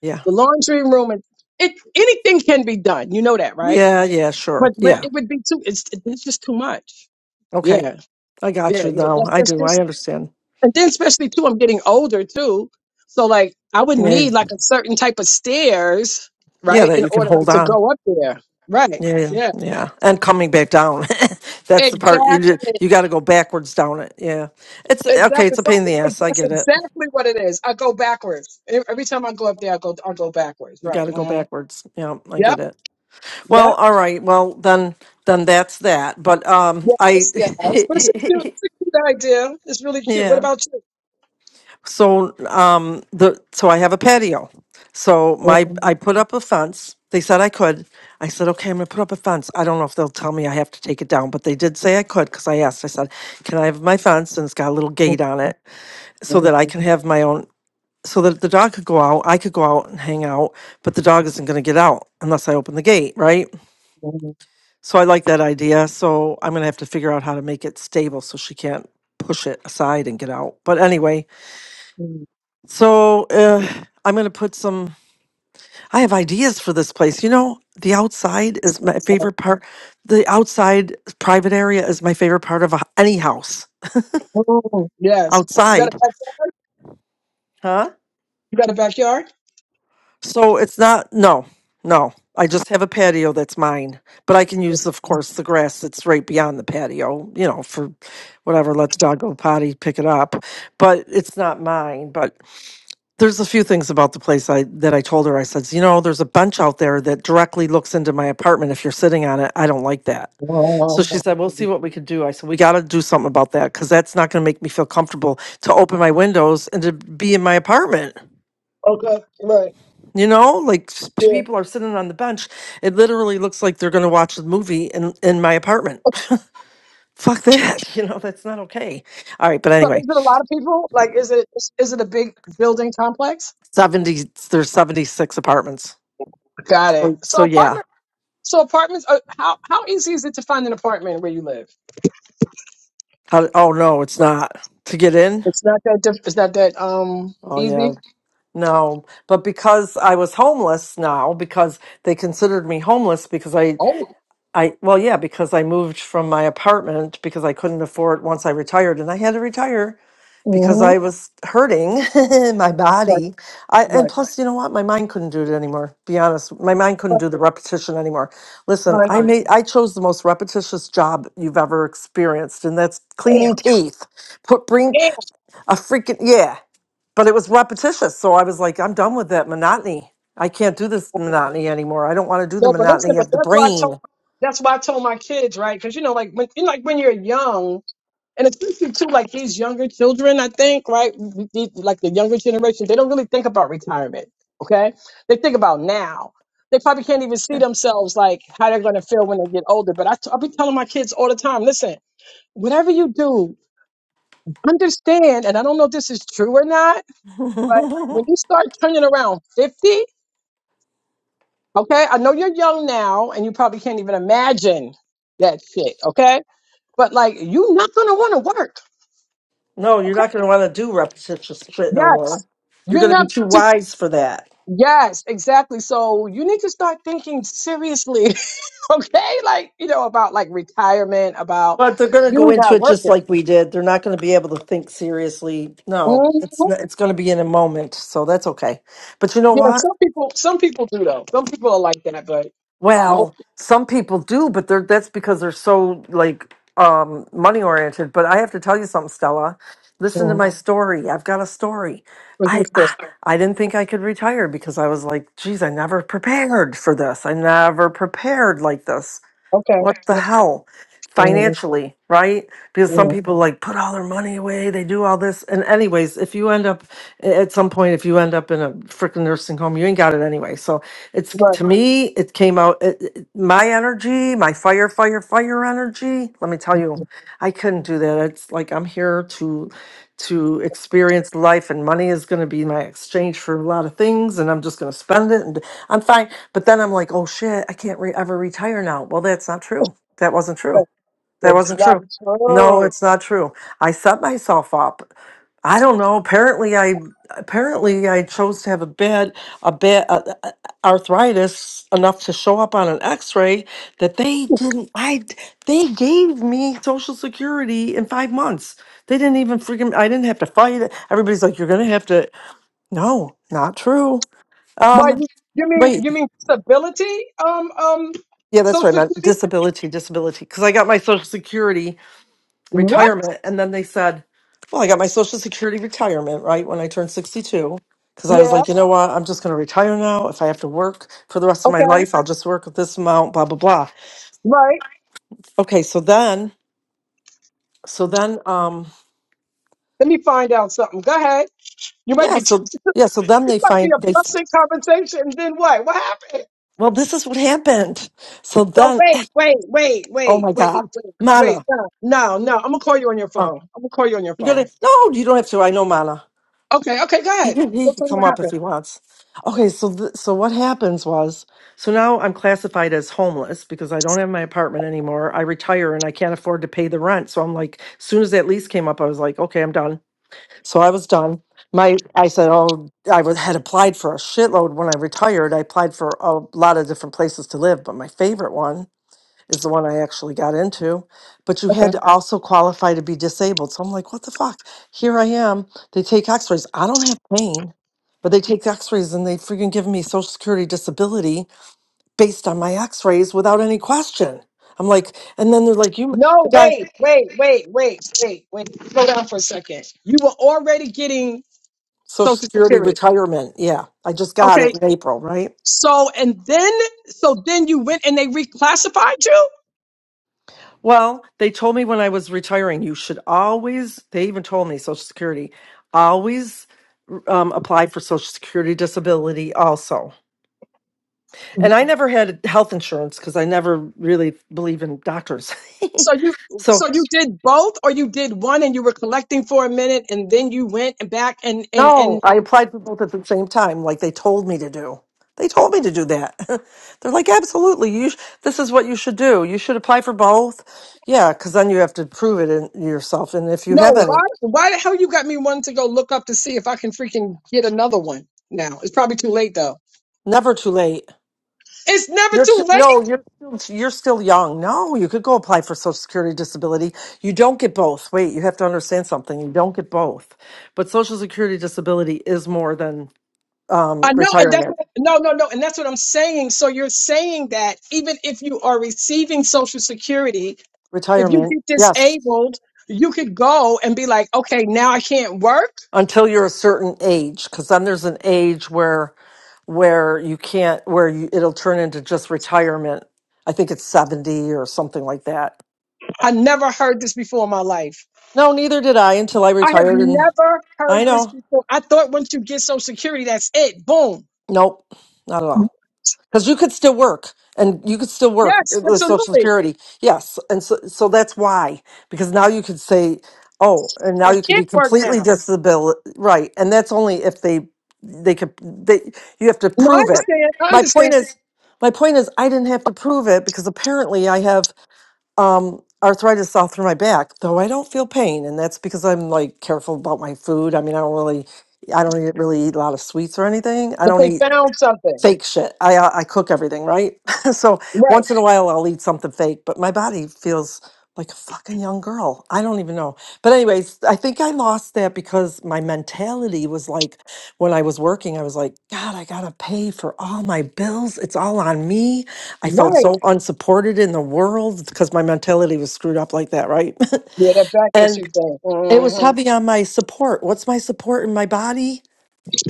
[SPEAKER 2] Yeah.
[SPEAKER 3] The laundry room and it anything can be done. You know that, right?
[SPEAKER 2] Yeah. Yeah. Sure.
[SPEAKER 3] But but
[SPEAKER 2] Yeah.
[SPEAKER 3] it would be too. It's it's just too much.
[SPEAKER 2] Okay.
[SPEAKER 3] Yeah,
[SPEAKER 2] I got
[SPEAKER 3] yeah,
[SPEAKER 2] you.
[SPEAKER 3] yeah.
[SPEAKER 2] Now
[SPEAKER 3] That's
[SPEAKER 2] I
[SPEAKER 3] that's
[SPEAKER 2] do. I
[SPEAKER 3] just
[SPEAKER 2] understand.
[SPEAKER 3] and then especially too. I'm getting older too, so like I would
[SPEAKER 2] Yeah.
[SPEAKER 3] need like a certain type of stairs,
[SPEAKER 2] Yeah.
[SPEAKER 3] right,
[SPEAKER 2] That
[SPEAKER 3] in
[SPEAKER 2] you can
[SPEAKER 3] order like
[SPEAKER 2] hold
[SPEAKER 3] to
[SPEAKER 2] on.
[SPEAKER 3] go up there. Right.
[SPEAKER 2] Yeah,
[SPEAKER 3] Yeah.
[SPEAKER 2] yeah, and coming back down. That's the part you do,
[SPEAKER 3] Exactly.
[SPEAKER 2] you got to go backwards down it. Yeah, it's okay.
[SPEAKER 3] Exactly.
[SPEAKER 2] It's a pain in
[SPEAKER 3] Something,
[SPEAKER 2] the
[SPEAKER 3] it-
[SPEAKER 2] ass. I
[SPEAKER 3] that's
[SPEAKER 2] get it.
[SPEAKER 3] exactly what it is. I go backwards. E- Every time I go up there, I go, I go backwards.
[SPEAKER 2] You
[SPEAKER 3] Right.
[SPEAKER 2] got to go
[SPEAKER 3] uh
[SPEAKER 2] backwards. Yeah, I
[SPEAKER 3] Yep.
[SPEAKER 2] get it.
[SPEAKER 3] Yep.
[SPEAKER 2] Well, all right. Well, then, then that's that. But um, I,
[SPEAKER 3] Yes. Yes. But it's a cute, it's a cute idea. It's really cute. What
[SPEAKER 2] yeah.
[SPEAKER 3] about you?
[SPEAKER 2] So um, the so I have a patio. So my I put up a fence. They said I could. I said, okay, I'm gonna put up a fence. I don't know if they'll tell me I have to take it down, but they did say I could because I asked. I said, can I have my fence? And it's got a little gate on it so that I can have my own, so that the dog could go out, I could go out and hang out, but the dog isn't going to get out unless I open the gate, right? So I like that idea. So I'm going to have to figure out how to make it stable so she can't push it aside and get out. But anyway, so uh, I'm going to put some, I have ideas for this place. You know, the outside is my favorite part. The outside private area is my favorite part of a, any house
[SPEAKER 3] Yes. You got a
[SPEAKER 2] outside.
[SPEAKER 3] back,
[SPEAKER 2] Huh?
[SPEAKER 3] you got a backyard?
[SPEAKER 2] So it's not, no, no. I just have a patio that's mine, but I can
[SPEAKER 3] Yes.
[SPEAKER 2] use, of course, the grass that's right beyond the patio, you know, for whatever, let the dog go potty, pick it up. But it's not mine. But there's a few things about the place I that I told her. I said, you know, there's a bench out there that directly looks into my apartment. If you're sitting on it, I don't like that. So she said, we'll see what we can do. I said, we got to do something about that because that's not going to make me feel comfortable to open my windows and to be in my apartment.
[SPEAKER 3] Okay. Right.
[SPEAKER 2] You know, like s-
[SPEAKER 3] Yeah.
[SPEAKER 2] people are sitting on the bench. It literally looks like they're going to watch the movie in in my apartment. Fuck that. You know, that's not okay. All right, but
[SPEAKER 3] So
[SPEAKER 2] anyway,
[SPEAKER 3] is it a lot of people? Like, is it, is it a big building complex?
[SPEAKER 2] 70 there's 76 apartments.
[SPEAKER 3] Got it.
[SPEAKER 2] So so
[SPEAKER 3] So
[SPEAKER 2] yeah.
[SPEAKER 3] apartment So apartments are how how easy is it to find an apartment where you live?
[SPEAKER 2] How, oh no, it's not. To get in?
[SPEAKER 3] It's not that diff- it's not that um
[SPEAKER 2] Oh yeah.
[SPEAKER 3] easy.
[SPEAKER 2] No, but because I was homeless now because they considered me homeless because I
[SPEAKER 3] Oh.
[SPEAKER 2] I well yeah, because I moved from my apartment because I couldn't afford once I retired and I had to retire because
[SPEAKER 3] Mm-hmm.
[SPEAKER 2] I was hurting my
[SPEAKER 3] Right,
[SPEAKER 2] body. I, and
[SPEAKER 3] right.
[SPEAKER 2] plus, you know what? My mind couldn't do it anymore. Be honest, my mind couldn't do the
[SPEAKER 3] Fucking
[SPEAKER 2] repetition anymore. Listen,
[SPEAKER 3] honey.
[SPEAKER 2] I made I chose the most repetitious job you've ever experienced, and that's
[SPEAKER 3] Damn.
[SPEAKER 2] cleaning teeth. Put bring
[SPEAKER 3] Damn.
[SPEAKER 2] a freaking yeah, but it was repetitious. So I was like, I'm done with that monotony. I can't do this monotony anymore. I don't want to do the
[SPEAKER 3] No, but listen,
[SPEAKER 2] monotony
[SPEAKER 3] but
[SPEAKER 2] of the
[SPEAKER 3] that's why I told
[SPEAKER 2] brain.
[SPEAKER 3] that's why I told my kids, right? Because you know, like when you know, like when you're young, and especially too, like these younger children, I think, right? we- we- Like the younger generation, they don't really think about retirement. Okay, they think about now. They probably can't even see
[SPEAKER 2] Yeah.
[SPEAKER 3] themselves like how they're going to feel when they get older. But I t- I'll be telling my kids all the time, listen. whatever you do, understand, and I don't know if this is true or not, but when you start turning around 50, okay, I know you're young now and you probably can't even imagine that shit, okay? But like, you're not gonna wanna work,
[SPEAKER 2] no, you're
[SPEAKER 3] okay?
[SPEAKER 2] not going to want to do repetitious shit no more.
[SPEAKER 3] Yes.
[SPEAKER 2] You're
[SPEAKER 3] You're
[SPEAKER 2] going to be
[SPEAKER 3] not
[SPEAKER 2] too
[SPEAKER 3] to,
[SPEAKER 2] wise for that.
[SPEAKER 3] yes, exactly. So you need to start thinking seriously, okay? Like, you know, about like retirement, about
[SPEAKER 2] But they're going to go
[SPEAKER 3] you
[SPEAKER 2] into
[SPEAKER 3] not
[SPEAKER 2] it just
[SPEAKER 3] working.
[SPEAKER 2] like we did. They're not going to be able to think seriously. No,
[SPEAKER 3] Mhm.
[SPEAKER 2] it's n- it's going to be in a moment, so that's okay. But you know
[SPEAKER 3] Yeah,
[SPEAKER 2] what?
[SPEAKER 3] some people, some people do though. Some people are like that, but most.
[SPEAKER 2] Well, some people do, but they're that's because they're so like um, money oriented. But I have to tell you something, Stella. Listen to my story. I've got a story. I
[SPEAKER 3] Mhm, so,
[SPEAKER 2] ah, I didn't think I could retire because I was like, geez, I never prepared for this. I never prepared like this
[SPEAKER 3] Okay,
[SPEAKER 2] What the
[SPEAKER 3] great.
[SPEAKER 2] hell?
[SPEAKER 3] Mhm,
[SPEAKER 2] Financially, right? Because some
[SPEAKER 3] mhm.
[SPEAKER 2] people like put all their money away, they do all this. And, anyways, if you end up a- at some point, if you end up in a freaking nursing home, you ain't got it anyway. So it's
[SPEAKER 3] Right,
[SPEAKER 2] to me, it came out it, it- my energy, my fire, fire, fire energy. Let me tell you, I couldn't do that. It's like I'm here to to experience life and money is going to be my exchange for a lot of things and i'm just going to spend it and I'm fine. But then I'm like, oh shit, I can't re- ever retire now. Well, that's not true. That wasn't true.
[SPEAKER 3] right.
[SPEAKER 2] That
[SPEAKER 3] That's
[SPEAKER 2] wasn't
[SPEAKER 3] not
[SPEAKER 2] true. No,
[SPEAKER 3] true.
[SPEAKER 2] it's not true. I set myself up. I don't know. Apparently, I apparently I chose to have a bad a bad uh, uh, arthritis enough to show up on an X-ray that they didn't. I they gave me Social Security in five months. They didn't even freaking. I didn't have to fight it. Everybody's like, you're gonna have to. No, not true.
[SPEAKER 3] Why
[SPEAKER 2] Um,
[SPEAKER 3] you, you mean
[SPEAKER 2] wait,
[SPEAKER 3] you mean disability? Um, um,
[SPEAKER 2] Yeah, that's what I
[SPEAKER 3] social
[SPEAKER 2] meant.
[SPEAKER 3] Secu-
[SPEAKER 2] Disability, disability. Because I got my Social Security
[SPEAKER 3] what?
[SPEAKER 2] retirement, and then they said, "Well, I got my Social Security retirement right when I turned sixty-two, because I was
[SPEAKER 3] Yeah.
[SPEAKER 2] like, you know what? I'm just going to retire now. If I have to work for the rest of my
[SPEAKER 3] Okay.
[SPEAKER 2] life, I'll just work with this amount. Blah blah blah.
[SPEAKER 3] Right.
[SPEAKER 2] Okay, so then, so then, um,
[SPEAKER 3] Let me find out something. Go ahead. You might
[SPEAKER 2] yeah,
[SPEAKER 3] be it
[SPEAKER 2] so yeah, so then they
[SPEAKER 3] might be
[SPEAKER 2] find
[SPEAKER 3] a
[SPEAKER 2] they.
[SPEAKER 3] blessing conversation. and Then what? What happened?
[SPEAKER 2] Well, this is what happened. So
[SPEAKER 3] No,
[SPEAKER 2] then,
[SPEAKER 3] wait, wait, wait,
[SPEAKER 2] oh
[SPEAKER 3] wait,
[SPEAKER 2] my
[SPEAKER 3] wait, wait,
[SPEAKER 2] God,
[SPEAKER 3] wait.
[SPEAKER 2] Mana,
[SPEAKER 3] No, no, no. I'm gonna call you on your
[SPEAKER 2] uh,
[SPEAKER 3] phone. I'm gonna call you on your
[SPEAKER 2] you're
[SPEAKER 3] phone.
[SPEAKER 2] gonna no, you don't have to. I know, Mana.
[SPEAKER 3] Okay, okay. Go
[SPEAKER 2] He
[SPEAKER 3] ahead.
[SPEAKER 2] can, he
[SPEAKER 3] So
[SPEAKER 2] can
[SPEAKER 3] tell me
[SPEAKER 2] come
[SPEAKER 3] what
[SPEAKER 2] up if
[SPEAKER 3] happened.
[SPEAKER 2] he wants. Okay, so th- so what happens was, so now I'm classified as homeless because I don't have my apartment anymore. I retire and I can't afford to pay the rent. So I'm like, as soon as that lease came up, I was like, okay, I'm done. So I was done. My I said, oh, I was, had applied for a shitload when I retired. I applied for a lot of different places to live, but my favorite one is the one I actually got into. But you
[SPEAKER 3] Okay.
[SPEAKER 2] had to also qualify to be disabled. So I'm like, what the fuck? Here I am. They take x rays. I don't have pain, but they take x rays and they freaking give me Social Security disability based on my x rays without any question. I'm like, and then they're like, you, the
[SPEAKER 3] No,
[SPEAKER 2] guy,
[SPEAKER 3] wait, wait, wait, wait, wait, wait. Slow down for a second. You were already getting
[SPEAKER 2] Social
[SPEAKER 3] Social
[SPEAKER 2] Security
[SPEAKER 3] Security.
[SPEAKER 2] retirement. Yeah, I just got
[SPEAKER 3] Okay.
[SPEAKER 2] it in April, right?
[SPEAKER 3] So and then so then you went and they reclassified you?
[SPEAKER 2] Well, they told me when I was retiring, you should always, they even told me Social Security, always um, apply for Social Security disability also. And I never had health insurance because I never really believe in doctors.
[SPEAKER 3] So you
[SPEAKER 2] so,
[SPEAKER 3] so you did both or you did one and you were collecting for a minute and then you went and back and and
[SPEAKER 2] no,
[SPEAKER 3] and
[SPEAKER 2] I applied for both at the same time, like they told me to do. They told me to do that. They're like, absolutely. You, sh- this is what you should do. You should apply for both. Yeah, because then you have to prove it in yourself. And if you have
[SPEAKER 3] no, why
[SPEAKER 2] any,
[SPEAKER 3] why the hell you got me one to go look up to see if I can freaking get another one now? It's probably too late though.
[SPEAKER 2] never too late.
[SPEAKER 3] It's never
[SPEAKER 2] You're too,
[SPEAKER 3] too late.
[SPEAKER 2] no, you're still- you're still young. No, you could go apply for Social Security disability. You don't get both. Wait, you have to understand something. You don't get both. But Social Security disability is more than um,
[SPEAKER 3] I know, and that's
[SPEAKER 2] retirement.
[SPEAKER 3] what, no, no, no, and that's what I'm saying. So you're saying that even if you are receiving Social Security, if you
[SPEAKER 2] Retirement,
[SPEAKER 3] get
[SPEAKER 2] yes,
[SPEAKER 3] disabled, you could go and be like, okay, now I can't work.
[SPEAKER 2] until you're a certain age, because then there's an age where where you can't where you, it'll turn into just retirement. I think it's seventy or something like that.
[SPEAKER 3] I never heard this before in my life.
[SPEAKER 2] No, neither did I until I
[SPEAKER 3] I have
[SPEAKER 2] retired, and
[SPEAKER 3] never
[SPEAKER 2] I
[SPEAKER 3] heard this
[SPEAKER 2] know.
[SPEAKER 3] before. I thought once you get Social Security, that's it. Boom.
[SPEAKER 2] Nope, not at all. because you could still work and you could still work
[SPEAKER 3] Yes,
[SPEAKER 2] with social
[SPEAKER 3] absolutely.
[SPEAKER 2] security yes and so, so that's why because now you could say oh and now
[SPEAKER 3] I
[SPEAKER 2] you could be
[SPEAKER 3] can't work
[SPEAKER 2] completely
[SPEAKER 3] now.
[SPEAKER 2] disabil right and that's only if they they could they you have to
[SPEAKER 3] No, I
[SPEAKER 2] prove it
[SPEAKER 3] understand. I
[SPEAKER 2] my
[SPEAKER 3] understand.
[SPEAKER 2] point is my point is i didn't have to prove it because apparently i have um arthritis all through my back though i don't feel pain and that's because i'm like careful about my food i mean i don't really i don't eat- really eat a lot of sweets or anything i
[SPEAKER 3] But
[SPEAKER 2] don't
[SPEAKER 3] they
[SPEAKER 2] eat
[SPEAKER 3] found something.
[SPEAKER 2] fake shit. I uh, I cook everything, right? so
[SPEAKER 3] Right.
[SPEAKER 2] once in a while I'll eat something fake, but my body feels like a fucking young girl. I don't even know. But anyways, I think I lost that because my mentality was like when I was working, I was like, god, I got to pay for all my bills. It's all on me. I felt
[SPEAKER 3] Right.
[SPEAKER 2] so unsupported in the world because my mentality was screwed up like that, right?
[SPEAKER 3] Yeah, that back
[SPEAKER 2] and
[SPEAKER 3] issue thing.
[SPEAKER 2] it was
[SPEAKER 3] hmm
[SPEAKER 2] heavy on my support. What's my support in my body?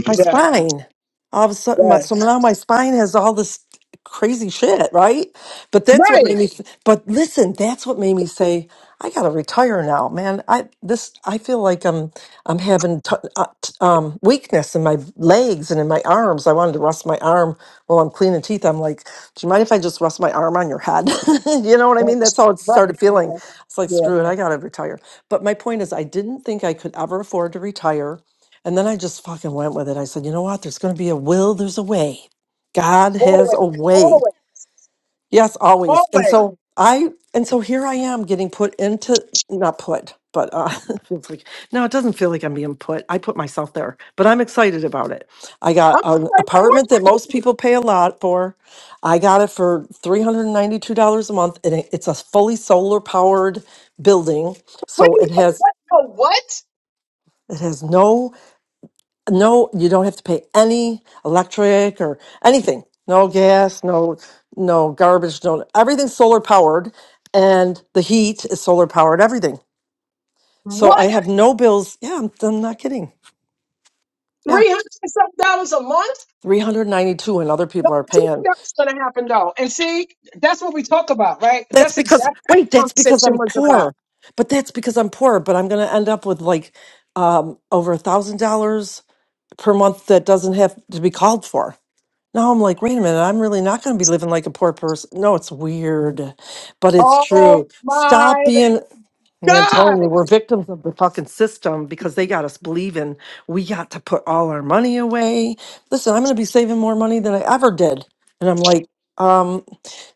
[SPEAKER 2] my
[SPEAKER 3] Yeah.
[SPEAKER 2] spine. All of a sudden, my so
[SPEAKER 3] Yes.
[SPEAKER 2] now my spine has all this crazy shit, right? But that's what
[SPEAKER 3] Right.
[SPEAKER 2] made me. But listen, that's what made me say I gotta retire now, man. I this I feel like I'm I'm having t- uh, t- um, weakness in my legs and in my arms. I wanted to rest my arm while I'm cleaning teeth. I'm like, do you mind if I just rest my arm on your head? you know what I mean?
[SPEAKER 3] Right.
[SPEAKER 2] That's how it
[SPEAKER 3] Right.
[SPEAKER 2] started feeling.
[SPEAKER 3] Yeah.
[SPEAKER 2] It's like
[SPEAKER 3] Yeah.
[SPEAKER 2] screw it, I gotta retire. But my point is, I didn't think I could ever afford to retire and then I just fucking went with it. I said, you know what? There's going to be a will, there's a way. God has a
[SPEAKER 3] Always.
[SPEAKER 2] way.
[SPEAKER 3] Always.
[SPEAKER 2] Yes, always. And
[SPEAKER 3] Always.
[SPEAKER 2] so I, and so here I am getting put into, not put, but uh, it's like, no, it doesn't feel like I'm being put. I put myself there, but I'm excited about it. I got
[SPEAKER 3] I'm
[SPEAKER 2] an
[SPEAKER 3] like
[SPEAKER 2] apartment that
[SPEAKER 3] fortunate.
[SPEAKER 2] most people pay a lot for. I got it for $392 a month, and it- it's a fully solar powered building.
[SPEAKER 3] What
[SPEAKER 2] So
[SPEAKER 3] do you
[SPEAKER 2] it has,
[SPEAKER 3] what oh, what?
[SPEAKER 2] it has no No, you don't have to pay any electric or anything. No gas, no no garbage, no everything's solar powered and the heat is solar powered, everything. So I
[SPEAKER 3] What?
[SPEAKER 2] have no bills. Yeah, I'm, I'm not kidding. Yeah,
[SPEAKER 3] Three hundred and some dollars a month?
[SPEAKER 2] 392 and other
[SPEAKER 3] No,
[SPEAKER 2] people are
[SPEAKER 3] two things
[SPEAKER 2] paying.
[SPEAKER 3] that's gonna happen though. And see, that's what we talk about, right?
[SPEAKER 2] That's
[SPEAKER 3] That's
[SPEAKER 2] because
[SPEAKER 3] exactly what
[SPEAKER 2] wait,
[SPEAKER 3] the
[SPEAKER 2] that's because
[SPEAKER 3] conversation
[SPEAKER 2] I'm
[SPEAKER 3] was about.
[SPEAKER 2] poor. But that's because I'm poor, but I'm going to end up with like um over a $1000 per month that doesn't have to be called for. Now I'm like, wait a minute, I'm really not going to be living like a poor person. No, it's weird, but it's
[SPEAKER 3] Oh
[SPEAKER 2] true. Stop
[SPEAKER 3] my
[SPEAKER 2] being yeah, I'm telling
[SPEAKER 3] God.
[SPEAKER 2] you, we're victims of the fucking system because they got us believing we got to put all our money away. Listen, I'm going to be saving more money than I ever did. And I'm like, um,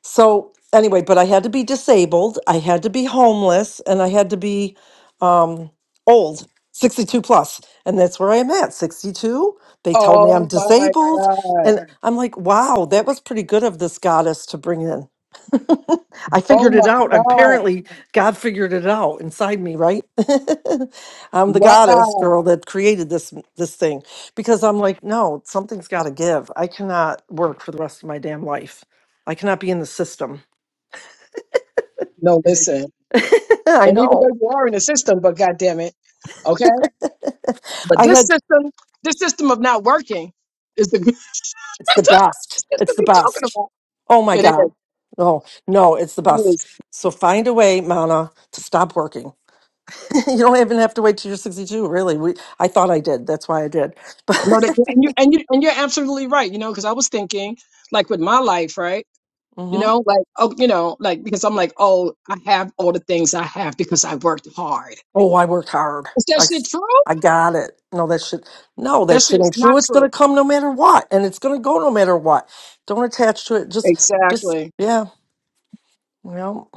[SPEAKER 2] so anyway, but I had to be disabled, I had to be homeless, and I had to be um, old, 62 plus. And that's where I am at, 62. They told me I'm
[SPEAKER 3] Oh my
[SPEAKER 2] disabled.
[SPEAKER 3] God.
[SPEAKER 2] And I'm like, wow, that was pretty good of this goddess to bring in. I
[SPEAKER 3] Oh
[SPEAKER 2] figured
[SPEAKER 3] my
[SPEAKER 2] it out.
[SPEAKER 3] God.
[SPEAKER 2] Apparently, God figured it out inside me, right? I'm the goddess
[SPEAKER 3] Wow.
[SPEAKER 2] girl that created this this thing because I'm like, no, something's got to give. I cannot work for the rest of my damn life. I cannot be in the system.
[SPEAKER 3] No, listen.
[SPEAKER 2] I
[SPEAKER 3] And even though
[SPEAKER 2] know.
[SPEAKER 3] you are in the system, but God damn it. Okay? But
[SPEAKER 2] I
[SPEAKER 3] this
[SPEAKER 2] had
[SPEAKER 3] system, this system of not working is the that's
[SPEAKER 2] it's
[SPEAKER 3] what
[SPEAKER 2] the
[SPEAKER 3] this
[SPEAKER 2] best. It's
[SPEAKER 3] system
[SPEAKER 2] the
[SPEAKER 3] you're talking
[SPEAKER 2] best.
[SPEAKER 3] about.
[SPEAKER 2] Oh my
[SPEAKER 3] It is.
[SPEAKER 2] god. No, no, it's the
[SPEAKER 3] It
[SPEAKER 2] best.
[SPEAKER 3] is.
[SPEAKER 2] So find a way, Mana, to stop working. you don't even have to wait till you're 62, really. We I thought I did. That's why I did.
[SPEAKER 3] No, that,
[SPEAKER 2] But
[SPEAKER 3] and you and you and you're absolutely right. You know, because I was thinking, like with my life, right? You know, like oh, you know, like because I'm like, oh, I have all the things I have because I worked hard.
[SPEAKER 2] Oh, I worked hard.
[SPEAKER 3] Is that
[SPEAKER 2] I,
[SPEAKER 3] shit true?
[SPEAKER 2] I got it. No, that shit. No, that
[SPEAKER 3] That shit
[SPEAKER 2] shit
[SPEAKER 3] is
[SPEAKER 2] ain't true.
[SPEAKER 3] not
[SPEAKER 2] It's gonna
[SPEAKER 3] true.
[SPEAKER 2] come no matter what, and it's gonna go no matter what. Don't attach to it. Just, just,
[SPEAKER 3] Exactly.
[SPEAKER 2] yeah. You know,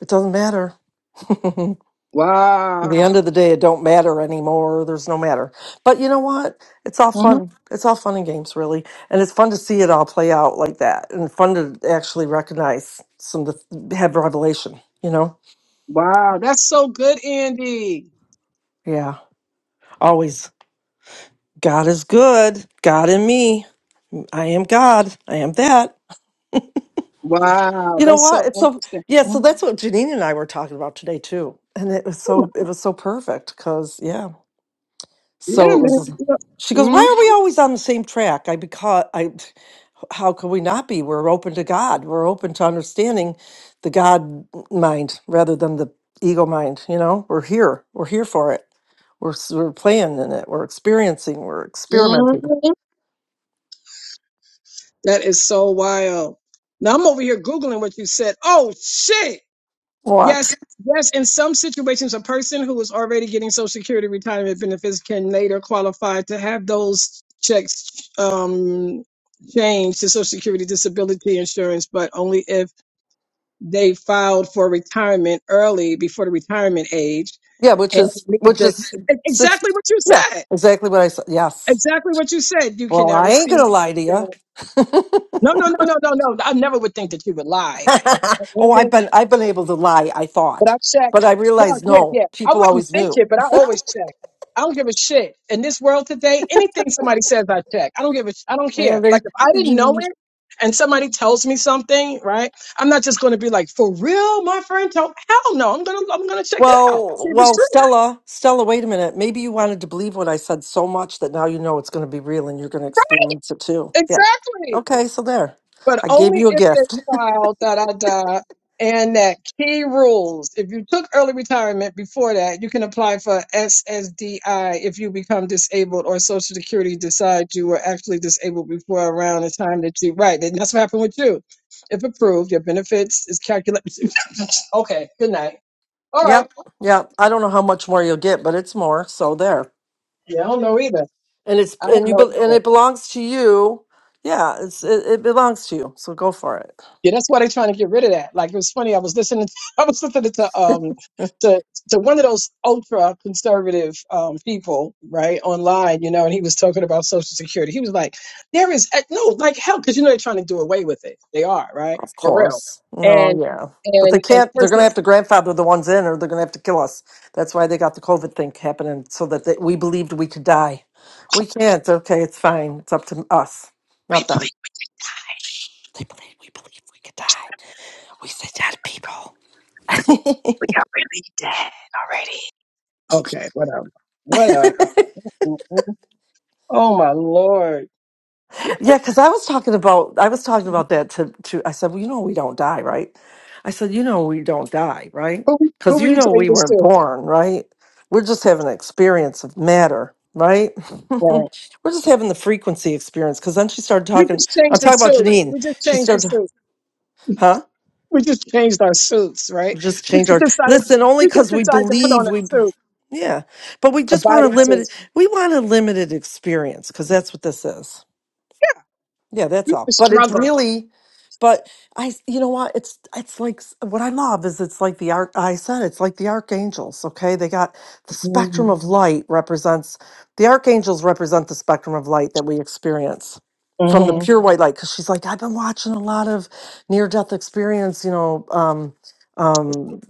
[SPEAKER 2] it doesn't matter. At the
[SPEAKER 3] Wow.
[SPEAKER 2] end of the day, it don't matter anymore. There's no matter. But you know what? It's all
[SPEAKER 3] hmm
[SPEAKER 2] fun. It's all fun and games, really, and it's fun to see it all play out like that, and fun to actually recognize some of the have revelation. You know?
[SPEAKER 3] Wow. That's so good, Andy.
[SPEAKER 2] Yeah. Always. God is good. God and me. I am God. I am that.
[SPEAKER 3] Wow.
[SPEAKER 2] You know
[SPEAKER 3] That's so
[SPEAKER 2] what? It's so
[SPEAKER 3] interesting.
[SPEAKER 2] yeah. So that's what Janine and I were talking about today too, and it was
[SPEAKER 3] Mhm.
[SPEAKER 2] so it was so perfect because yeah. So
[SPEAKER 3] Yeah,
[SPEAKER 2] it
[SPEAKER 3] man.
[SPEAKER 2] was.
[SPEAKER 3] Yeah.
[SPEAKER 2] She goes,
[SPEAKER 3] Mm-hmm.
[SPEAKER 2] "Why are we always on the same track?" I because I, how could we not be? We're open to God. We're open to understanding the God mind rather than the ego mind. You know, we're here. We're here for it. We're s- we're playing in it. We're experiencing. We're experimenting.
[SPEAKER 3] Mhm. That is so wild. Now I'm over here Googling what you said. Oh shit.
[SPEAKER 2] What?
[SPEAKER 3] Yes. Yes, in some situations, a person who is already getting Social Security retirement benefits can later qualify to have those checks um, changed to Social Security disability insurance, but only if they filed for retirement early before the retirement age
[SPEAKER 2] Yeah, which
[SPEAKER 3] and
[SPEAKER 2] is
[SPEAKER 3] leave
[SPEAKER 2] which
[SPEAKER 3] the
[SPEAKER 2] is
[SPEAKER 3] e-,
[SPEAKER 2] six.
[SPEAKER 3] exactly what you
[SPEAKER 2] Yeah,
[SPEAKER 3] said.
[SPEAKER 2] exactly what I said. Yes.
[SPEAKER 3] Exactly what you said. You
[SPEAKER 2] Well,
[SPEAKER 3] cannot
[SPEAKER 2] I ain't gonna
[SPEAKER 3] receive.
[SPEAKER 2] lie to you.
[SPEAKER 3] that. No, no, no, no, no, no. I never would think that you would lie.
[SPEAKER 2] oh, I've
[SPEAKER 3] Okay?
[SPEAKER 2] been I've been able to lie. I
[SPEAKER 3] But
[SPEAKER 2] thought,
[SPEAKER 3] I check.
[SPEAKER 2] but I
[SPEAKER 3] No,
[SPEAKER 2] realized
[SPEAKER 3] yeah,
[SPEAKER 2] no.
[SPEAKER 3] yeah. I
[SPEAKER 2] People
[SPEAKER 3] wouldn't
[SPEAKER 2] always
[SPEAKER 3] think
[SPEAKER 2] knew.
[SPEAKER 3] it, but I always check. I don't give a shit. In this world today, anything somebody says, I check. I don't give a. Sh- I don't
[SPEAKER 2] Yeah,
[SPEAKER 3] care.
[SPEAKER 2] they-
[SPEAKER 3] Like if I didn't know it, and somebody tells me something, right? I'm not just going to be like, for real, my friend told. Hell no, I'm gonna I'm gonna check it out.
[SPEAKER 2] well,
[SPEAKER 3] See if it's
[SPEAKER 2] well,
[SPEAKER 3] true.
[SPEAKER 2] Stella, Stella, wait a minute. Maybe you wanted to believe what I said so much that now you know it's going to be real and you're going to experience it too. Yeah.
[SPEAKER 3] Exactly.
[SPEAKER 2] Okay, so there.
[SPEAKER 3] but
[SPEAKER 2] I gave
[SPEAKER 3] only
[SPEAKER 2] you a
[SPEAKER 3] if that
[SPEAKER 2] gift.
[SPEAKER 3] child da da da and that key rules. If you took early retirement before that, you can apply for SSDI if you become disabled or Social Security decides you were actually disabled before around the time that you right. And that's what happened with you. If approved, your benefits is calculated. okay, good night. All right.
[SPEAKER 2] Yep. Yep. I don't know how much more you'll get, but it's more. So there.
[SPEAKER 3] Yeah, I don't know either.
[SPEAKER 2] and it's
[SPEAKER 3] I don't
[SPEAKER 2] and you
[SPEAKER 3] know.
[SPEAKER 2] bel-
[SPEAKER 3] either.
[SPEAKER 2] and it belongs to you. Yeah, it's it, it belongs to you. So go for it.
[SPEAKER 3] Yeah, that's why they're trying to get rid of that. Like it was funny. I was listening. I was listening to um to to one of those ultra conservative um people right online, you know, and he was talking about Social Security. He was like, "There is eh, no like hell because you know they're trying to do away with it. They are right
[SPEAKER 2] Of
[SPEAKER 3] for real."
[SPEAKER 2] course. Oh
[SPEAKER 3] And
[SPEAKER 2] yeah. But they
[SPEAKER 3] and and
[SPEAKER 2] can't. They're going
[SPEAKER 3] person,
[SPEAKER 2] to have to grandfather the ones in, or they're going to have to kill us. That's why they got the COVID thing happening, so that they, we believed we could die. We can't. Okay, it's fine. It's up to us, not them. They believe we believe we could die. We said that people.
[SPEAKER 3] we got really dead already. Okay, whatever, whatever. Mhm. Oh my lord,
[SPEAKER 2] Yeah, because I was talking about I was talking about that to to I said, well, you know, we don't die, right? I said, you know, we don't die, right?
[SPEAKER 3] who who
[SPEAKER 2] Because
[SPEAKER 3] were
[SPEAKER 2] you
[SPEAKER 3] you
[SPEAKER 2] know,
[SPEAKER 3] telling
[SPEAKER 2] we
[SPEAKER 3] this
[SPEAKER 2] weren't
[SPEAKER 3] to?
[SPEAKER 2] born, right? We're just having an experience of matter, right? We're
[SPEAKER 3] Right.
[SPEAKER 2] just having the frequency experience. Because then she started
[SPEAKER 3] We
[SPEAKER 2] talking.
[SPEAKER 3] just
[SPEAKER 2] I'm
[SPEAKER 3] changed the
[SPEAKER 2] talking about
[SPEAKER 3] suit.
[SPEAKER 2] Janine.
[SPEAKER 3] We just
[SPEAKER 2] She
[SPEAKER 3] changed the
[SPEAKER 2] started,
[SPEAKER 3] suit.
[SPEAKER 2] huh?
[SPEAKER 3] we just changed our suits, right?
[SPEAKER 2] We just
[SPEAKER 3] We
[SPEAKER 2] change
[SPEAKER 3] just
[SPEAKER 2] our
[SPEAKER 3] decided
[SPEAKER 2] listen only
[SPEAKER 3] we just
[SPEAKER 2] because we
[SPEAKER 3] decided to put
[SPEAKER 2] believe
[SPEAKER 3] on a
[SPEAKER 2] we,
[SPEAKER 3] suit,
[SPEAKER 2] yeah. But we
[SPEAKER 3] a
[SPEAKER 2] just want a
[SPEAKER 3] body suit.
[SPEAKER 2] limited. We want a limited experience because that's what this is. Yeah, that's
[SPEAKER 3] We
[SPEAKER 2] all.
[SPEAKER 3] just
[SPEAKER 2] But it's
[SPEAKER 3] struggle.
[SPEAKER 2] really, but I, you know what? It's it's like s- what I love is it's like the arc. I said it's like the archangels. Okay, they got the spectrum
[SPEAKER 3] Mm-hmm.
[SPEAKER 2] of light represents the archangels represent the spectrum of light that we experience from the Mhm.
[SPEAKER 3] hmm
[SPEAKER 2] pure white light. Because she's like, I've been watching a lot of near death experience, you know, um, um,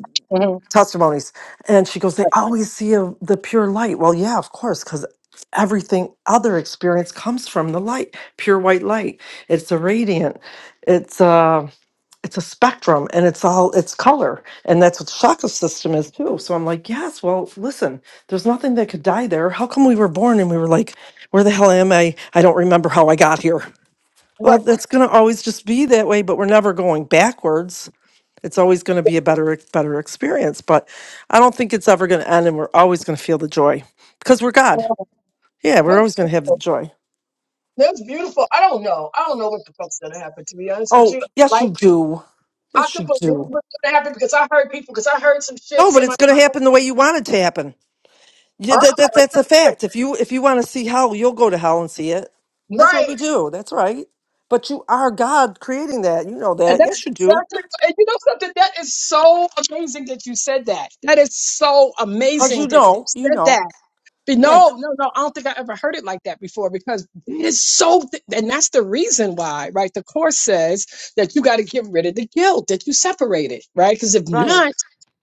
[SPEAKER 2] testimonies. And she goes, They always see a, the pure light. Well, yeah, of course, because everything other experience comes from the light, pure white light. It's a radiant, it's a, it's a spectrum and it's all it's color. And that's what the chakra system is too. So I'm like, yes, well, listen, there's nothing that could die there. How come we were born and we were like, where the hell am I? I don't remember how I got here. Well,
[SPEAKER 3] Right.
[SPEAKER 2] that's gonna always just be that way, but we're never going backwards it's always going to be a better better experience, but I don't think it's ever going to end, and we're always going to feel the joy because we're God.
[SPEAKER 3] Oh,
[SPEAKER 2] Yeah, we're
[SPEAKER 3] that's
[SPEAKER 2] always going to have the
[SPEAKER 3] beautiful.
[SPEAKER 2] joy.
[SPEAKER 3] That's beautiful. I don't know. I don't know what the fuck's gonna happen. To be honest with
[SPEAKER 2] Oh,
[SPEAKER 3] you,
[SPEAKER 2] yes, you
[SPEAKER 3] like
[SPEAKER 2] do.
[SPEAKER 3] I
[SPEAKER 2] Yes,
[SPEAKER 3] could
[SPEAKER 2] you
[SPEAKER 3] believe
[SPEAKER 2] do.
[SPEAKER 3] what's gonna happen because I heard people. Because I heard some shit.
[SPEAKER 2] No, but it's
[SPEAKER 3] Somebody.
[SPEAKER 2] going to happen the way you want it to happen. Yeah,
[SPEAKER 3] Oh,
[SPEAKER 2] that, that that's
[SPEAKER 3] that's
[SPEAKER 2] a fact. If you if you want to see hell, you'll go to hell and see it.
[SPEAKER 3] it.
[SPEAKER 2] That's what we
[SPEAKER 3] right.
[SPEAKER 2] do. That's right. But you are God creating that. You know
[SPEAKER 3] And
[SPEAKER 2] that.
[SPEAKER 3] that's
[SPEAKER 2] Yes, you do.
[SPEAKER 3] exactly. And you know something? That is so amazing that you said that. That is so
[SPEAKER 2] Cause
[SPEAKER 3] amazing
[SPEAKER 2] you
[SPEAKER 3] that you
[SPEAKER 2] know. You
[SPEAKER 3] said
[SPEAKER 2] know.
[SPEAKER 3] that But
[SPEAKER 2] Yeah.
[SPEAKER 3] No, no, no. I don't think I ever heard it like that before because it's so, th- and that's the reason why, right? The course says that you got to get rid of the guilt that you separated, right? Because if
[SPEAKER 2] Right.
[SPEAKER 3] not,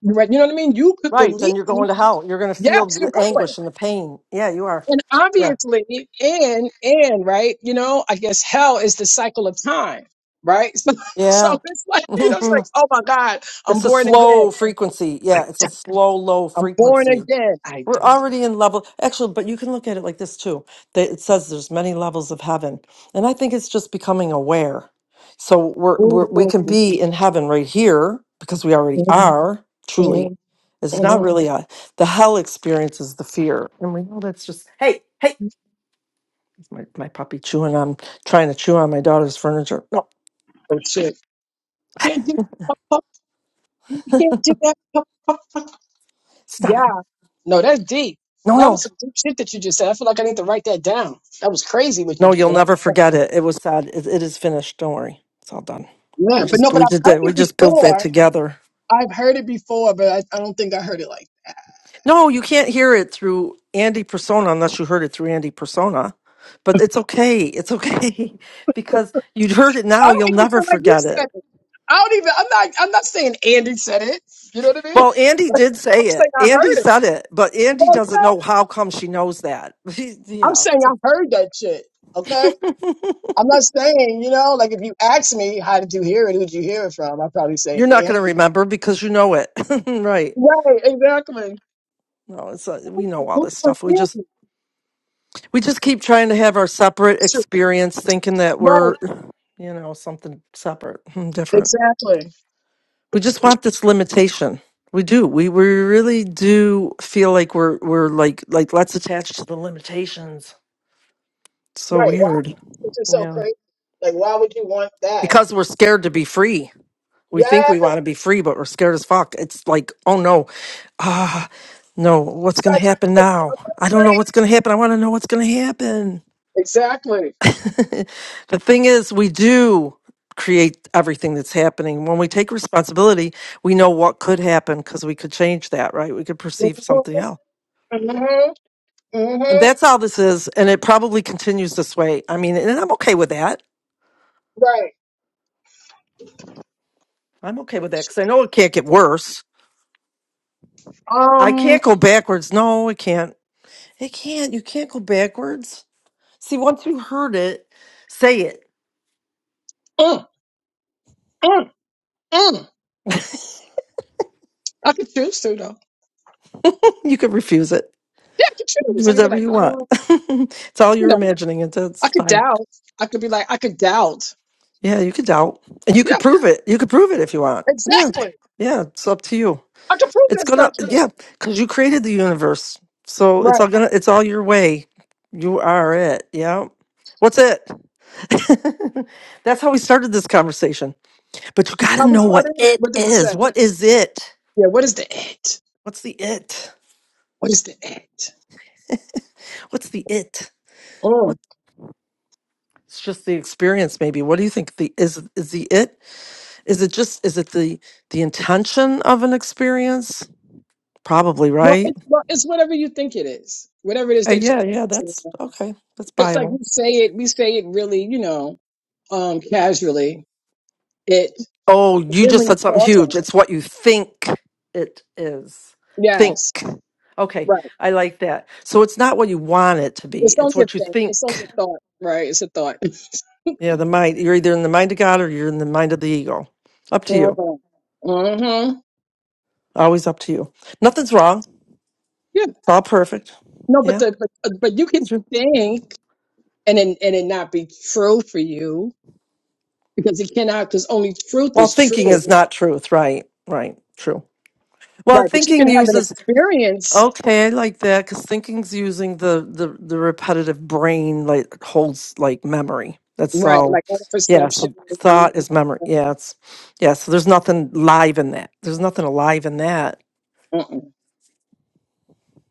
[SPEAKER 3] right, you know what I mean? You could
[SPEAKER 2] Right.
[SPEAKER 3] believe,
[SPEAKER 2] Then you're going to hell. You're going to feel
[SPEAKER 3] yes, you're
[SPEAKER 2] the
[SPEAKER 3] going.
[SPEAKER 2] anguish and the pain. Yeah, you are.
[SPEAKER 3] And obviously, and, and, right, you know, I guess hell is the cycle of time, right? So,
[SPEAKER 2] Yeah.
[SPEAKER 3] so it's like, you know, it's like,
[SPEAKER 2] it's
[SPEAKER 3] oh my God, I'm
[SPEAKER 2] a
[SPEAKER 3] born again.
[SPEAKER 2] slow frequency.
[SPEAKER 3] I
[SPEAKER 2] Yeah, it's a
[SPEAKER 3] die.
[SPEAKER 2] slow, low
[SPEAKER 3] I'm born
[SPEAKER 2] frequency.
[SPEAKER 3] again. I
[SPEAKER 2] We're
[SPEAKER 3] die.
[SPEAKER 2] already in level. Actually, but you can look at it like this too. that It says there's many levels of heaven. And I think it's just becoming aware. So we're, we're we
[SPEAKER 3] Mhm,
[SPEAKER 2] can be in heaven right here because we already
[SPEAKER 3] mhm,
[SPEAKER 2] are, truly.
[SPEAKER 3] mhm,
[SPEAKER 2] It's not
[SPEAKER 3] mhm.
[SPEAKER 2] really a the hell experience is the fear. And we know that's just hey, hey, it's my, my puppy chewing on trying to chew on my daughter's furniture. No,
[SPEAKER 3] Oh shit. Can't do you can't do that.
[SPEAKER 2] stop it.
[SPEAKER 3] Yeah. No, that's deep.
[SPEAKER 2] No,
[SPEAKER 3] That
[SPEAKER 2] no.
[SPEAKER 3] was some deep shit that you just said. I feel like I need to write that down. That was crazy what you
[SPEAKER 2] No, you'll
[SPEAKER 3] but
[SPEAKER 2] never
[SPEAKER 3] I
[SPEAKER 2] forget it. It was sad. It, it is finished. Don't worry. It's all done. We
[SPEAKER 3] Yeah, but no,
[SPEAKER 2] just
[SPEAKER 3] but
[SPEAKER 2] we
[SPEAKER 3] I've
[SPEAKER 2] just
[SPEAKER 3] heard
[SPEAKER 2] did we
[SPEAKER 3] it
[SPEAKER 2] just built that
[SPEAKER 3] before.
[SPEAKER 2] together.
[SPEAKER 3] I've heard it before, but I, I don't think I heard it like
[SPEAKER 2] No, you can't hear it through Andy Persona unless you heard it through Andy Persona. But it's okay. It's okay because you'd heard it
[SPEAKER 3] that. I
[SPEAKER 2] now. You'll
[SPEAKER 3] don't even
[SPEAKER 2] never
[SPEAKER 3] feel like you
[SPEAKER 2] forget
[SPEAKER 3] said
[SPEAKER 2] it.
[SPEAKER 3] it. I don't even I'm not I'm not saying Andy said it. You know what I mean?
[SPEAKER 2] Well,
[SPEAKER 3] I'm
[SPEAKER 2] Andy did say it.
[SPEAKER 3] saying I
[SPEAKER 2] Andy
[SPEAKER 3] heard it.
[SPEAKER 2] said it, but Andy
[SPEAKER 3] Well, you
[SPEAKER 2] doesn't
[SPEAKER 3] know,
[SPEAKER 2] know how come she knows that.
[SPEAKER 3] I'm
[SPEAKER 2] yeah,
[SPEAKER 3] saying
[SPEAKER 2] so
[SPEAKER 3] I heard that shit. Okay? I'm not saying, you know, like if you ask me how did you hear it, who'd you hear it from? I'd probably
[SPEAKER 2] you're
[SPEAKER 3] say
[SPEAKER 2] not going
[SPEAKER 3] Andy
[SPEAKER 2] to remember because you know it, right?
[SPEAKER 3] Right, exactly.
[SPEAKER 2] No, it's uh we know all
[SPEAKER 3] Who
[SPEAKER 2] this
[SPEAKER 3] would
[SPEAKER 2] stuff. We
[SPEAKER 3] give
[SPEAKER 2] just
[SPEAKER 3] you?
[SPEAKER 2] We just keep trying to have our separate
[SPEAKER 3] Sure.
[SPEAKER 2] experience, thinking that we're,
[SPEAKER 3] Right,
[SPEAKER 2] you know, something separate and different.
[SPEAKER 3] exactly.
[SPEAKER 2] We just want this limitation. We do. We we really do feel like we're we're like like let's attach to the limitations. so
[SPEAKER 3] Right, why?
[SPEAKER 2] weird.
[SPEAKER 3] Which is so
[SPEAKER 2] Yeah.
[SPEAKER 3] crazy. Like, why would you want that?
[SPEAKER 2] Because we're scared to be free. We think
[SPEAKER 3] Yeah,
[SPEAKER 2] we want to be free, but we're scared as fuck. It's like, oh no, ah, no, what's
[SPEAKER 3] it's
[SPEAKER 2] gonna
[SPEAKER 3] not
[SPEAKER 2] happen
[SPEAKER 3] true.
[SPEAKER 2] now?
[SPEAKER 3] I'm not
[SPEAKER 2] I don't know
[SPEAKER 3] free.
[SPEAKER 2] what's gonna happen. I want to know what's gonna happen.
[SPEAKER 3] Exactly.
[SPEAKER 2] the thing is, we do create everything that's happening. When we take responsibility, we know what could happen because we could change that, right? We could perceive
[SPEAKER 3] Mm-hmm.
[SPEAKER 2] something else.
[SPEAKER 3] Mm-hmm.
[SPEAKER 2] And
[SPEAKER 3] mm-hmm.
[SPEAKER 2] that's how this is. And it probably continues this way. I mean, and I'm okay with that.
[SPEAKER 3] Right.
[SPEAKER 2] I'm okay with that because I know it can't get worse. I
[SPEAKER 3] Um,
[SPEAKER 2] can't go backwards. No, it can't. It can't. You can't go backwards. See, once you heard it, say it.
[SPEAKER 3] mm, mm, mm. I could choose to, though.
[SPEAKER 2] You can refuse it.
[SPEAKER 3] Yeah, I could
[SPEAKER 2] Do
[SPEAKER 3] choose. I could be
[SPEAKER 2] whatever
[SPEAKER 3] like,
[SPEAKER 2] you want.
[SPEAKER 3] oh,
[SPEAKER 2] it's all
[SPEAKER 3] you
[SPEAKER 2] you're
[SPEAKER 3] know,
[SPEAKER 2] imagining, and
[SPEAKER 3] I
[SPEAKER 2] that's
[SPEAKER 3] could
[SPEAKER 2] fine.
[SPEAKER 3] doubt. I could be like, I could doubt.
[SPEAKER 2] Yeah, you could doubt, and you
[SPEAKER 3] Yeah,
[SPEAKER 2] could prove it. You could prove it if you want. Yeah,
[SPEAKER 3] exactly.
[SPEAKER 2] yeah, it's up to you.
[SPEAKER 3] I could prove
[SPEAKER 2] It's
[SPEAKER 3] that's
[SPEAKER 2] gonna,
[SPEAKER 3] not true.
[SPEAKER 2] yeah, because you created the universe, so it's
[SPEAKER 3] Right.
[SPEAKER 2] all gonna, it's all your way. You are it. Yeah. What's it? That's how we started this conversation. But you gotta
[SPEAKER 3] How we
[SPEAKER 2] know what
[SPEAKER 3] started?
[SPEAKER 2] it
[SPEAKER 3] What did we
[SPEAKER 2] is.
[SPEAKER 3] say?
[SPEAKER 2] What is it?
[SPEAKER 3] Yeah, what is the act?
[SPEAKER 2] What's the it?
[SPEAKER 3] What is the act?
[SPEAKER 2] What's the it?
[SPEAKER 3] Oh,
[SPEAKER 2] What? It's just the experience, maybe. What do you think? The is is the it? Is it just? Is it the the intention of an experience? Probably,
[SPEAKER 3] well,
[SPEAKER 2] right?
[SPEAKER 3] it's, well, it's whatever you think it is, whatever it is
[SPEAKER 2] Uh,
[SPEAKER 3] that you're
[SPEAKER 2] yeah, yeah,
[SPEAKER 3] focusing
[SPEAKER 2] that's
[SPEAKER 3] on.
[SPEAKER 2] okay. That's
[SPEAKER 3] It's like
[SPEAKER 2] buyable.
[SPEAKER 3] we say it, we say it really, you know, um, casually. It,
[SPEAKER 2] Oh,
[SPEAKER 3] but
[SPEAKER 2] you
[SPEAKER 3] then
[SPEAKER 2] just
[SPEAKER 3] when you
[SPEAKER 2] said something
[SPEAKER 3] pause
[SPEAKER 2] huge.
[SPEAKER 3] on it,
[SPEAKER 2] It's what you think it is. Think.
[SPEAKER 3] yes,
[SPEAKER 2] Okay,
[SPEAKER 3] right.
[SPEAKER 2] I like that. So it's not what you want it to be,
[SPEAKER 3] It's
[SPEAKER 2] it's
[SPEAKER 3] only a
[SPEAKER 2] what you
[SPEAKER 3] thing. It's only
[SPEAKER 2] think.
[SPEAKER 3] a thought, right? It's a thought.
[SPEAKER 2] Yeah, the mind. You're either in the mind of God or you're in the mind of the ego. Up to
[SPEAKER 3] Uh
[SPEAKER 2] you.
[SPEAKER 3] huh. Mm-hmm.
[SPEAKER 2] Always up to you. Nothing's wrong. It's
[SPEAKER 3] Yeah.
[SPEAKER 2] all perfect.
[SPEAKER 3] No, but
[SPEAKER 2] Yeah,
[SPEAKER 3] the but, uh, but you can
[SPEAKER 2] true.
[SPEAKER 3] think and then and it not be true for you because it cannot because only truth
[SPEAKER 2] Well,
[SPEAKER 3] is
[SPEAKER 2] thinking
[SPEAKER 3] true,
[SPEAKER 2] is not truth, right? Right, true. Well,
[SPEAKER 3] right? But you
[SPEAKER 2] thinking
[SPEAKER 3] can have an
[SPEAKER 2] uses
[SPEAKER 3] experience
[SPEAKER 2] Okay, I like that because thinking's using the, the the repetitive brain like holds like memory. That's
[SPEAKER 3] Right,
[SPEAKER 2] all.
[SPEAKER 3] like all the
[SPEAKER 2] Yeah,
[SPEAKER 3] perception.
[SPEAKER 2] so thought is memory.
[SPEAKER 3] Mm-hmm.
[SPEAKER 2] Yeah, it's yeah. So there's nothing live in that. There's nothing alive in that.
[SPEAKER 3] Mm-mm.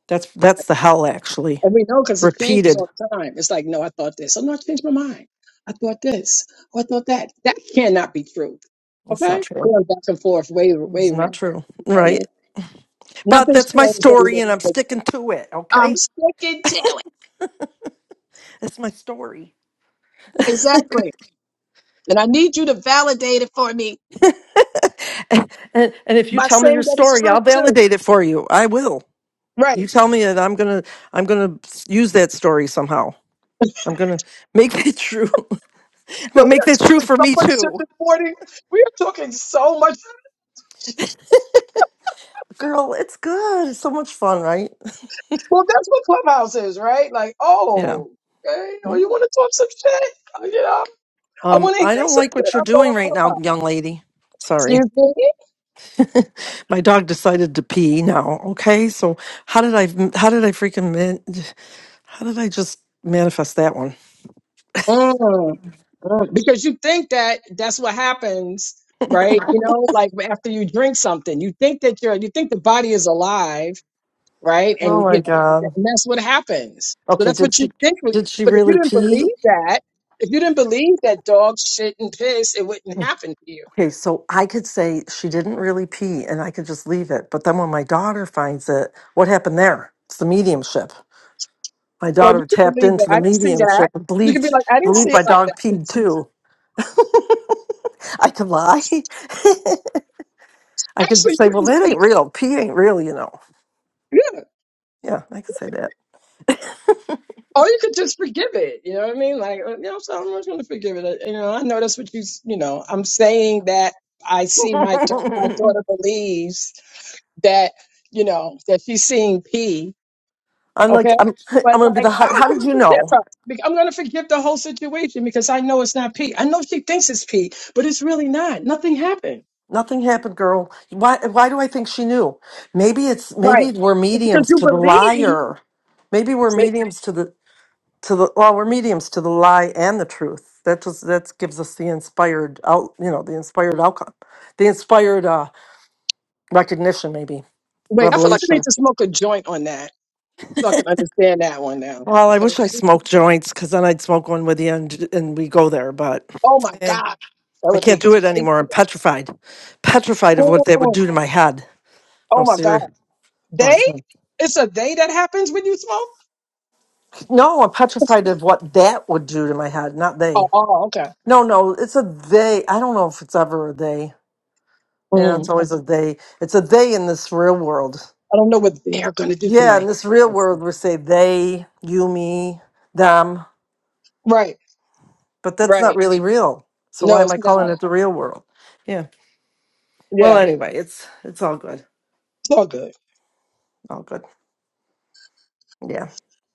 [SPEAKER 2] That's that's the hell actually.
[SPEAKER 3] And we know because it changes
[SPEAKER 2] Repeated.
[SPEAKER 3] all the time. It's like, no, I thought this. Oh, no, I changed my mind. I thought this. Oh, I thought that. That cannot be truth.
[SPEAKER 2] That's not
[SPEAKER 3] Okay?
[SPEAKER 2] true.
[SPEAKER 3] Going back and forth, wavering.
[SPEAKER 2] It's
[SPEAKER 3] wavering
[SPEAKER 2] not true.
[SPEAKER 3] you know what I
[SPEAKER 2] Right.
[SPEAKER 3] mean?
[SPEAKER 2] But
[SPEAKER 3] Nothing's
[SPEAKER 2] that's my
[SPEAKER 3] changed. every
[SPEAKER 2] story
[SPEAKER 3] day,
[SPEAKER 2] and I'm sticking to it.
[SPEAKER 3] I'm
[SPEAKER 2] Okay.
[SPEAKER 3] sticking to it.
[SPEAKER 2] That's my story.
[SPEAKER 3] Exactly. And I need you to validate it for me
[SPEAKER 2] and, and if you
[SPEAKER 3] by
[SPEAKER 2] tell me your
[SPEAKER 3] saying that it's
[SPEAKER 2] story,
[SPEAKER 3] true,
[SPEAKER 2] I'll
[SPEAKER 3] too.
[SPEAKER 2] validate it for you. I will. You
[SPEAKER 3] Right.
[SPEAKER 2] tell me that I'm gonna I'm gonna s- use that story somehow. I'm gonna make it true. I'm
[SPEAKER 3] So
[SPEAKER 2] gonna
[SPEAKER 3] we
[SPEAKER 2] make that
[SPEAKER 3] are
[SPEAKER 2] true
[SPEAKER 3] talking
[SPEAKER 2] for
[SPEAKER 3] so
[SPEAKER 2] me
[SPEAKER 3] much shit
[SPEAKER 2] too.
[SPEAKER 3] this morning. We are talking so much
[SPEAKER 2] Girl, it's good. It's so much fun, right?
[SPEAKER 3] Well, that's what Clubhouse is, right? Like,
[SPEAKER 2] Yeah.
[SPEAKER 3] oh, okay, oh, you
[SPEAKER 2] Mm.
[SPEAKER 3] want to talk some shit? Uh, You know, I
[SPEAKER 2] Um,
[SPEAKER 3] want to
[SPEAKER 2] I
[SPEAKER 3] hear
[SPEAKER 2] don't
[SPEAKER 3] some
[SPEAKER 2] like
[SPEAKER 3] shit.
[SPEAKER 2] what you're
[SPEAKER 3] I'm
[SPEAKER 2] doing
[SPEAKER 3] going
[SPEAKER 2] right now,
[SPEAKER 3] Clubhouse.
[SPEAKER 2] young lady. Sorry.
[SPEAKER 3] Excuse me?
[SPEAKER 2] My dog decided to pee now. Okay. So how did I how did I freaking man, how did I just manifest that one?
[SPEAKER 3] Mm, mm. Because you think that that's what happens, right? You know, like after you drink something, you think that you're, you think the body is alive, right?
[SPEAKER 2] Oh
[SPEAKER 3] And,
[SPEAKER 2] my
[SPEAKER 3] you know,
[SPEAKER 2] god.
[SPEAKER 3] and that's what happens. So
[SPEAKER 2] Okay,
[SPEAKER 3] that's
[SPEAKER 2] did
[SPEAKER 3] what you
[SPEAKER 2] she
[SPEAKER 3] think. was-
[SPEAKER 2] did she
[SPEAKER 3] But if you
[SPEAKER 2] really
[SPEAKER 3] didn't
[SPEAKER 2] pee?
[SPEAKER 3] believe that, if you didn't believe that dogs shit and piss, it wouldn't happen to you.
[SPEAKER 2] Okay, so I could say she didn't really pee and I could just leave it. But then when my daughter finds it, what happened there? It's the mediumship. My
[SPEAKER 3] Or you
[SPEAKER 2] daughter
[SPEAKER 3] can
[SPEAKER 2] tapped
[SPEAKER 3] believe that
[SPEAKER 2] into
[SPEAKER 3] I
[SPEAKER 2] the
[SPEAKER 3] didn't see that.
[SPEAKER 2] mediumship and
[SPEAKER 3] You could be
[SPEAKER 2] believed
[SPEAKER 3] like, I didn't
[SPEAKER 2] believed
[SPEAKER 3] see
[SPEAKER 2] my
[SPEAKER 3] it like
[SPEAKER 2] dog
[SPEAKER 3] that.
[SPEAKER 2] peed too. I could lie. I could just
[SPEAKER 3] Actually,
[SPEAKER 2] say,
[SPEAKER 3] you
[SPEAKER 2] well,
[SPEAKER 3] can,
[SPEAKER 2] that ain't real. Pee ain't real, you know.
[SPEAKER 3] yeah.
[SPEAKER 2] Yeah, I could say that.
[SPEAKER 3] Or you could just forgive it. You know what I mean? Like, uh, you know, so I'm just going to forgive it. Uh, You know, I know that's what you, s- you know, I'm saying that I see my, da- my daughter believes that, you know, that she's seeing P.
[SPEAKER 2] I'm like,
[SPEAKER 3] Okay.
[SPEAKER 2] I'm, I'm
[SPEAKER 3] But
[SPEAKER 2] gonna be
[SPEAKER 3] like,
[SPEAKER 2] the
[SPEAKER 3] oh,
[SPEAKER 2] high.
[SPEAKER 3] I'm
[SPEAKER 2] How did
[SPEAKER 3] going to
[SPEAKER 2] you
[SPEAKER 3] forgive
[SPEAKER 2] know?
[SPEAKER 3] her. Bec- I'm going to forgive the whole situation because I know it's not P. I know she thinks it's P, but it's really not. Nothing happened.
[SPEAKER 2] Nothing happened, girl. Why why do I think she knew? Maybe it's
[SPEAKER 3] Right.
[SPEAKER 2] maybe we're
[SPEAKER 3] It's because
[SPEAKER 2] mediums
[SPEAKER 3] you
[SPEAKER 2] to the
[SPEAKER 3] believe.
[SPEAKER 2] liar. Maybe we're mediums to the to the well, we're mediums to the lie and the truth. That just that gives us the inspired out, you know, the inspired outcome. The inspired uh recognition maybe.
[SPEAKER 3] Wait, I feel like I need
[SPEAKER 2] Revelation.
[SPEAKER 3] to smoke a joint on that so I can understand that one now.
[SPEAKER 2] Well, I
[SPEAKER 3] Okay.
[SPEAKER 2] wish I
[SPEAKER 3] This is-
[SPEAKER 2] smoked joints cuz then I'd smoke one with you and and we go there, but
[SPEAKER 3] Oh my
[SPEAKER 2] eh,
[SPEAKER 3] God. That
[SPEAKER 2] I
[SPEAKER 3] would be
[SPEAKER 2] can't do it
[SPEAKER 3] crazy.
[SPEAKER 2] anymore. I'm petrified. Petrified of what that would
[SPEAKER 3] Oh
[SPEAKER 2] do to my head. No,
[SPEAKER 3] oh my God.
[SPEAKER 2] serious. No, I
[SPEAKER 3] They?
[SPEAKER 2] can't.
[SPEAKER 3] It's a they that happens when you smoke?
[SPEAKER 2] No, I'm petrified of what that would do to my head, not
[SPEAKER 3] Oh,
[SPEAKER 2] they.
[SPEAKER 3] oh okay.
[SPEAKER 2] No, no, it's a they. I don't know if it's ever a they. Yeah, it's
[SPEAKER 3] Mm,
[SPEAKER 2] always a
[SPEAKER 3] okay.
[SPEAKER 2] they. It's a they in this real world.
[SPEAKER 3] I don't know what they're going to do to
[SPEAKER 2] Yeah, in
[SPEAKER 3] my
[SPEAKER 2] this real world, we say they, you, me, them,
[SPEAKER 3] Right,
[SPEAKER 2] but that's not
[SPEAKER 3] right.
[SPEAKER 2] really real. So why
[SPEAKER 3] No,
[SPEAKER 2] am
[SPEAKER 3] it's
[SPEAKER 2] I calling
[SPEAKER 3] not.
[SPEAKER 2] it the real world? Yeah. Well,
[SPEAKER 3] Yeah,
[SPEAKER 2] anyway, it's it's all good.
[SPEAKER 3] it's all good.
[SPEAKER 2] All good. Yeah.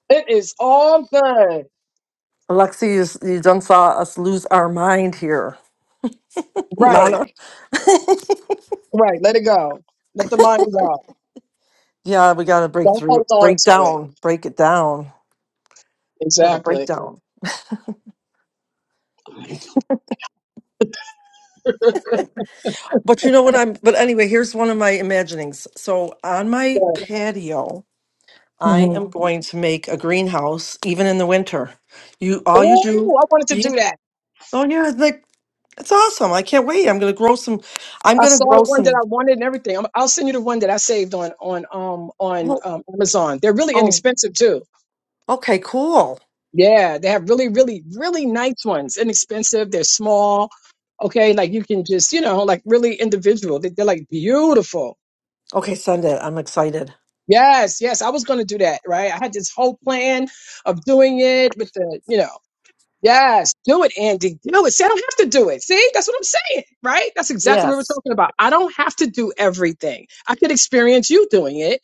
[SPEAKER 3] It is all good.
[SPEAKER 2] Alexi, you, s- you done saw us lose our mind here.
[SPEAKER 3] Right,
[SPEAKER 2] Mana.
[SPEAKER 3] right. Let it go. Let the mind go.
[SPEAKER 2] yeah, we got to break
[SPEAKER 3] Don't
[SPEAKER 2] through,
[SPEAKER 3] hold on
[SPEAKER 2] break
[SPEAKER 3] to it.
[SPEAKER 2] down, break it down. have a
[SPEAKER 3] Exactly.
[SPEAKER 2] breakdown. But you know what I'm but anyway, here's one of my imaginings. So on my patio, I
[SPEAKER 3] Mhm.
[SPEAKER 2] am going to make a greenhouse even in the winter. You all you do
[SPEAKER 3] Oh, I wanted to
[SPEAKER 2] yeah,
[SPEAKER 3] do that.
[SPEAKER 2] oh yeah, it's like it's awesome. I can't wait. I'm gonna grow some I'm
[SPEAKER 3] I
[SPEAKER 2] gonna
[SPEAKER 3] saw the
[SPEAKER 2] grow
[SPEAKER 3] one that
[SPEAKER 2] some
[SPEAKER 3] I wanted and everything. I'm, I'll send you the one that I saved on on um on
[SPEAKER 2] oh
[SPEAKER 3] um, Amazon. They're really
[SPEAKER 2] oh
[SPEAKER 3] inexpensive too.
[SPEAKER 2] okay, cool.
[SPEAKER 3] Yeah, they have really really really nice ones. Inexpensive. They're small. Okay, like you can just you know like really individual. They, they're like beautiful.
[SPEAKER 2] Okay, send it. I'm excited.
[SPEAKER 3] Yes, yes. I was gonna do that. Right. I had this whole plan of doing it with the you know. Yes, do it, Andy. Do it. See, I don't have to do it. See, that's what I'm saying, right? That's exactly what we're
[SPEAKER 2] Yes.
[SPEAKER 3] talking about. I don't have to do everything. I could experience you doing it,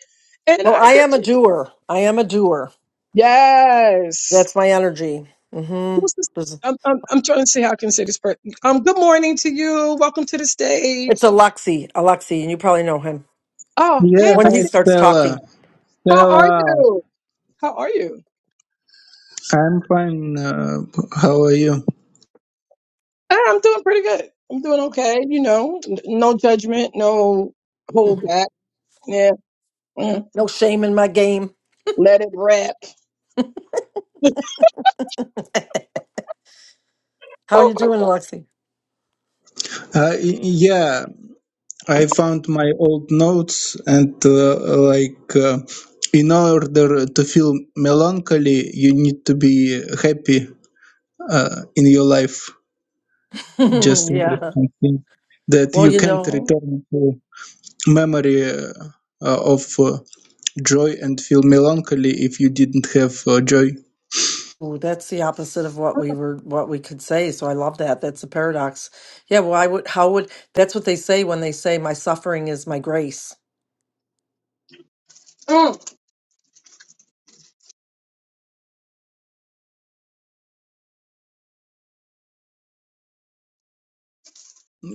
[SPEAKER 3] and
[SPEAKER 2] Well
[SPEAKER 3] I
[SPEAKER 2] I
[SPEAKER 3] can.
[SPEAKER 2] am a doer. I am a doer.
[SPEAKER 3] Yes.
[SPEAKER 2] That's my energy. Mm-hmm.
[SPEAKER 3] Who's this?
[SPEAKER 2] It's
[SPEAKER 3] I'm, I'm I'm trying to see how I can say this person. Um, good morning to you. Welcome to the
[SPEAKER 2] a
[SPEAKER 3] stage.
[SPEAKER 2] Alexi, Alexi, and you probably know him.
[SPEAKER 3] Oh, hey,
[SPEAKER 4] Yeah,
[SPEAKER 2] When
[SPEAKER 4] hi
[SPEAKER 2] he
[SPEAKER 3] Alexia.
[SPEAKER 2] starts
[SPEAKER 4] Stella.
[SPEAKER 2] talking.
[SPEAKER 3] How are
[SPEAKER 4] Stella,
[SPEAKER 3] you? How are you?
[SPEAKER 4] I'm fine. Uh, how are you?
[SPEAKER 3] Eh, I'm doing pretty good. I'm doing okay. You know, N- no judgment, no hold back. Yeah, mm,
[SPEAKER 2] No shame in my game.
[SPEAKER 3] let it rap.
[SPEAKER 2] How
[SPEAKER 3] Oh
[SPEAKER 2] you
[SPEAKER 3] my.
[SPEAKER 2] doing, Lexi?
[SPEAKER 4] Uh, y- yeah, I found my old notes and uh, like uh, in order to feel melancholy, you need to be happy uh, in your life. Just
[SPEAKER 2] yeah.
[SPEAKER 4] interesting thing that
[SPEAKER 2] Well,
[SPEAKER 4] you
[SPEAKER 2] you
[SPEAKER 4] can't
[SPEAKER 2] know,
[SPEAKER 4] return to memory uh, of uh, joy and feel melancholy if you didn't have uh, joy.
[SPEAKER 2] ooh, that's the opposite of what we were what we could say. So I love that. That's a paradox. Yeah, why would how would that's what they say when they say my suffering is my grace.
[SPEAKER 3] mm.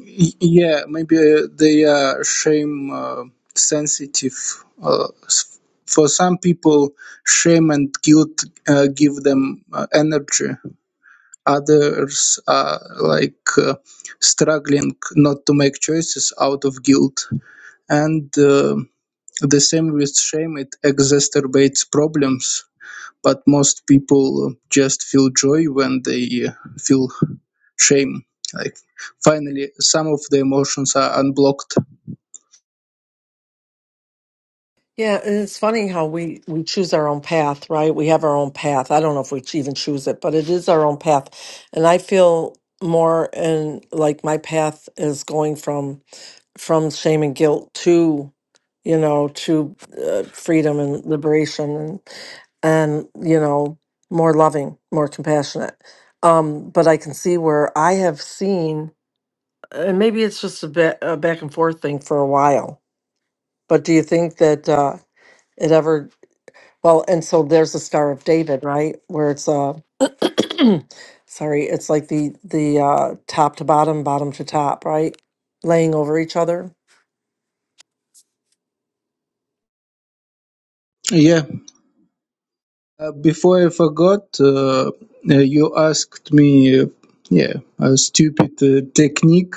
[SPEAKER 4] Y- Yeah, maybe uh, they are shame uh, sensitive. Uh, s- for some people, shame and guilt uh, give them uh, energy. Others are like uh, struggling not to make choices out of guilt. And uh, the same with shame, it exacerbates problems but most people just feel joy when they uh, feel shame like finally some of the emotions are unblocked
[SPEAKER 2] Yeah, and it's funny how we we choose our own path, right? We have our own path. I don't know if we even choose it, but it is our own path. And I feel more and like my path is going from from shame and guilt to you know to uh, freedom and liberation and and you know more loving more compassionate um but i can see where i have seen and maybe it's just a, bit, a back and forth thing for a while but do you think that uh it ever well and so there's the star of david right where it's uh sorry it's like the the uh top to bottom bottom to top right laying over each other
[SPEAKER 4] yeah uh, before i forgot uh, uh, you asked me uh, yeah a stupid uh, technique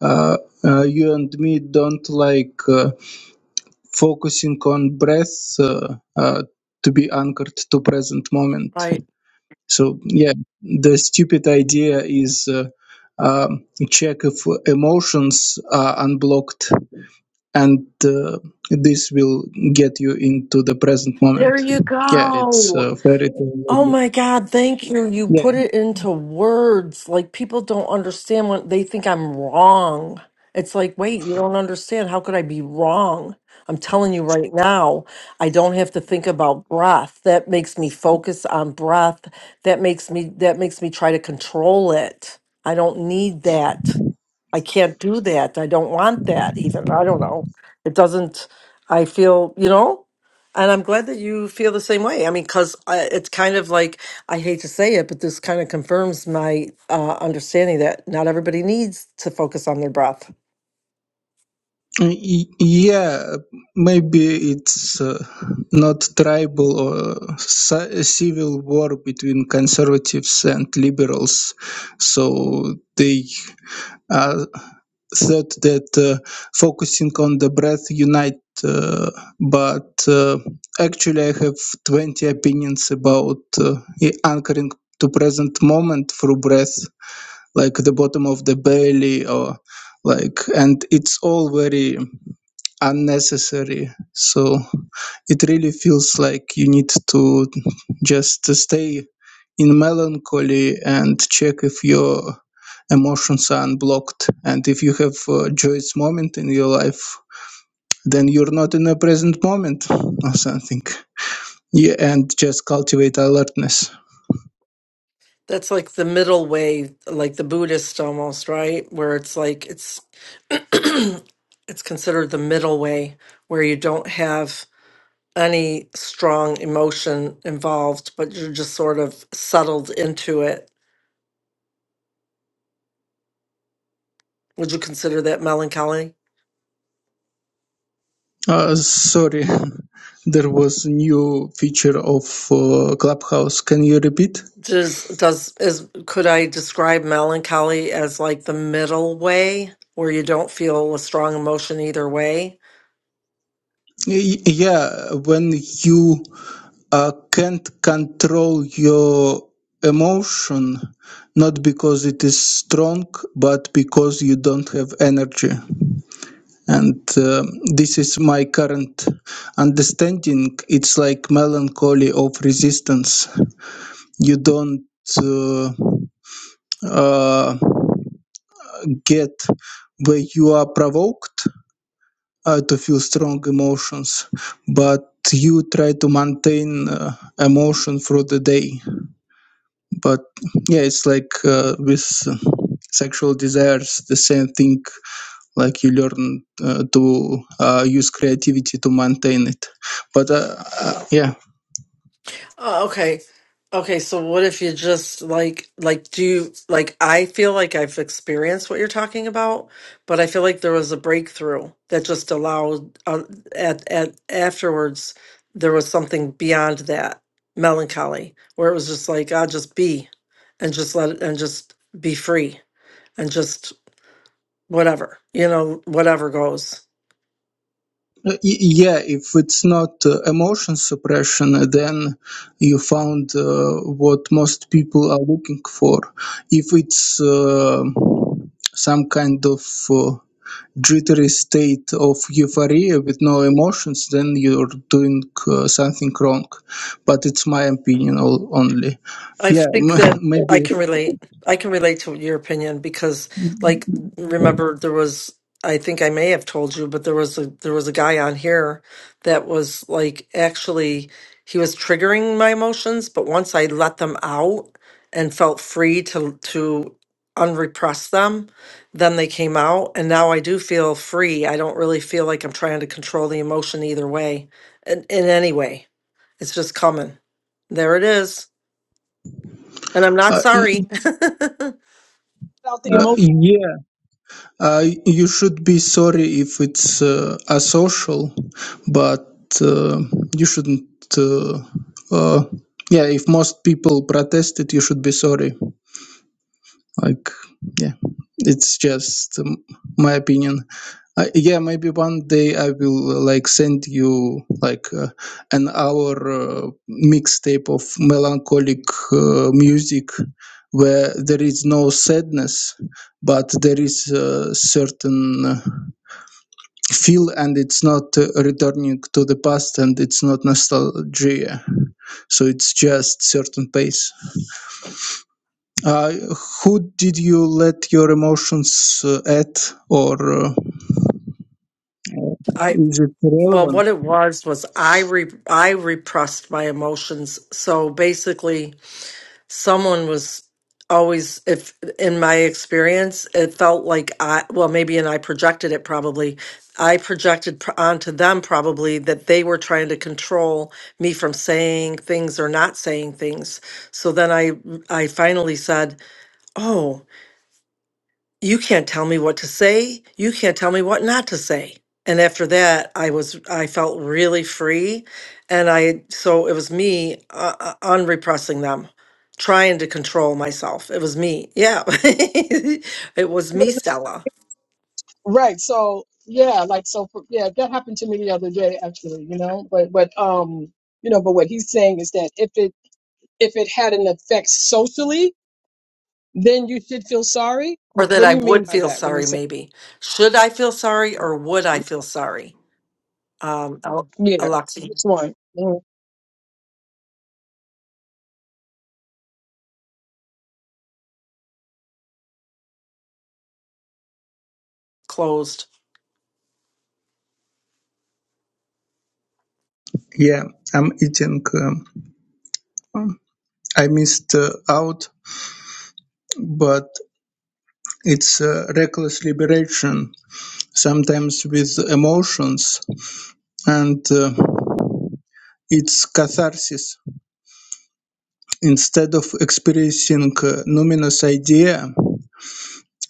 [SPEAKER 4] uh, uh, you and me don't like uh, focusing on breath uh, uh, to be anchored to present moment So yeah, the stupid idea is uh, um, check if emotions are unblocked, and uh, this will get you into the present
[SPEAKER 2] There
[SPEAKER 4] moment.
[SPEAKER 2] you
[SPEAKER 4] Yeah, it's
[SPEAKER 2] go.
[SPEAKER 4] uh, very
[SPEAKER 2] Oh
[SPEAKER 4] cool.
[SPEAKER 2] my God. Thank you. You
[SPEAKER 4] yeah
[SPEAKER 2] put it into words. Like people don't understand when they think I'm wrong. It's like, wait, you don't understand. How could I be wrong? I'm telling you right now, I don't have to think about breath. That makes me focus on breath. That makes me that makes me try to control it. I don't need that. I can't do that. I don't want that even. I don't know. It doesn't, I feel, you know, and I'm glad that you feel the same way. I mean, because it's kind of like, I hate to say it, but this kind of confirms my uh, understanding that not everybody needs to focus on their breath.
[SPEAKER 4] Uh, y- yeah. Maybe it's uh, not tribal or ci- civil war between conservatives and liberals, so they. said that uh, focusing on the breath unite uh, but uh, actually i have 20 opinions about uh, anchoring to present moment through breath like the bottom of the belly or like and it's all very unnecessary so it really feels like you need to just stay in melancholy and check if your emotions are unblocked and if you have a joyous moment in your life then you're not in a present moment or something yeah and just cultivate alertness
[SPEAKER 2] That's like the middle way, like the Buddhist almost, right? Where it's like, it's, it's considered the middle way where you don't have any strong emotion involved, but you're just sort of settled into it. Would you consider that melancholy?
[SPEAKER 4] uh, sorry there was a new feature of uh, clubhouse can you repeat
[SPEAKER 2] Does does is could I describe melancholy as like the middle way where you don't feel a strong emotion either way?
[SPEAKER 4] Y- yeah when you I can't control your emotion not because it is strong but because you don't have energy and um, this is my current understanding it's like melancholy of resistance you don't uh, uh, get where you are provoked uh, to feel strong emotions but you try to maintain uh, emotion through the day but yeah it's like uh, with sexual desires the same thing like you learn uh, to uh, use creativity to maintain it but uh, uh, yeah
[SPEAKER 2] Oh, okay. Okay, so what if you just like like do you like I feel like I've experienced what you're talking about, but I feel like there was a breakthrough that just allowed uh, at at afterwards there was something beyond that melancholy where it was just like I'll just be and just let it and just be free and just whatever, you know, whatever goes.
[SPEAKER 4] Uh, y- yeah if it's not uh, emotion suppression uh, then you found uh, what most people are looking for if it's uh, some kind of uh, jittery state of euphoria with no emotions, then you're doing uh, something wrong. But it's my opinion all, only.
[SPEAKER 2] I
[SPEAKER 4] Yeah,
[SPEAKER 2] think that
[SPEAKER 4] m-
[SPEAKER 2] I
[SPEAKER 4] maybe.
[SPEAKER 2] can relate. I can relate to your opinion because, like, remember there was. I think I may have told you, but there was a there was a guy on here that was like actually he was triggering my emotions, but once I let them out and felt free to to unrepress them, then they came out, and now I do feel free. I don't really feel like I'm trying to control the emotion either way, in, in any way. It's just coming. There it is. And I'm not
[SPEAKER 4] Uh, y-
[SPEAKER 2] sorry.
[SPEAKER 3] out the
[SPEAKER 4] uh,
[SPEAKER 3] emotion.
[SPEAKER 4] yeah, uh, you should be sorry if it's uh, asocial, but uh, you shouldn't. Uh, uh, yeah, if most people protested, you should be sorry. like yeah it's just um, my opinion uh, yeah maybe one day i will uh, like send you like uh, an hour uh, mixtape of melancholic uh, music where there is no sadness but there is a certain uh, feel and it's not uh, returning to the past and it's not nostalgia so it's just certain pace uh, who did you let your emotions uh, at, or uh,
[SPEAKER 2] I
[SPEAKER 4] is it
[SPEAKER 2] well,
[SPEAKER 4] relevant?
[SPEAKER 2] what it was was I re, I repressed my emotions. So basically, someone was always if in my experience, it felt like I well maybe and I projected it probably. I projected pr- onto them probably that they were trying to control me from saying things or not saying things. So then I I finally said, "Oh." you can't tell me what to say you can't tell me what not to say and after that i was i felt really free and i so it was me uh, uh, unrepressing them trying to control myself it was me yeah it was me stella
[SPEAKER 3] Right. So yeah, like so for- yeah, that happened to me the other day actually, you know. But but um, you know, but what he's saying is that if it if it had an effect socially, then you should feel sorry.
[SPEAKER 2] or
[SPEAKER 3] Wh-
[SPEAKER 2] that
[SPEAKER 3] What do
[SPEAKER 2] i
[SPEAKER 3] you mean
[SPEAKER 2] would
[SPEAKER 3] by
[SPEAKER 2] feel
[SPEAKER 3] that when you
[SPEAKER 2] sorry
[SPEAKER 3] say that?
[SPEAKER 2] maybe should i feel sorry or would i feel sorry um Al-
[SPEAKER 3] yeah,
[SPEAKER 2] alexa
[SPEAKER 3] which one? Mm.
[SPEAKER 2] closed
[SPEAKER 4] Yeah, I'm eating. Um, um, I missed uh, out, but it's uh, reckless liberation, sometimes with emotions, and uh, it's catharsis. Instead of experiencing uh, numinous idea,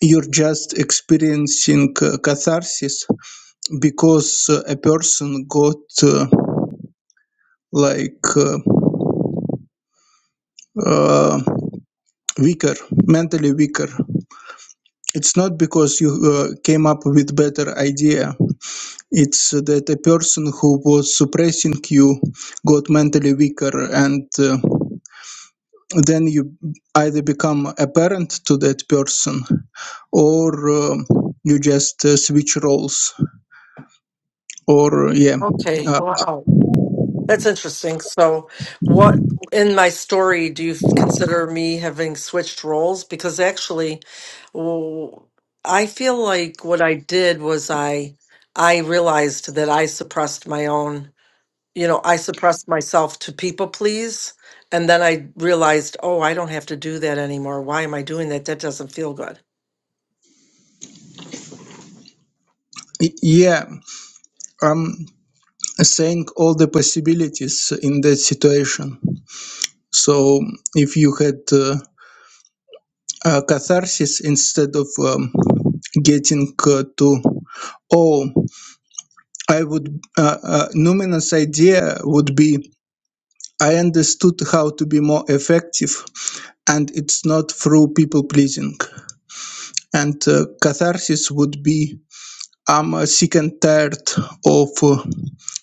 [SPEAKER 4] you're just experiencing uh, catharsis because uh, a person got uh, like. uh, uh, weaker, mentally weaker. It's not because you uh, came up with better idea. It's that a person who was suppressing you got mentally weaker, and uh, then you either become a parent to that person, or uh, you just uh, switch roles. Or uh, yeah,
[SPEAKER 2] okay
[SPEAKER 4] uh,
[SPEAKER 2] wow That's interesting. So, what in my story do you consider me having switched roles? Because actually, w- I feel like what I did was I I realized that I suppressed my own, you know, I suppressed myself to people please, and then I realized, oh, I don't have to do that anymore. Why am I doing that? That doesn't feel good.
[SPEAKER 4] yeah, I'm saying all the possibilities in that situation. So if you had uh, uh, catharsis instead of um, getting uh, to oh i would uh, uh, numinous idea would be i understood how to be more effective and it's not through people pleasing and uh, catharsis would be i'm uh, sick and tired of uh,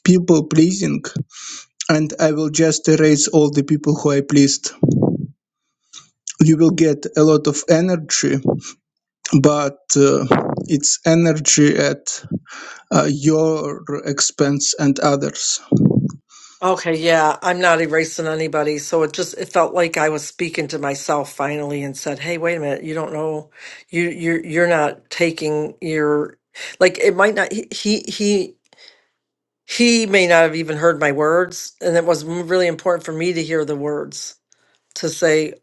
[SPEAKER 4] people pleasing and i will just erase all the people who i pleased you will get a lot of energy but uh, it's energy at uh, your expense and others.
[SPEAKER 2] Okay, yeah, I'm not erasing anybody. So it just it felt like I was speaking to myself finally and said, "Hey, wait a minute. You don't know you you're you're not taking your like it might not he he he he may not have even heard my words, and it was m- really important for me to hear the words to say,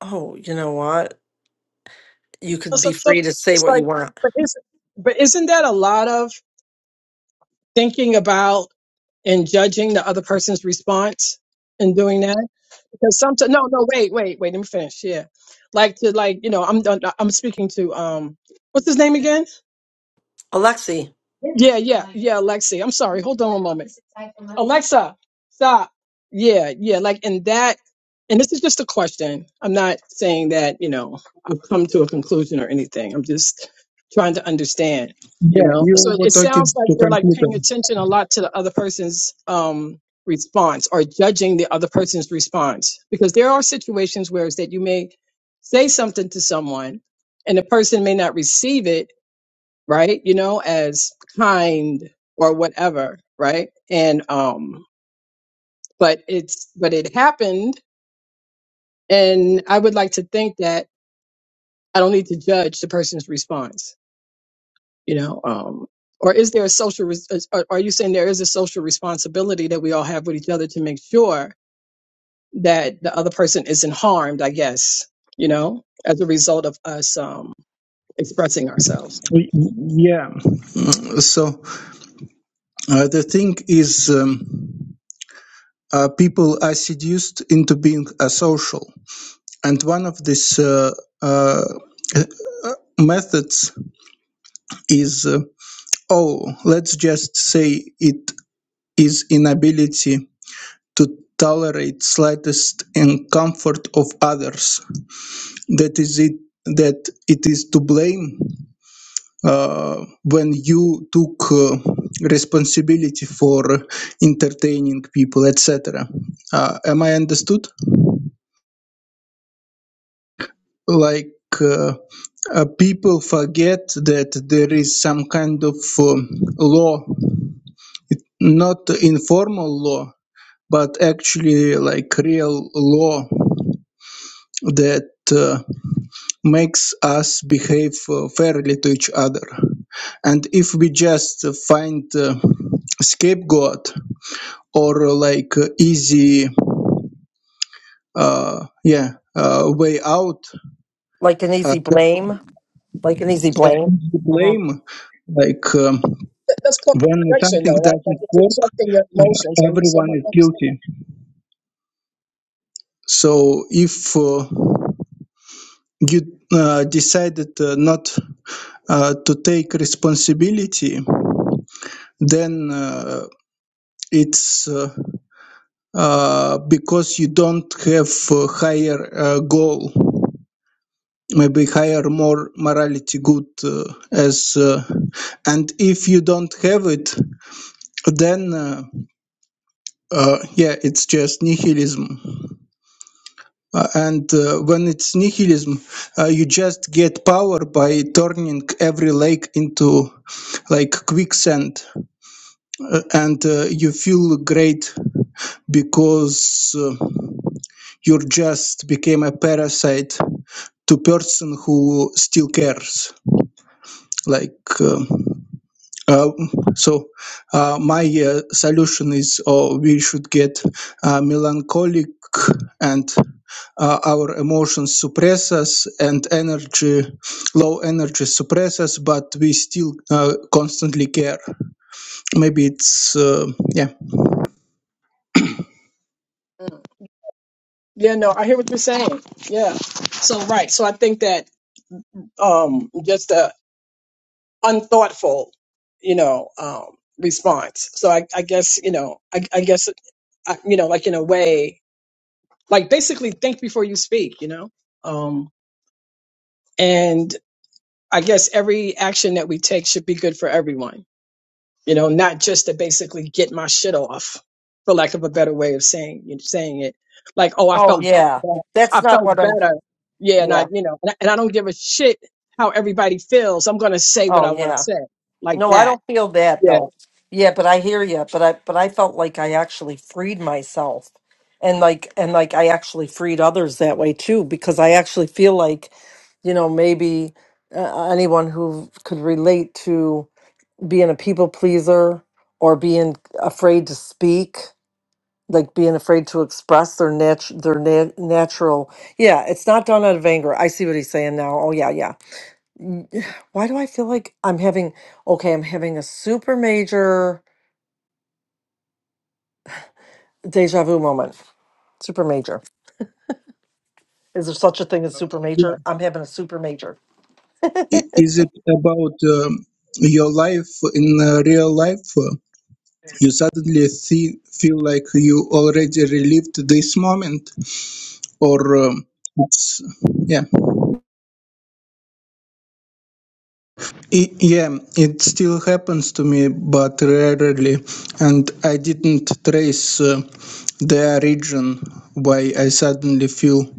[SPEAKER 2] "Oh, you know what? you could
[SPEAKER 3] It's
[SPEAKER 2] be
[SPEAKER 3] like
[SPEAKER 2] free to say
[SPEAKER 3] it's
[SPEAKER 2] what
[SPEAKER 3] like-
[SPEAKER 2] you want.
[SPEAKER 3] but isn't but isn't that a lot of thinking about and judging the other person's response and doing that? because sometimes no no wait wait wait let me finish yeah like to like you know I'm I'm I'm speaking to um what's his name again
[SPEAKER 2] Alexi,
[SPEAKER 3] yeah, yeah, yeah, Alexi. I'm sorry. Hold on a moment. Alexa, stop. Yeah, yeah, like and that and this is just a question. I'm not saying that, you know, I've come to a conclusion or anything. I'm just trying to understand, you
[SPEAKER 4] Yeah,
[SPEAKER 3] know.
[SPEAKER 4] you
[SPEAKER 3] So
[SPEAKER 4] were
[SPEAKER 3] it
[SPEAKER 4] talking
[SPEAKER 3] sounds like
[SPEAKER 4] to
[SPEAKER 3] you're like
[SPEAKER 4] computer.
[SPEAKER 3] paying attention a lot to the other person's um response or judging the other person's response because there are situations where it's that you may say something to someone and the person may not receive it right? You know, as kind or whatever, right? And um but it's but it happened and I would like to think that I don't need to judge the person's response, you know, um or is there a social res- is- are are you saying there is a social responsibility that we all have with each other to make sure that the other person isn't harmed, I guess, you know, as a result of us um expressing ourselves.
[SPEAKER 4] Y- Yeah. So uh, the thing is, um, uh, people are seduced into being asocial, and one of these uh, uh, methods is, uh, oh, let's just say it is inability to tolerate slightest discomfort of others. That is it. That it is to blame uh, when you took uh, responsibility for entertaining people etc uh, am i understood like uh, uh, people forget that there is some kind of um, law not informal law but actually like real law that uh, makes us behave uh, fairly to each other and if we just uh, find uh, scapegoat or uh, like uh, easy uh yeah uh, way out
[SPEAKER 2] Like an
[SPEAKER 4] uh,
[SPEAKER 2] easy blame? Like an easy
[SPEAKER 4] yeah
[SPEAKER 2] blame?
[SPEAKER 4] easy
[SPEAKER 2] hmm
[SPEAKER 4] blame like um,
[SPEAKER 3] That's called
[SPEAKER 4] when
[SPEAKER 3] protection
[SPEAKER 4] something
[SPEAKER 3] though, right? Like
[SPEAKER 4] doesn't
[SPEAKER 3] you're
[SPEAKER 4] work
[SPEAKER 3] protecting your emotions
[SPEAKER 4] uh,
[SPEAKER 3] on
[SPEAKER 4] everyone
[SPEAKER 3] someone
[SPEAKER 4] is
[SPEAKER 3] else.
[SPEAKER 4] guilty so if uh, you uh, decided uh, not uh, to take responsibility then uh, it's uh, uh, because you don't have a higher uh, goal maybe higher more morality good uh, as uh, and if you don't have it then uh, uh, yeah it's just nihilism Uh, and uh, when it's nihilism uh, you just get power by turning every lake into like quicksand Uh, and uh, you feel great because uh, you just became a parasite to person who still cares like um, Uh, so uh, my uh, solution is oh, we should get uh, melancholic and uh, our emotions suppress us and energy low energy suppress us but we still uh, constantly care maybe it's uh, yeah yeah.
[SPEAKER 3] Mm. Yeah, no, I hear what you're saying. Yeah. So right. So I think that um just a unthoughtful, you know, um response. So I, I guess, you know, I, I guess I, you know, like in a way, like basically think before you speak, you know? Um and I guess every action that we take should be good for everyone. you know, not just to basically get my shit off, for lack of a better way of saying saying it. Like, oh, I
[SPEAKER 2] Oh,
[SPEAKER 3] felt
[SPEAKER 2] yeah.
[SPEAKER 3] better.
[SPEAKER 2] That's
[SPEAKER 3] I
[SPEAKER 2] not
[SPEAKER 3] felt
[SPEAKER 2] what I'm.
[SPEAKER 3] better. Yeah, and I,
[SPEAKER 2] Yeah.
[SPEAKER 3] you know, and I, and I don't give a shit how everybody feels. I'm gonna say what
[SPEAKER 2] Oh,
[SPEAKER 3] I want
[SPEAKER 2] yeah.
[SPEAKER 3] to say, like
[SPEAKER 2] No, I
[SPEAKER 3] that.
[SPEAKER 2] don't feel that
[SPEAKER 3] Yeah,
[SPEAKER 2] though. Yeah, but I hear you. But I but I felt like I actually freed myself, and like and like I actually freed others that way too because I actually feel like, you know, maybe uh, anyone who could relate to being a people pleaser or being afraid to speak, like being afraid to express their nat their nat- natural. Yeah, it's not done out of anger. I see what he's saying now. Oh yeah, yeah. N- Why do I feel like I'm having, okay, I'm having a super major deja vu moment. Super major. Is there such a thing as super major? I'm having a super major.
[SPEAKER 4] I- is it about um, your life in uh, real life Uh, you suddenly see, feel like you already relived this moment or um, it's yeah I- yeah, it still happens to me, but rarely. And I didn't trace uh, the origin why I suddenly feel.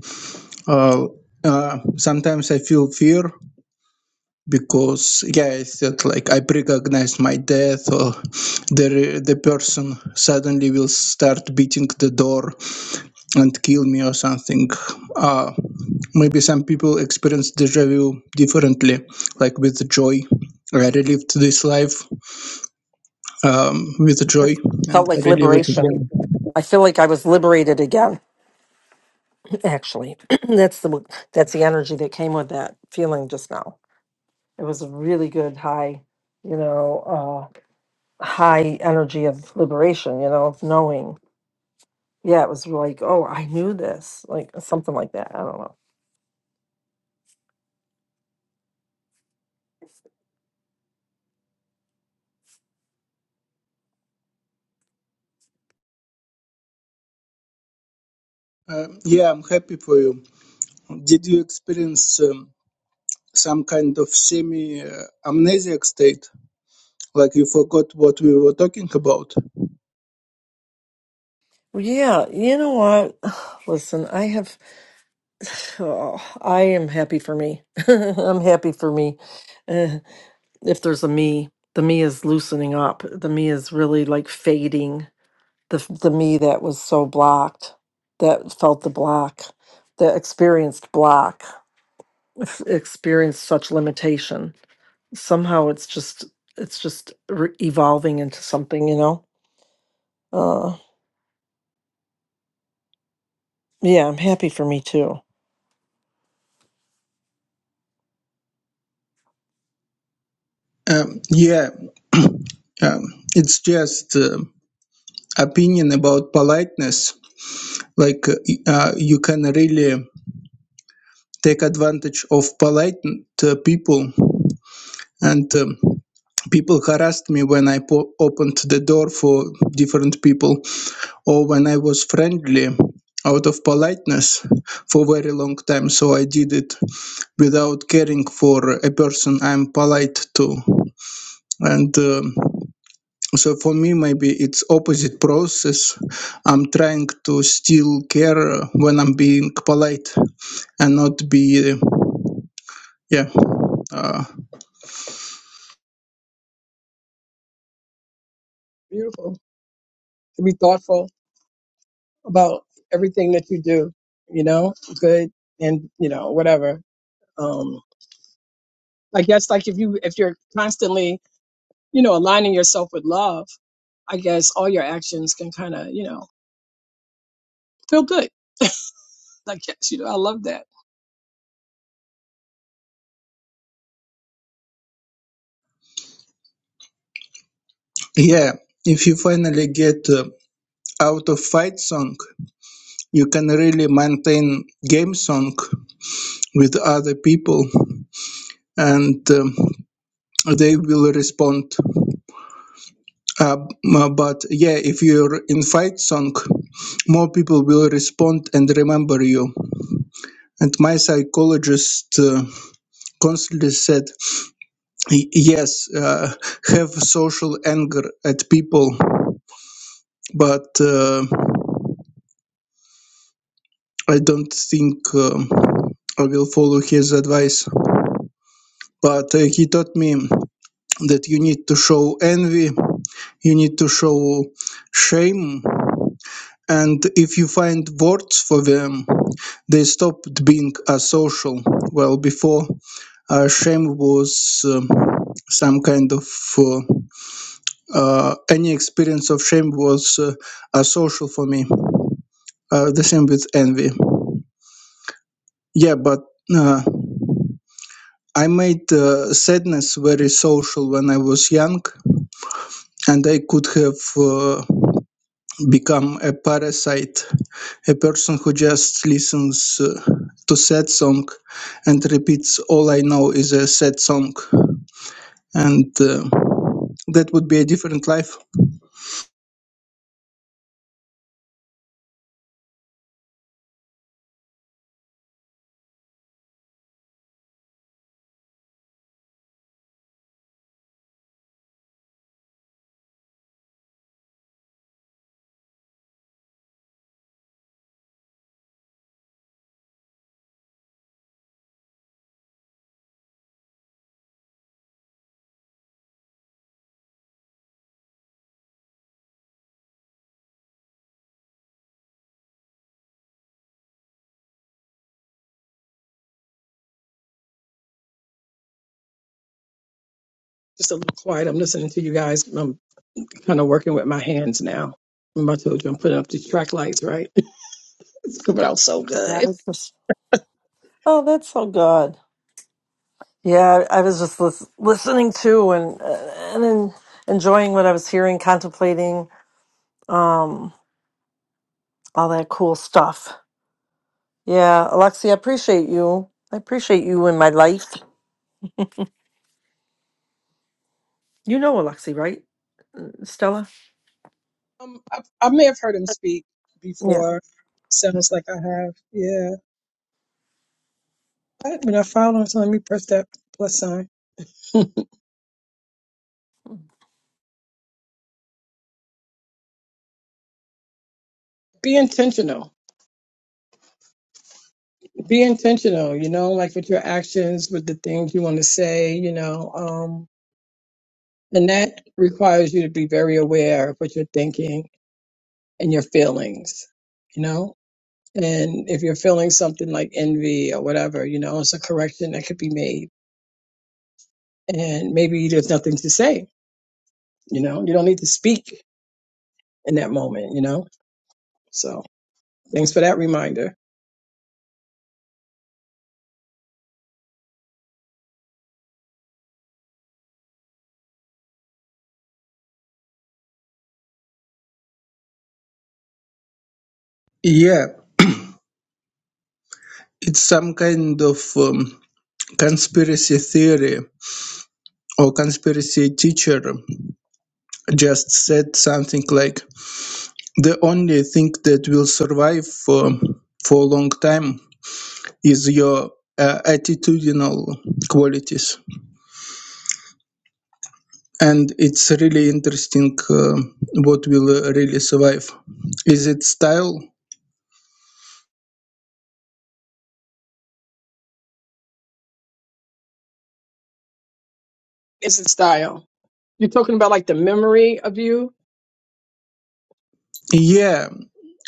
[SPEAKER 4] Uh, uh, sometimes I feel fear because yeah, I that like I recognize my death, or the the person suddenly will start beating the door and kill me or something. Uh, maybe some people experience deja vu differently, like with joy. I relived this life um, with joy
[SPEAKER 2] It
[SPEAKER 4] and
[SPEAKER 2] felt like
[SPEAKER 4] really with
[SPEAKER 2] liberation.
[SPEAKER 4] again.
[SPEAKER 2] I feel like I was liberated again, actually. that's the that's the energy that came with that feeling just now. It was a really good high, you know, uh high energy of liberation, you know, of knowing. Yeah, it was like, oh, I knew this, like something like that. I don't know.
[SPEAKER 4] Uh, yeah, I'm happy for you. Did you experience um, some kind of semi uh, amnesiac state, like you forgot what we were talking about?
[SPEAKER 2] Yeah, you know what? Listen, I have, oh, I am happy for me. I'm happy for me. Uh, if there's a me, the me is loosening up. The me is really like fading. The f- the me that was so blocked, that felt the block, that experienced block, ex- experienced such limitation. Somehow, it's just it's just re- evolving into something, you know. Uh, yeah, I'm happy for me too.
[SPEAKER 4] Um, yeah, um, it's just uh, opinion about politeness. Like uh, y- uh, you can really take advantage of polite uh, people and. Um, people harassed me when I po- opened the door for different people. or when I was friendly out of politeness for a very long time so I did it without caring for a person I'm polite to and um, so for me maybe it's opposite process I'm trying to still care when I'm being polite and not be uh, yeah uh,
[SPEAKER 3] beautiful. To be thoughtful about everything that you do, you know, good and you know whatever. Um, I guess like if you if you're constantly, you know, aligning yourself with love, I guess all your actions can kind of, you know, feel good. Like, yes, you know, I love that.
[SPEAKER 4] yeah if you finally get uh, out of fight song you can really maintain game song with other people and um, they will respond. Uh, but yeah, if your invite song, more people will respond and remember you. And my psychologist uh, constantly said, "Y- yes, uh, have social anger at people, but uh, I don't think um I will follow his advice. But uh, he taught me that you need to show envy, you need to show shame, and if you find words for them, they stopped being asocial. Well, before uh, shame was um, some kind of uh, uh, any experience of shame was uh, asocial for me. Uh, the same with envy. Yeah, but uh, I made uh, sadness very social when I was young, and I could have. Uh, become a parasite, a person who just listens uh, to sad song and repeats all I know is a sad song and uh, that would be a different life.
[SPEAKER 3] Just a little quiet. I'm listening to you guys. I'm kind of working with my hands now. Remember I told you I'm putting up these track lights, right? It's coming out so
[SPEAKER 2] Yeah, I
[SPEAKER 3] good.
[SPEAKER 2] was just Oh, that's so good. Yeah, I I was just lis- listening to and uh, and en- enjoying what I was hearing, contemplating um, all that cool stuff. Yeah, Alexi, I appreciate you. I appreciate you in my life. You know Alexi, right, Stella?
[SPEAKER 3] Um, I, I may have heard him speak
[SPEAKER 2] Yeah.
[SPEAKER 3] before. Sounds like I have. Yeah. I, when I found him, so let me press that plus sign. Be intentional. Be intentional, you know, like with your actions, with the things you want to say, you know. Um, and that requires you to be very aware of what you're thinking and your feelings, you know? And if you're feeling something like envy or whatever, you know, it's a correction that could be made. And maybe there's nothing to say, you know? You don't need to speak in that moment, you know? So thanks for that reminder.
[SPEAKER 4] Yeah, it's some kind of um, conspiracy theory or conspiracy teacher just said something like the only thing that will survive for, for a long time is your uh, attitudinal qualities and it's really interesting uh, what will uh, really survive is it style
[SPEAKER 3] It's a style. You're talking about like the memory of you?
[SPEAKER 4] yeah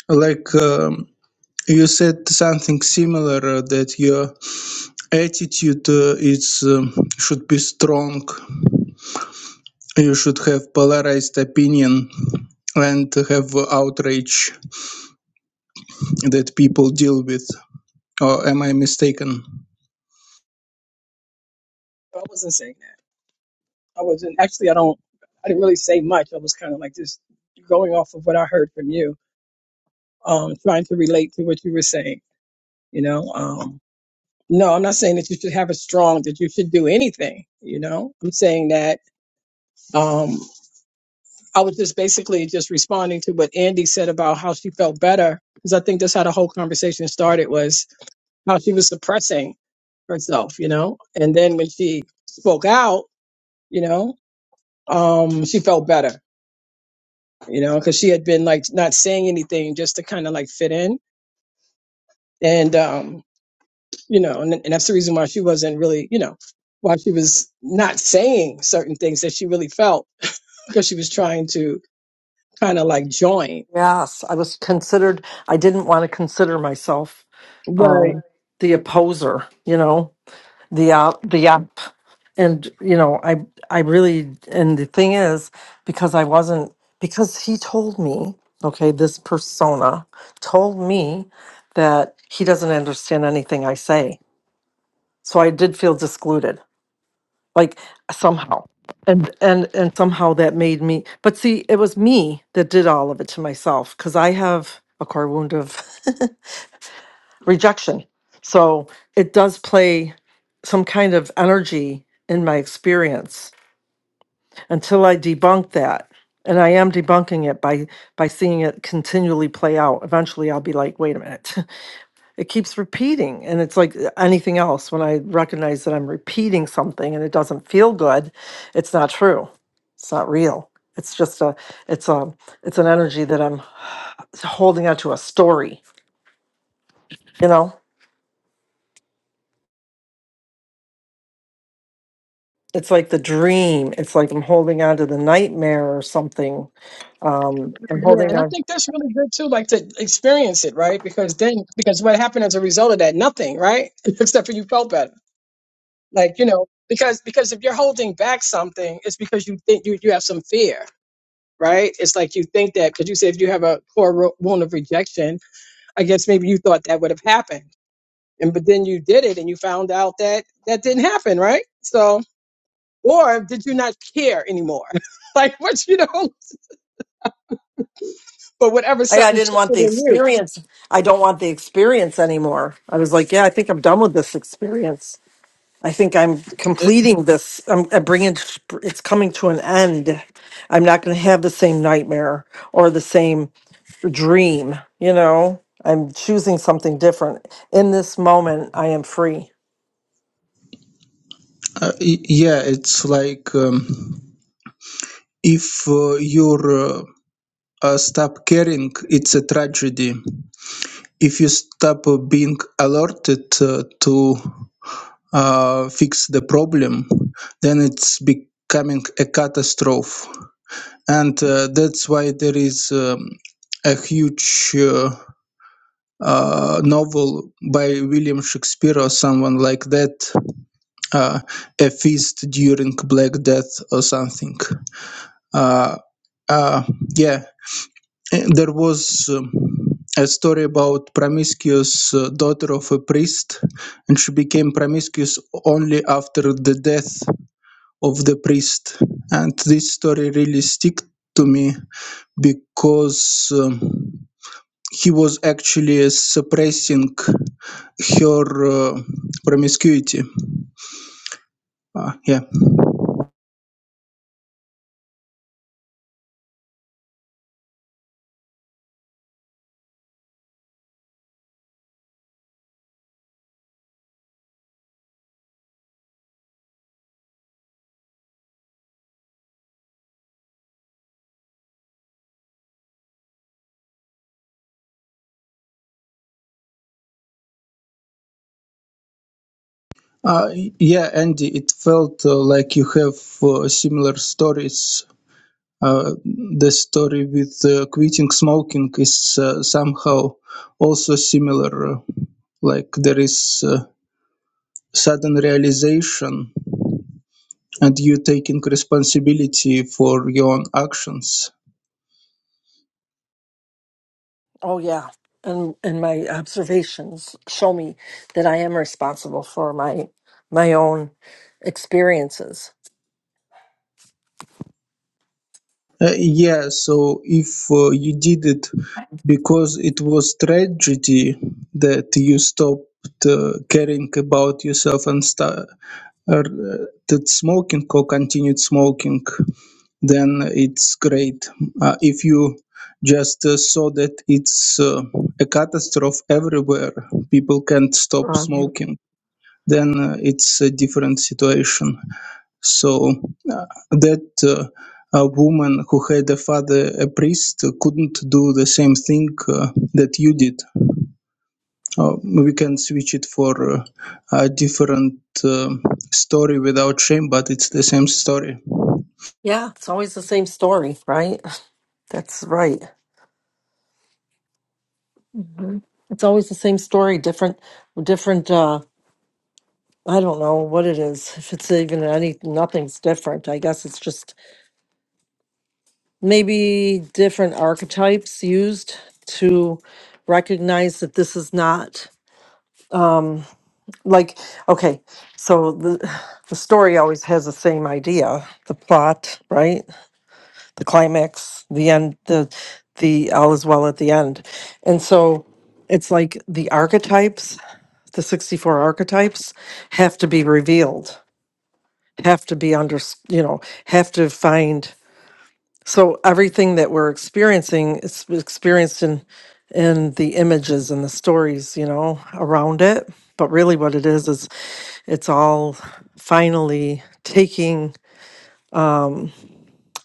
[SPEAKER 4] like um, you said something similar uh, that your attitude uh, is um, should be strong you should have polarized opinion and have outrage that people deal with or am i mistaken
[SPEAKER 3] I wasn't saying that. I wasn't actually. I don't. I didn't really say much. I was kind of like just going off of what I heard from you, um, trying to relate to what you were saying. You know. um, No, I'm not saying that you should have it strong, that you should do anything, you know. I'm saying that um I was just basically just responding to what Andy said about how she felt better because I think that's how the whole conversation started was how she was suppressing herself, you know. And then when she spoke out, you know, um she felt better, you know, because she had been like not saying anything just to kind of like fit in. And um you know, and, and that's the reason why she wasn't really, you know, why she was not saying certain things that she really felt because she was trying to kind of like join,
[SPEAKER 2] Yes, I was considered. I didn't want to consider myself
[SPEAKER 3] right?
[SPEAKER 2] um, the opposer. You know, the app, the app, and you know, I I really and the thing is because I wasn't because he told me, okay, this persona told me that he doesn't understand anything I say, so I did feel discluded, like somehow. And, and and somehow that made me but see it was me that did all of it to myself because i have a core wound of rejection. So it does play some kind of energy in my experience until I debunk that. And I am debunking it by by seeing it continually play out. Eventually I'll be like, wait a minute. It keeps repeating. And it's like uh, anything else when I recognize that I'm repeating something and it doesn't feel good, it's not true. It's not real. It's just a it's a it's an energy that I'm holding onto a story, you know? it's like the dream. It's like I'm holding on to the nightmare or something. Um, I'm
[SPEAKER 3] Yeah,
[SPEAKER 2] holding
[SPEAKER 3] and I
[SPEAKER 2] on.
[SPEAKER 3] think that's really good too, like to experience it, right? Because then, because what happened as a result of that, nothing, right? Except for you felt better, like you know, because because if you're holding back something, it's because you think you you have some fear, right? It's like you think that because you say if you have a core ro- wound of rejection, I guess maybe you thought that would have happened and but then you did it and you found out that that didn't happen right so or did you not care anymore like what you know but whatever
[SPEAKER 2] I, I
[SPEAKER 3] something
[SPEAKER 2] didn't want
[SPEAKER 3] shifted
[SPEAKER 2] the
[SPEAKER 3] in you
[SPEAKER 2] experience. I don't want the experience anymore. I was like, yeah, I think I'm done with this experience. I think I'm
[SPEAKER 4] uh,
[SPEAKER 2] completing this. I'm, I'm bringing it's coming to an end. I'm not going to have the same nightmare or the same dream. You know, I'm choosing something different. In this moment, I am free.
[SPEAKER 4] y- yeah it's like um, if uh, your uh, Uh, stop caring, it's a tragedy. If you stop being alerted uh, to uh, fix the problem, then it's becoming a catastrophe. And uh, that's why there is um, a huge uh, uh, novel by William Shakespeare or someone like that, uh, A Feast During Black Death or something. Uh, uh, yeah, Eh, There was um, a story about promiscuous uh, daughter of a priest, and she became promiscuous only after the death of the priest. And this story really stick to me because um, he was actually uh, suppressing her uh, promiscuity. Uh, yeah. Uh, yeah, Andy, it felt uh, like you have uh, similar stories uh, the story with uh, quitting smoking is uh, somehow also similar. uh, Like there is uh, sudden realization and you taking responsibility for your own actions.
[SPEAKER 2] Oh yeah, and and my observations show me that I am responsible for my my own experiences.
[SPEAKER 4] Uh, yeah, so if uh, you did it because it was tragedy that you stopped uh, caring about yourself and sta or uh, that smoking or continued smoking, then it's great. Uh, if you just uh, saw that it's uh, a catastrophe everywhere, people can't stop
[SPEAKER 2] Um,
[SPEAKER 4] smoking, then uh, it's a different situation. So uh, that uh, a woman who had a father, a priest, uh, couldn't do the same thing uh, that you did uh, we can switch it for uh, a different um story without shame, but it's the same story.
[SPEAKER 2] yeah, it's always the same story, right? That's right. Mhm. It's always the same story, different different. Uh, I don't know what it is. If it's even any, nothing's different. I guess it's just maybe different archetypes used to recognize that this is not um like okay so the the story always has the same idea the plot right the climax the end the the all is well at the end and so it's like the archetypes the 64 archetypes have to be revealed have to be under, you know, have to find. So everything that we're experiencing is experienced in in the images and the stories, you know, around it. But really, what it is is it's all finally taking um,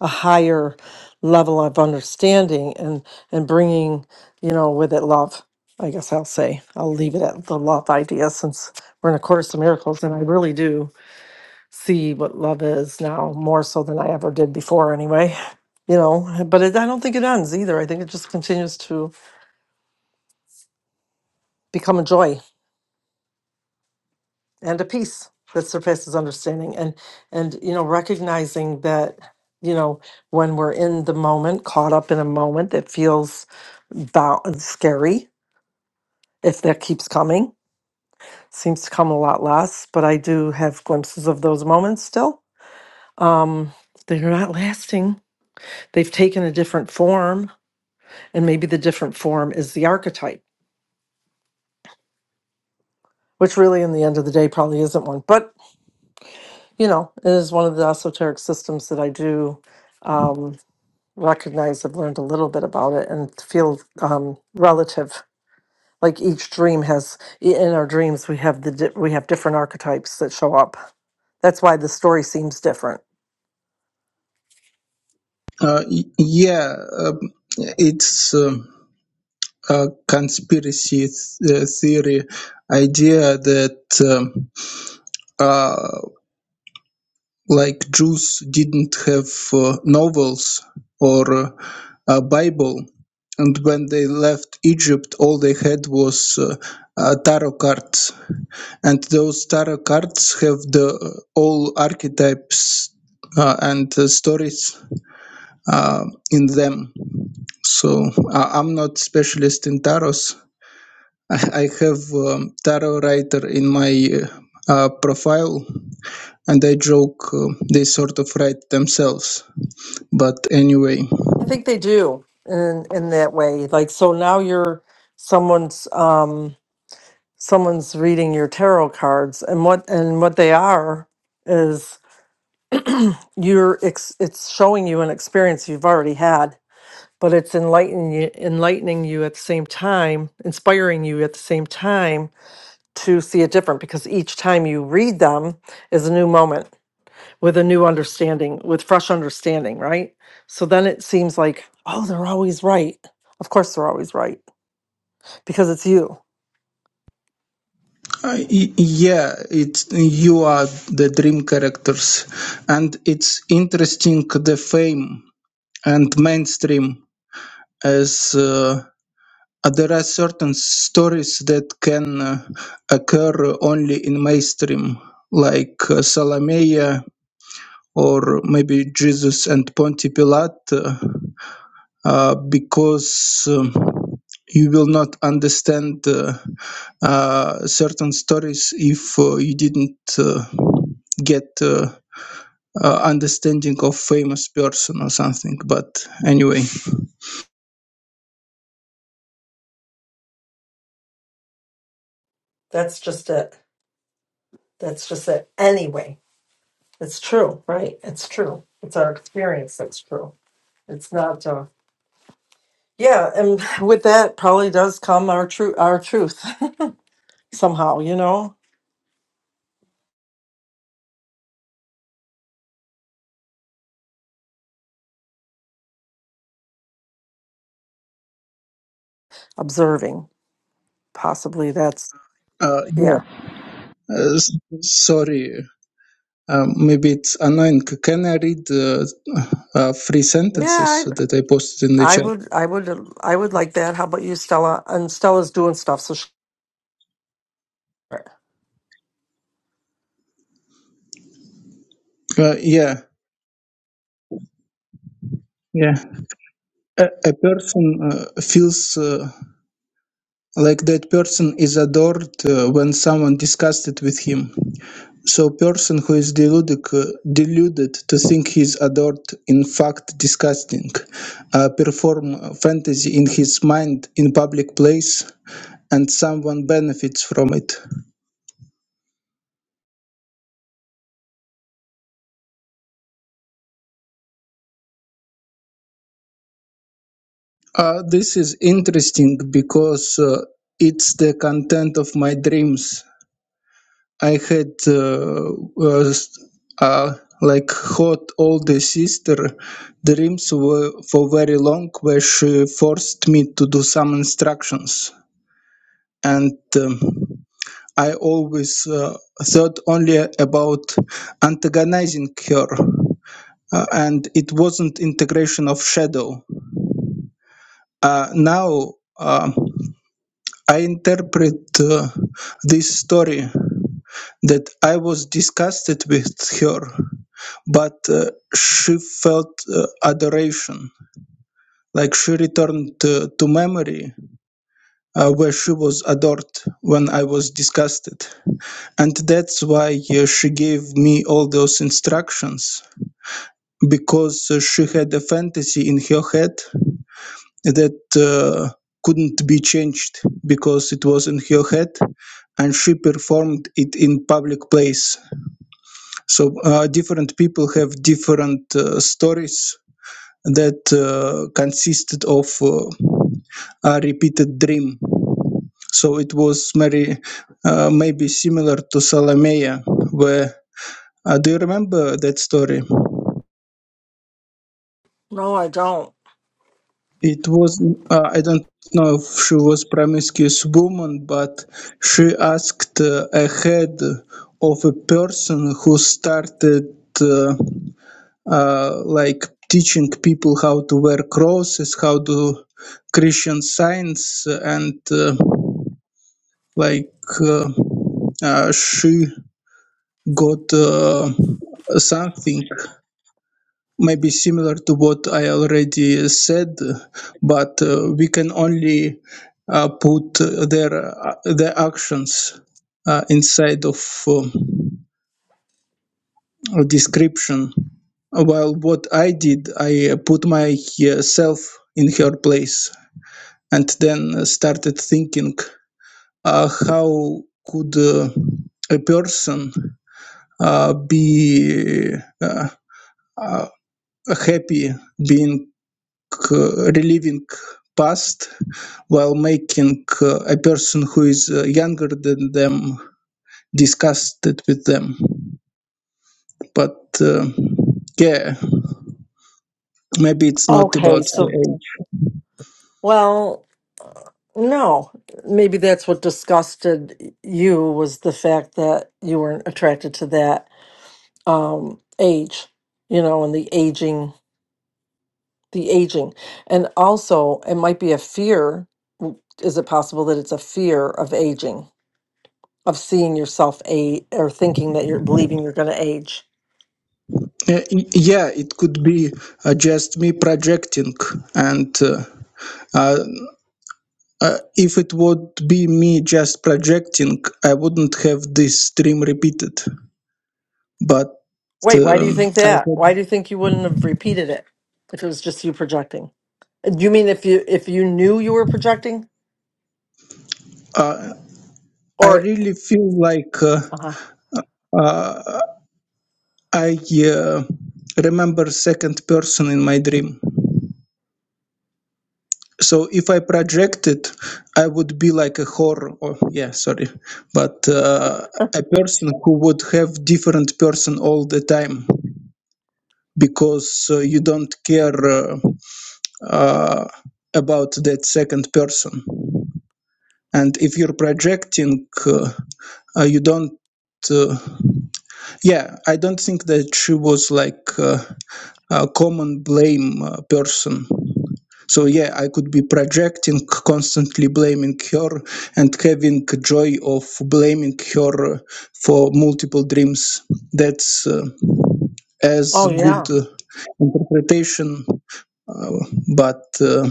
[SPEAKER 2] a higher level of understanding and and bringing, you know, with it love. I guess I'll say I'll leave it at the love idea since we're in a course of miracles, and I really do see what love is now more so than I ever did before, anyway. You know, but it, I don't think it ends either. I think it just continues to become a joy and a peace that surpasses understanding, and and you know, recognizing that you know when we're in the moment, caught up in a moment that feels bound, scary, if that keeps coming, seems to come a lot less. But I do have glimpses of those moments still. Um, they're not lasting. They've taken a different form And maybe the different form is the archetype, which really, in the end of the day, probably isn't one. But, you know, it is one of the esoteric systems that I do um, recognize. I've learned a little bit about it and feel um, relative. Like each dream has, in our dreams, we have the di- we have different archetypes that show up. That's why the story seems different.
[SPEAKER 4] Uh, y- yeah, um, it's um a conspiracy th- uh, theory idea that um, uh, like Jews didn't have uh, novels or uh, a Bible, and when they left Egypt, all they had was uh, a tarot cards. and those tarot cards have the uh, all archetypes uh, and uh, stories uh, in them so I i'm not specialist in tarots i, I have um, tarot writer in my uh, uh, profile and i joke uh, they sort of write themselves but anyway
[SPEAKER 2] I think they do in in that way. Like so now you're someone's. Um, someone's reading your tarot cards and what and what they are is you're ex, it's showing you an experience you've already had but it's enlightening you enlightening you at the same time inspiring you at the same time to see it different because each time you read them is a new moment with a new understanding with fresh understanding right so then it seems like oh they're always right of course they're always right because it's you
[SPEAKER 4] I- y- yeah it's you are the dream characters and it's interesting the fame and mainstream as uh, uh, there are certain stories that can uh, occur only in mainstream, like uh, Salome or maybe Jesus and Ponti Pilate, uh, uh, because um, you will not understand uh, uh, certain stories if uh, you didn't uh, get. Uh, uh, understanding of famous person or something but anyway
[SPEAKER 2] that's just it that's just it anyway It's true, right? It's true. It's our experience that's true. It's not uh yeah, and with that probably does come our true our truth somehow, you know, observing. Possibly that's
[SPEAKER 4] uh, yeah
[SPEAKER 2] yeah.
[SPEAKER 4] uh, s- sorry Um, maybe it's annoying. C- Can I read uh, uh, three sentences
[SPEAKER 2] Yeah,
[SPEAKER 4] that I posted in the
[SPEAKER 2] I, I
[SPEAKER 4] chat?
[SPEAKER 2] would I would uh, I would like that. How about you, Stella? And Stella's doing stuff so she,
[SPEAKER 4] Uh, yeah, yeah. A, a person uh, feels uh, like that person is adored uh, when someone discussed it with him. So, person who is deluded, uh, deluded to think he is adored, in fact, disgusting, uh, perform fantasy in his mind in public place, and someone benefits from it. Uh, this is interesting because uh, it's the content of my dreams. I had uh, was, uh, like hot older sister dreams were for very long, where she forced me to do some instructions, and um, I always uh, thought only about antagonizing her, Uh, and it wasn't integration of shadow. Uh, now. Uh, I interpret uh, this story that I was disgusted with her, but uh, she felt uh, adoration. Like she returned uh, to memory uh, where she was adored when I was disgusted. And that's why uh, she gave me all those instructions because uh, she had a fantasy in her head that uh, couldn't be changed because it was in her head and she performed it in public place so uh, different people have different uh, stories that uh, consisted of uh, a repeated dream so it was very uh, maybe similar to Salomea where uh, do you remember that story
[SPEAKER 2] No, I don't.
[SPEAKER 4] It was, uh, I don't know if she was promiscuous woman, but she asked uh, a head of a person who started uh, uh, like teaching people how to wear crosses, how to Christian science, and uh, like uh, uh, she got uh, something maybe similar to what I already said, but uh, we can only uh, put uh, their uh, their actions uh, inside of um, a description. While what I did, I uh, put myself in her place and then started thinking uh, how could uh, a person uh, be uh, uh, happy being uh, reliving past while making uh, a person who is uh, younger than them discuss it with them but uh, yeah maybe it's not
[SPEAKER 2] Okay,
[SPEAKER 4] about the
[SPEAKER 2] so
[SPEAKER 4] age
[SPEAKER 2] well, no. Maybe that's what disgusted you was the fact that you weren't attracted to that um, age, you know, and the aging, the aging. And also, it might be a fear. w- Is it possible that it's a fear of aging, of seeing yourself age, or thinking that you're believing you're going to age?
[SPEAKER 4] Uh, y- yeah it could be uh, just me projecting and uh, uh, uh, if it would be me just projecting i wouldn't have this dream repeated but
[SPEAKER 2] Wait, why do
[SPEAKER 4] um,
[SPEAKER 2] you think
[SPEAKER 4] i
[SPEAKER 2] that?
[SPEAKER 4] had,
[SPEAKER 2] Why do you think you wouldn't have repeated it if it was just you projecting? Uh, Do you mean if you if you knew you were projecting,
[SPEAKER 4] uh, i
[SPEAKER 2] or
[SPEAKER 4] really feel like uh,
[SPEAKER 2] uh-huh.
[SPEAKER 4] Uh, I uh, remember second person in my dream. So if I projected, I would be like a horror. Or, yeah, sorry, but uh, a person who would have different person all the time because uh, you don't care uh, uh, about that second person. And if you're projecting, uh, uh, you don't. Uh, yeah, I don't think that she was like. uh, a common blame uh, person. So yeah, I could be projecting, constantly blaming her, and having joy of blaming her for multiple dreams. That's uh, as
[SPEAKER 2] oh yeah,
[SPEAKER 4] good uh, interpretation. uh, but uh,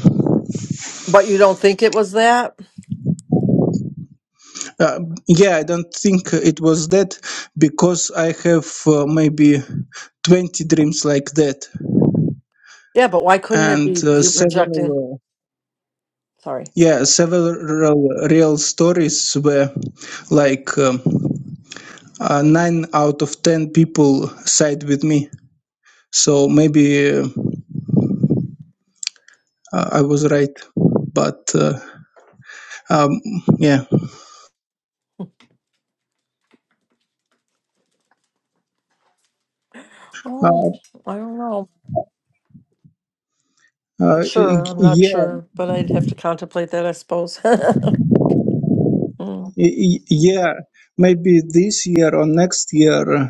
[SPEAKER 2] but you don't think it was that?
[SPEAKER 4] uh, yeah, I don't think it was that because I have uh, maybe 20 dreams like that
[SPEAKER 2] Yeah, but why couldn't it
[SPEAKER 4] and
[SPEAKER 2] be
[SPEAKER 4] uh,
[SPEAKER 2] you projecting?
[SPEAKER 4] several. uh,
[SPEAKER 2] Sorry.
[SPEAKER 4] Yeah, several real stories where, like, um, uh, nine out of ten people side with me. So maybe uh, I was right, but uh, um, yeah,
[SPEAKER 2] Oh,
[SPEAKER 4] uh,
[SPEAKER 2] I don't know.
[SPEAKER 4] uh,
[SPEAKER 2] Not sure.
[SPEAKER 4] y-
[SPEAKER 2] I'm not
[SPEAKER 4] yeah.
[SPEAKER 2] sure, but I'd have to contemplate that, I suppose. Mm.
[SPEAKER 4] Y- y- Yeah, maybe this year or next year uh,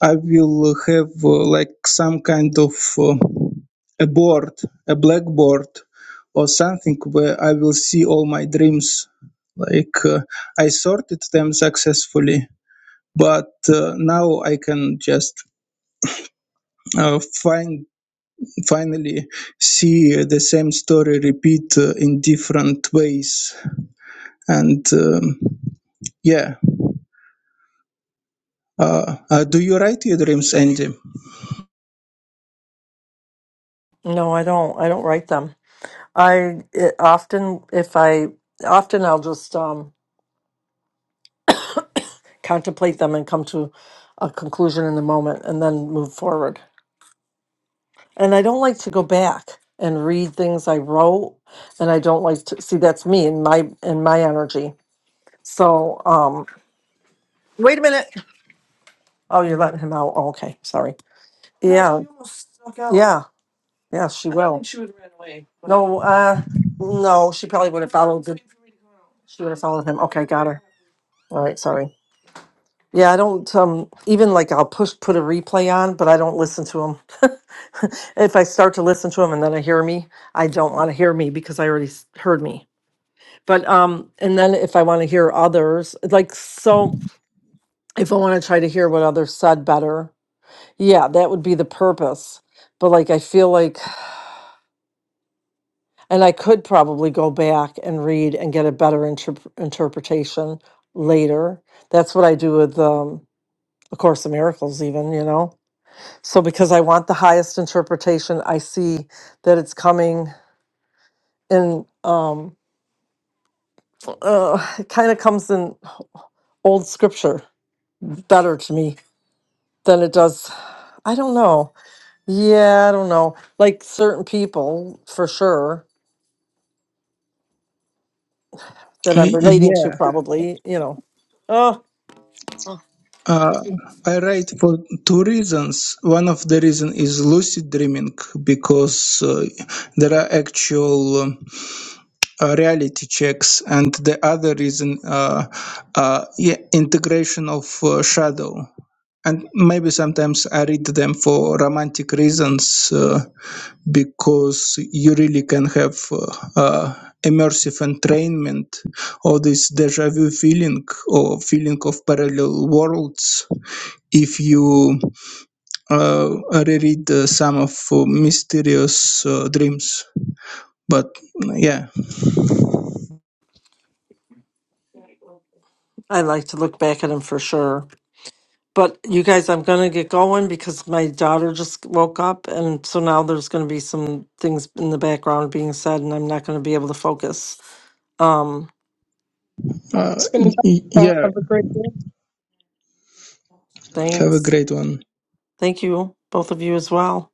[SPEAKER 4] I will have uh, like some kind of uh, a board, a blackboard or something where I will see all my dreams. Like uh, I sorted them successfully, but uh, now I can just uh, find finally see uh, the same story repeat uh, in different ways and um, yeah Uh, uh, do you write your dreams, Andy?
[SPEAKER 2] No, I don't. I don't write them. I it, often, if I often, I'll just um, contemplate them and come to a conclusion in the moment, and then move forward. And I don't like to go back and read things I wrote, and I don't like to see that's me and my and my energy. So, um, wait a minute. Oh, you're letting him out. Oh, okay, sorry. No, Yeah. you almost snuck out. Yeah. Yeah, she I don't will. think she would have ran away, but No, uh, no, she probably would have followed. The, she would have followed him. Okay, got her. All right, sorry. Yeah, I don't um even like I'll push put a replay on, but I don't listen to him. if I start to listen to him and then I hear me, I don't want to hear me because I already s- heard me. But um, and then if I want to hear others, like so, if I want to try to hear what others said better, yeah, that would be the purpose. But like I feel like And I could probably go back and read and get a better interp- interpretation later. That's what I do with um, A Course in Miracles, even, you know? So, because I want the highest interpretation, I see that it's coming in, um, uh, it kind of comes in old scripture better to me than it does. I don't know. Yeah, I don't know. Like certain people, for sure, that I'm
[SPEAKER 4] Y-
[SPEAKER 2] relating
[SPEAKER 4] Yeah,
[SPEAKER 2] to, probably, you know. Oh,
[SPEAKER 4] uh, I write for two reasons. One of the reason is lucid dreaming because uh, there are actual um, uh, reality checks, and the other reason, uh, uh, yeah, integration of uh, shadow. And maybe sometimes I read them for romantic reasons, uh, because you really can have uh, uh, immersive entrainment or this deja vu feeling or feeling of parallel worlds if you uh, reread uh, some of uh, mysterious uh, dreams but yeah
[SPEAKER 2] I like to look back at them for sure. But you guys, I'm gonna get going because my daughter just woke up, and so now there's gonna be some things in the background being said, and I'm not gonna be able to focus. Um,
[SPEAKER 4] uh,
[SPEAKER 3] spending
[SPEAKER 4] y- y-
[SPEAKER 3] time uh,
[SPEAKER 4] yeah
[SPEAKER 3] have a great day
[SPEAKER 4] have a
[SPEAKER 2] thanks.
[SPEAKER 4] great one
[SPEAKER 2] Thank you, both of you as well.